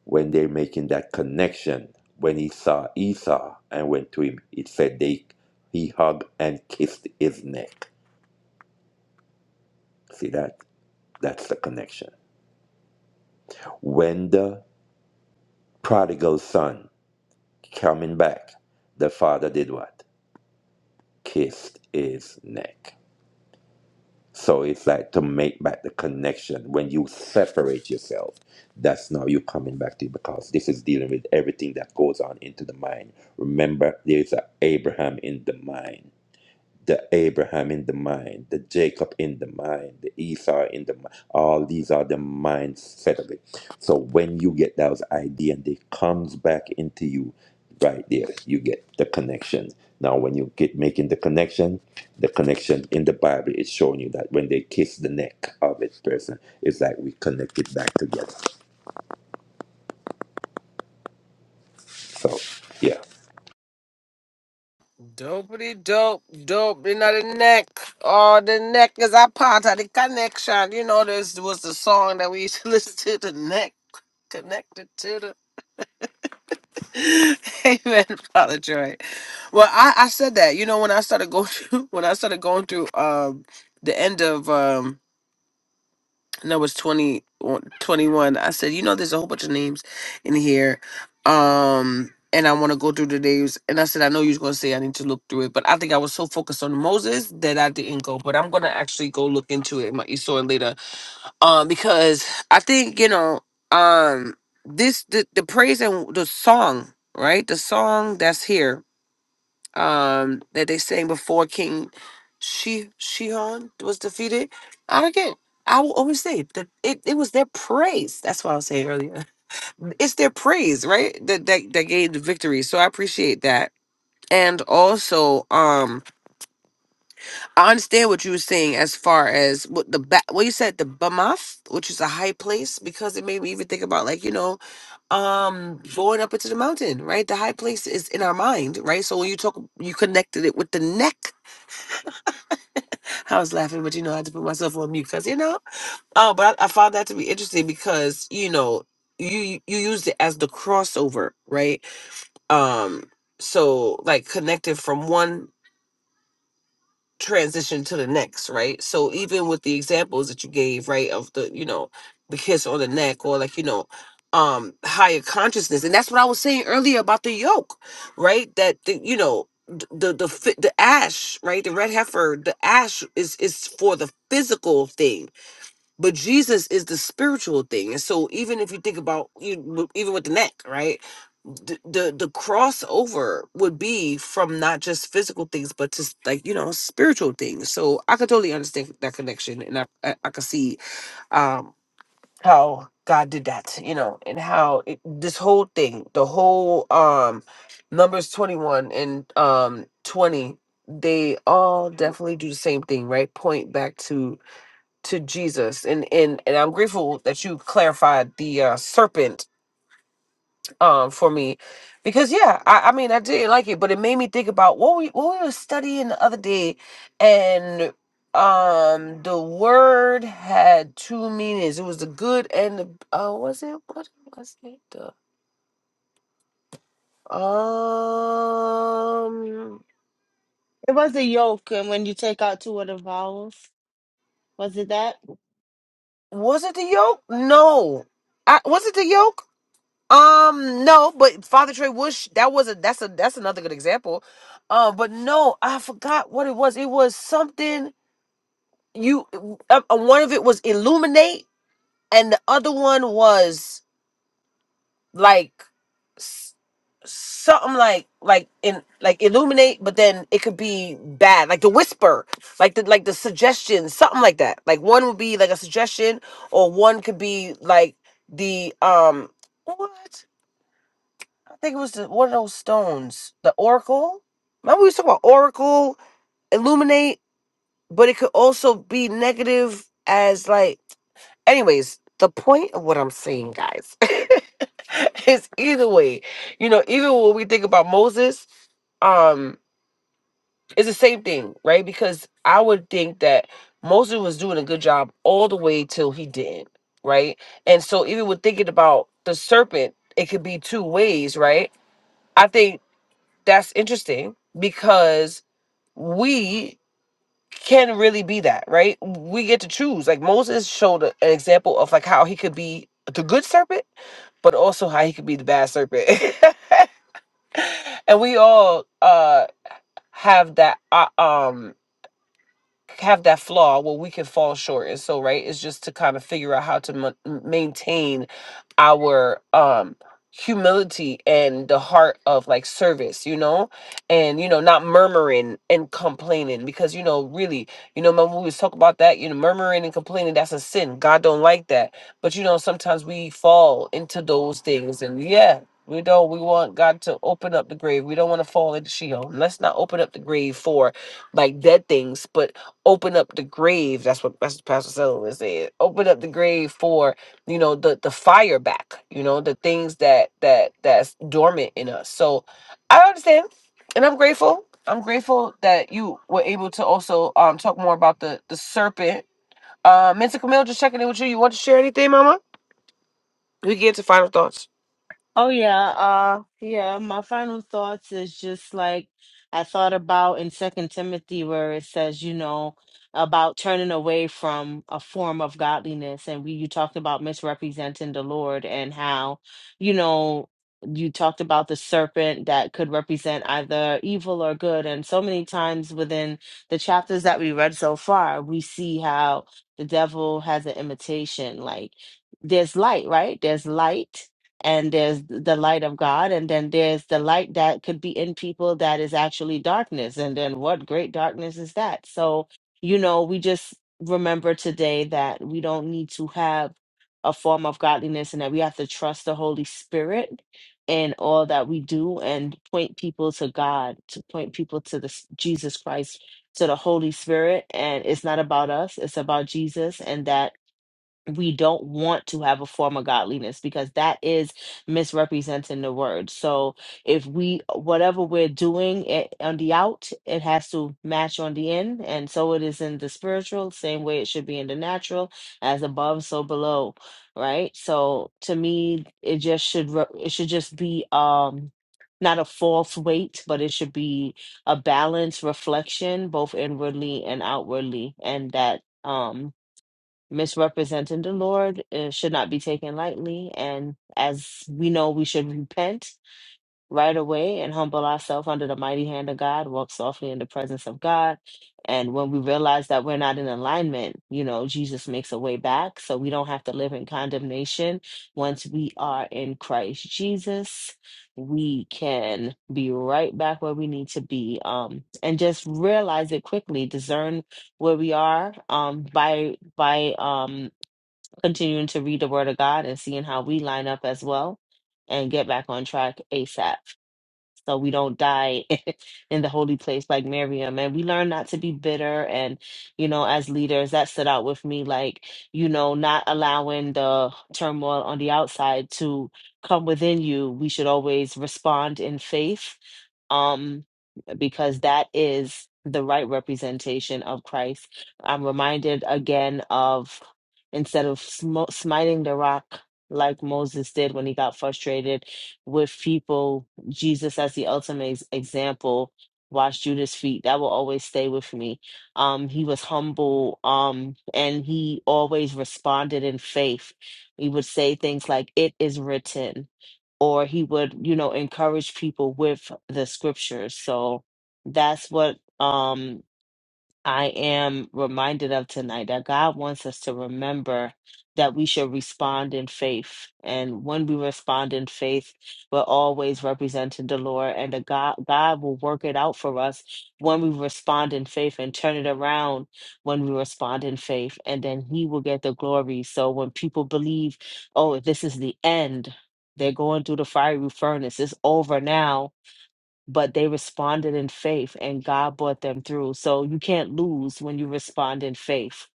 [SPEAKER 3] when they're making that connection when he saw esau and went to him it said they he hugged and kissed his neck see that that's the connection when the prodigal son coming back the father did what kissed his neck so it's like to make back the connection when you separate yourself that's now you coming back to it because this is dealing with everything that goes on into the mind remember there's a abraham in the mind the Abraham in the mind, the Jacob in the mind, the Esau in the mind. All these are the minds set of it. So when you get those idea and they comes back into you, right there, you get the connection. Now when you get making the connection, the connection in the Bible is showing you that when they kiss the neck of its person, it's like we connect it back together. So yeah.
[SPEAKER 1] Dopey dope, dope, you know the neck. Oh, the neck is a part of the connection. You know, this was the song that we used to listen to, the neck connected to the Amen, Father Joy. Well, I, I said that. You know, when I started going through, when I started going through um the end of um no, it was 20 21. I said, you know, there's a whole bunch of names in here. Um and I want to go through the names. And I said, I know you are gonna say I need to look through it, but I think I was so focused on Moses that I didn't go. But I'm gonna actually go look into it. My Esau later um because i think you know um this the, the praise and the song right the song that's here um that they sang before king she shihan was defeated i again i will always say that it, it was their praise that's what i was saying earlier it's their praise right that that, that gained the victory so i appreciate that and also um. I understand what you were saying as far as what the ba- what you said the Bamath, which is a high place, because it made me even think about like you know, um, going up into the mountain, right? The high place is in our mind, right? So when you talk, you connected it with the neck. I was laughing, but you know, I had to put myself on mute because you know. Oh, but I, I found that to be interesting because you know you you used it as the crossover, right? Um, so like connected from one. transition to the next, right? So even with the examples that you gave, right, of the, you know, the kiss on the neck or like, you know, um higher consciousness. And that's what I was saying earlier about the yoke, right? That the, you know, d- the the fi- the ash, right? The red heifer, the ash is is for the physical thing but Jesus is the spiritual thing. And so even if you think about you even with the neck, right? The, the the crossover would be from not just physical things but just like you know spiritual things so i could totally understand that connection and i i, I could see um how god did that you know and how it, this whole thing the whole um numbers 21 and um 20 they all definitely do the same thing right point back to to Jesus, and and and I'm grateful that you clarified the uh, serpent um for me, because yeah, I, I mean I didn't like it, but it made me think about what we what we were studying the other day, and um the word had two meanings. It was the good and the uh was it what was it the um
[SPEAKER 2] It was a yoke, and when you take out two of the vowels, was it that?
[SPEAKER 1] was it the yoke? No, I was it the yoke? Um, no, but Father Trey Bush, that was a that's a that's another good example. Uh, but no, I forgot what it was. It was something you uh, uh, one of it was illuminate, and the other one was like s- something like like in like illuminate, but then it could be bad, like the whisper, like the like the suggestion, something like that. Like one would be like a suggestion, or one could be like the um what? I think it was the, one of those stones, the Oracle. Remember we was talking about Oracle, Illuminate, but it could also be negative as like. Anyways, the point of what I'm saying, guys, is either way, you know, even when we think about Moses, um, it's the same thing, right? Because I would think that Moses was doing a good job all the way till he didn't, right? And so even with thinking about the serpent, it could be two ways, right? I think that's interesting because we can really be that, right? We get to choose. Like Moses showed a- an example of like how he could be the good serpent, but also how he could be the bad serpent. and we all uh have that uh, um have that flaw where we can fall short and so right it's just to kind of figure out how to ma- maintain our um humility and the heart of like service you know and you know not murmuring and complaining because you know really you know remember we was talking about that you know murmuring and complaining that's a sin god don't like that but you know sometimes we fall into those things and yeah we don't we want god to open up the grave we don't want to fall into sheol let's not open up the grave for like dead things, but open up the grave. That's what Pastor Pastor Sullivan said. Open up the grave for you know the the fire back. You know the things that that that's dormant in us. So I understand, and I'm grateful. I'm grateful that you were able to also um talk more about the the serpent. Uh, Mentor Camille, just checking in with you. You want to share anything, Mama? We get to final thoughts.
[SPEAKER 2] Oh yeah, uh yeah, my final thoughts is just like I thought about in Second Timothy where it says, you know, about turning away from a form of godliness and we you talked about misrepresenting the Lord and how, you know, you talked about the serpent that could represent either evil or good and so many times within the chapters that we read so far, we see how the devil has an imitation like there's light, right? There's light and there's the light of God, and then there's the light that could be in people that is actually darkness. And then what great darkness is that? So, you know, we just remember today that we don't need to have a form of godliness and that we have to trust the Holy Spirit in all that we do and point people to God, to point people to the s- Jesus Christ, to the Holy Spirit. And it's not about us, it's about Jesus, and that we don't want to have a form of godliness because that is misrepresenting the word. So if we whatever we're doing it, on the out, it has to match on the in, and so it is in the spiritual, same way it should be in the natural, as above, so below, right? So to me, it just should re- it should just be um not a false weight, but it should be a balanced reflection, both inwardly and outwardly, and that. Um, misrepresenting the Lord uh, should not be taken lightly. And as we know, we should repent right away and humble ourselves under the mighty hand of God, walk softly in the presence of God. And when we realize that we're not in alignment, you know, Jesus makes a way back. So we don't have to live in condemnation. Once we are in Christ Jesus, we can be right back where we need to be. Um, and just realize it quickly, discern where we are um, by by um, continuing to read the Word of God and seeing how we line up as well and get back on track ASAP so we don't die in the holy place like Miriam. And we learn not to be bitter. And, you know, as leaders, that stood out with me, like, you know, not allowing the turmoil on the outside to come within you. We should always respond in faith. Um, because that is the right representation of Christ. I'm reminded again of instead of sm- smiting the rock like Moses did when he got frustrated with people, Jesus as the ultimate ex- example washed Judas' feet. That will always stay with me. Um, he was humble um, and he always responded in faith. He would say things like, It is written or he would you know encourage people with the scriptures so that's what um I am reminded of tonight that God wants us to remember that we should respond in faith. And when we respond in faith, we're always representing the Lord and the God God will work it out for us when we respond in faith and turn it around when we respond in faith. And then he will get the glory. So when people believe, oh, this is the end, they're going through the fiery furnace, it's over now but they responded in faith and God brought them through. So you can't lose when you respond in faith.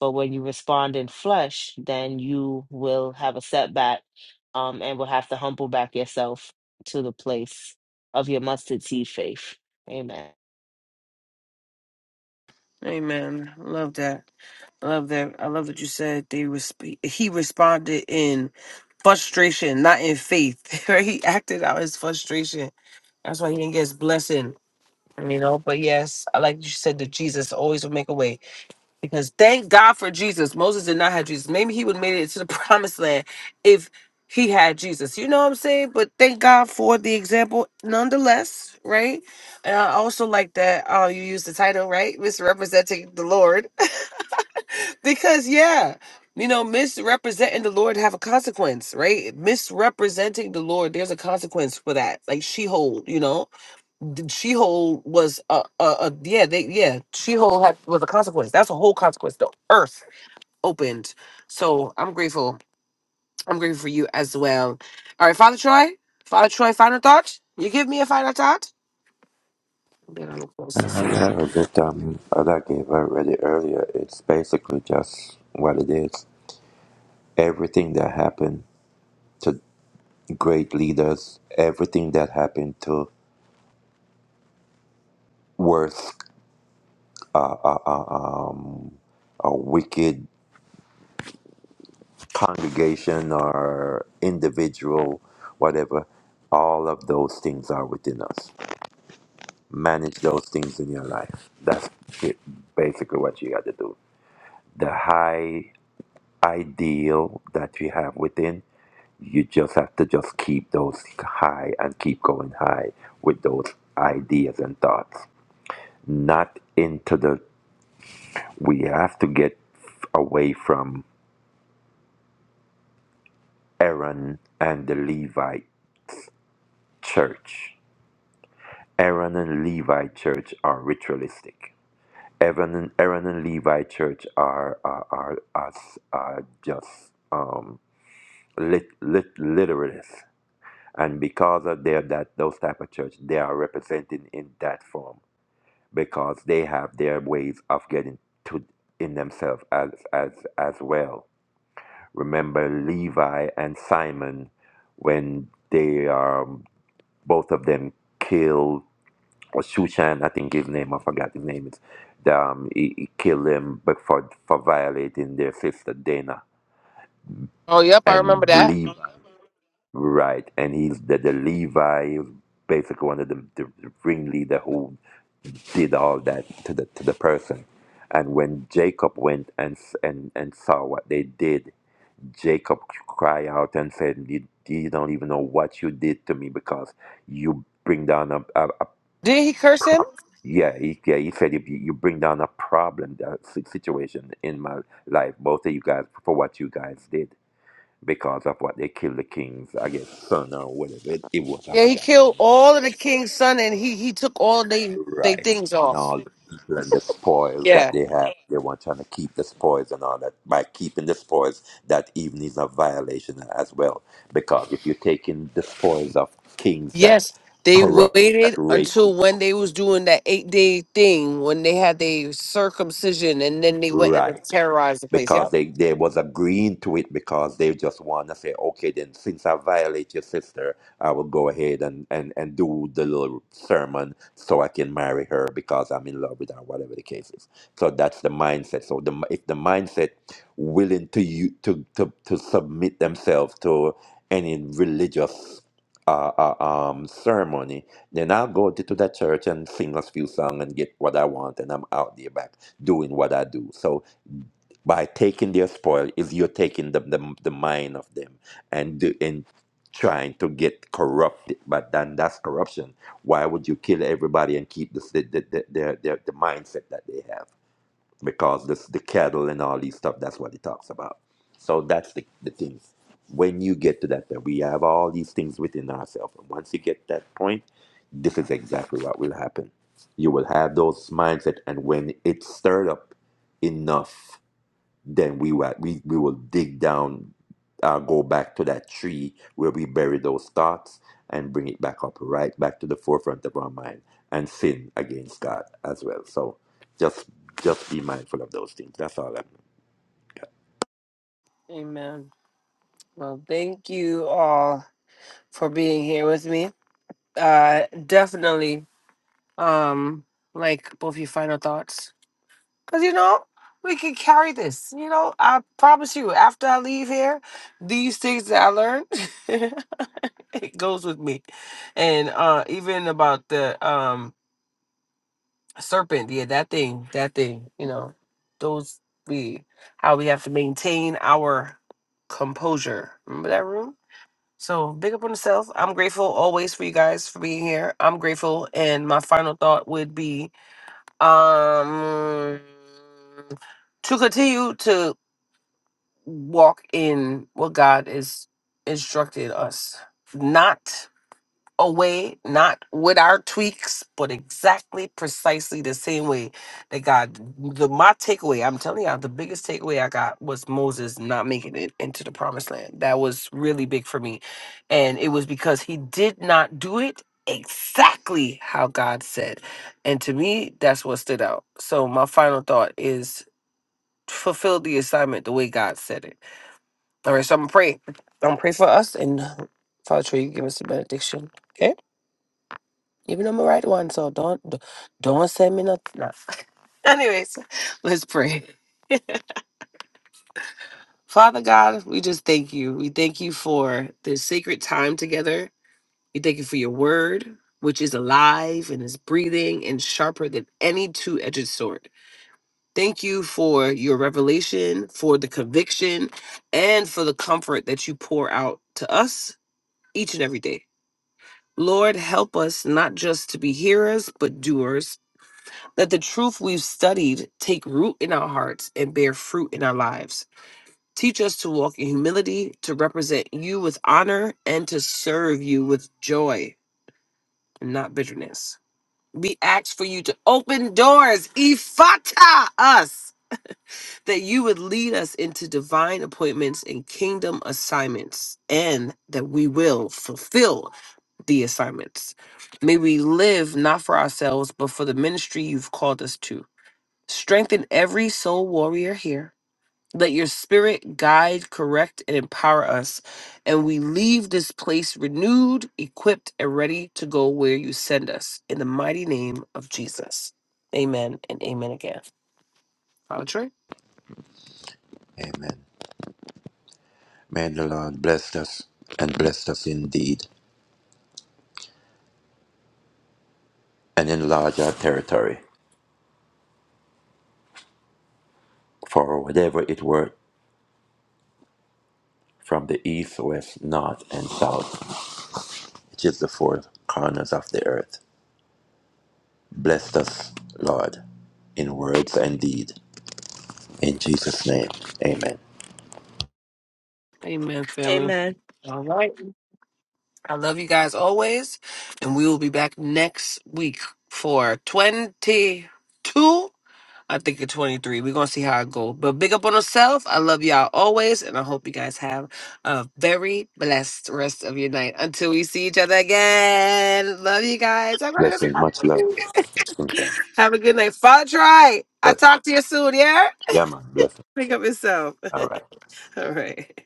[SPEAKER 2] But when you respond in flesh, then you will have a setback um, and will have to humble back yourself to the place of your mustard seed faith. Amen.
[SPEAKER 1] Amen. Love that. Love that. I love that you said they resp- he responded in frustration, not in faith. Right? He acted out his frustration. That's why he didn't get his blessing. You know, but yes, I like you said that Jesus always will make a way. Because thank God for Jesus. Moses did not have Jesus. Maybe he would have made it to the promised land if he had Jesus. You know what I'm saying? But thank God for the example nonetheless, right? And I also like that uh, you use the title, right? Misrepresenting the Lord. because, yeah, you know, misrepresenting the Lord have a consequence, right? Misrepresenting the Lord, there's a consequence for that. Like she hold, you know? She Hole was a, a, a yeah they yeah She Hole had was a consequence. That's a whole consequence. The earth opened. So I'm grateful. I'm grateful for you as well. All right, Father Troy. Father Troy, final thought. You give me a final thought. Then I'm closest.
[SPEAKER 3] Yeah, that um, that I gave already earlier, it's basically just what it is. Everything that happened to great leaders, everything that happened to worse or wicked congregation or individual, whatever, all of those things are within us. Manage those things in your life. That's it, basically what you got to do. The high ideal that you have within, you just have to just keep those high and keep going high with those ideas and thoughts. Not into the we have to get away from Aaron and the Levite church. Aaron and Levi church are ritualistic. Aaron and Aaron and Levi church are are are, are, s- are just um, lit, lit literalists, and because of their that those type of church, they are represented in that form because they have their ways of getting to in themselves as as as well Remember Levi and Simon when they are both of them killed or Shushan, I think his name, I forgot his name is. Um, he, he killed them but for for violating their sister Dana
[SPEAKER 1] Oh yep, I remember
[SPEAKER 3] and
[SPEAKER 1] that.
[SPEAKER 3] Levi, right? And he's the, the Levi he was basically one of the, the ringleader who did all that to the to the person. And when Jacob went and s- and and saw what they did, Jacob cried out and said, you, you don't even know what you did to me because you bring down a, a, a
[SPEAKER 1] Did he curse him?
[SPEAKER 3] problem. Yeah, he, yeah, he said, if you, you bring down a problem, a si- situation in my life, both of you guys, for what you guys did because of what they killed the kings, I guess, son or whatever. It, it was, I
[SPEAKER 1] Yeah, he
[SPEAKER 3] forgot his
[SPEAKER 1] killed
[SPEAKER 3] name.
[SPEAKER 1] all of the king's son, and he he took all they they
[SPEAKER 3] Right.
[SPEAKER 1] things
[SPEAKER 3] And
[SPEAKER 1] off.
[SPEAKER 3] all the people and the spoils that they have, they want trying to keep the spoils and all that. By keeping the spoils, that even is a violation as well. Because if you're taking the spoils of kings that
[SPEAKER 1] Yes, they
[SPEAKER 3] corrupt, that
[SPEAKER 1] waited
[SPEAKER 3] rape
[SPEAKER 1] until when
[SPEAKER 3] people,
[SPEAKER 1] they was doing that eight day thing when they had their circumcision, and then they went and
[SPEAKER 3] right?
[SPEAKER 1] terrorized the place. Yep.
[SPEAKER 3] because they, they was agreeing to it because they just want to say, okay, then since I violate your sister, I will go ahead and, and, and do the little sermon so I can marry her because I'm in love with her, whatever the case is. So that's the mindset. So the, if the mindset willing to you to, to, to submit themselves to any religious uh, uh, um, ceremony, then I'll go to, to that church and sing a few songs and get what I want, and I'm out there back doing what I do. So by taking their spoil is you're taking the, the, the mind of them and do- and trying to get corrupted but then that's corruption why would you kill everybody and keep this, the, the, the, the, the, the mindset that they have because this the cattle and all these stuff that's what it talks about so that's the, the things. when you get to that point, we have all these things within ourselves and once you get that point this is exactly what will happen you will have those mindset and when it's stirred up enough then we will we, we will dig down uh, go back to that tree where we bury those thoughts and bring it back up right back to the forefront of our mind and sin against god as well so just just be mindful of those things that's all i'm
[SPEAKER 1] Amen. Well, thank you all for being here with me. Uh, definitely. um like both your final thoughts because you know we can carry this you know i promise you after i leave here these things that i learned it goes with me and uh even about the um serpent yeah that thing that thing you know those we how we have to maintain our composure remember that room so big up on yourself i'm grateful always for you guys for being here i'm grateful and my final thought would be um to continue to walk in what God is instructed us not away, not with our tweaks, but exactly, precisely the same way that God. The my takeaway, I'm telling y'all, the biggest takeaway I got was Moses not making it into the promised land. That was really big for me, and it was because he did not do it exactly how God said, and to me, that's what stood out. So my final thought is fulfill the assignment the way God said it. All right, so I'm gonna pray. I'm gonna pray for us and. Father, Troy, you give us the benediction. Okay. Even I'm a right one, so don't d- don't send me nothing. No. Anyways, let's pray. Father God, we just thank you. We thank you for this sacred time together. We thank you for your word, which is alive and is breathing and sharper than any two-edged sword. Thank you for your revelation, for the conviction, and for the comfort that you pour out to us each and every day. Lord, help us not just to be hearers, but doers Let the truth we've studied take root in our hearts and bear fruit in our lives. Teach us to walk in humility, to represent you with honor, and to serve you with joy, and not bitterness. We ask for you to open doors, ifata us, that you would lead us into divine appointments and kingdom assignments, and that we will fulfill the assignments. May we live not for ourselves, but for the ministry you've called us to. Strengthen every soul warrior here. Let your spirit guide, correct, and empower us. And we leave this place renewed, equipped, and ready to go where you send us. In the mighty name of Jesus. Amen and amen again. Father Troy?
[SPEAKER 3] Amen. May the Lord bless us and bless us indeed and enlarge our territory for whatever it were from the east, west, north, and south, which is the four corners of the earth. Bless us, Lord, in words and deed. In Jesus' name, amen.
[SPEAKER 1] Amen, family.
[SPEAKER 2] Amen.
[SPEAKER 1] All right. I love you guys always. And we will be back next week for 22. I think it's 23. We're going to see how it goes. But big up on yourself. I love y'all always. And I hope you guys have a very blessed rest of your night until we see each other again. Love you guys. I'm going to go see
[SPEAKER 3] Blessing,
[SPEAKER 1] my
[SPEAKER 3] much love.
[SPEAKER 1] baby.
[SPEAKER 3] Bless.
[SPEAKER 1] Have a good night. Father, try. I'll talk to you soon, yeah?
[SPEAKER 3] Yeah, man, blessing.
[SPEAKER 1] Pick up yourself.
[SPEAKER 3] All right.
[SPEAKER 1] All right.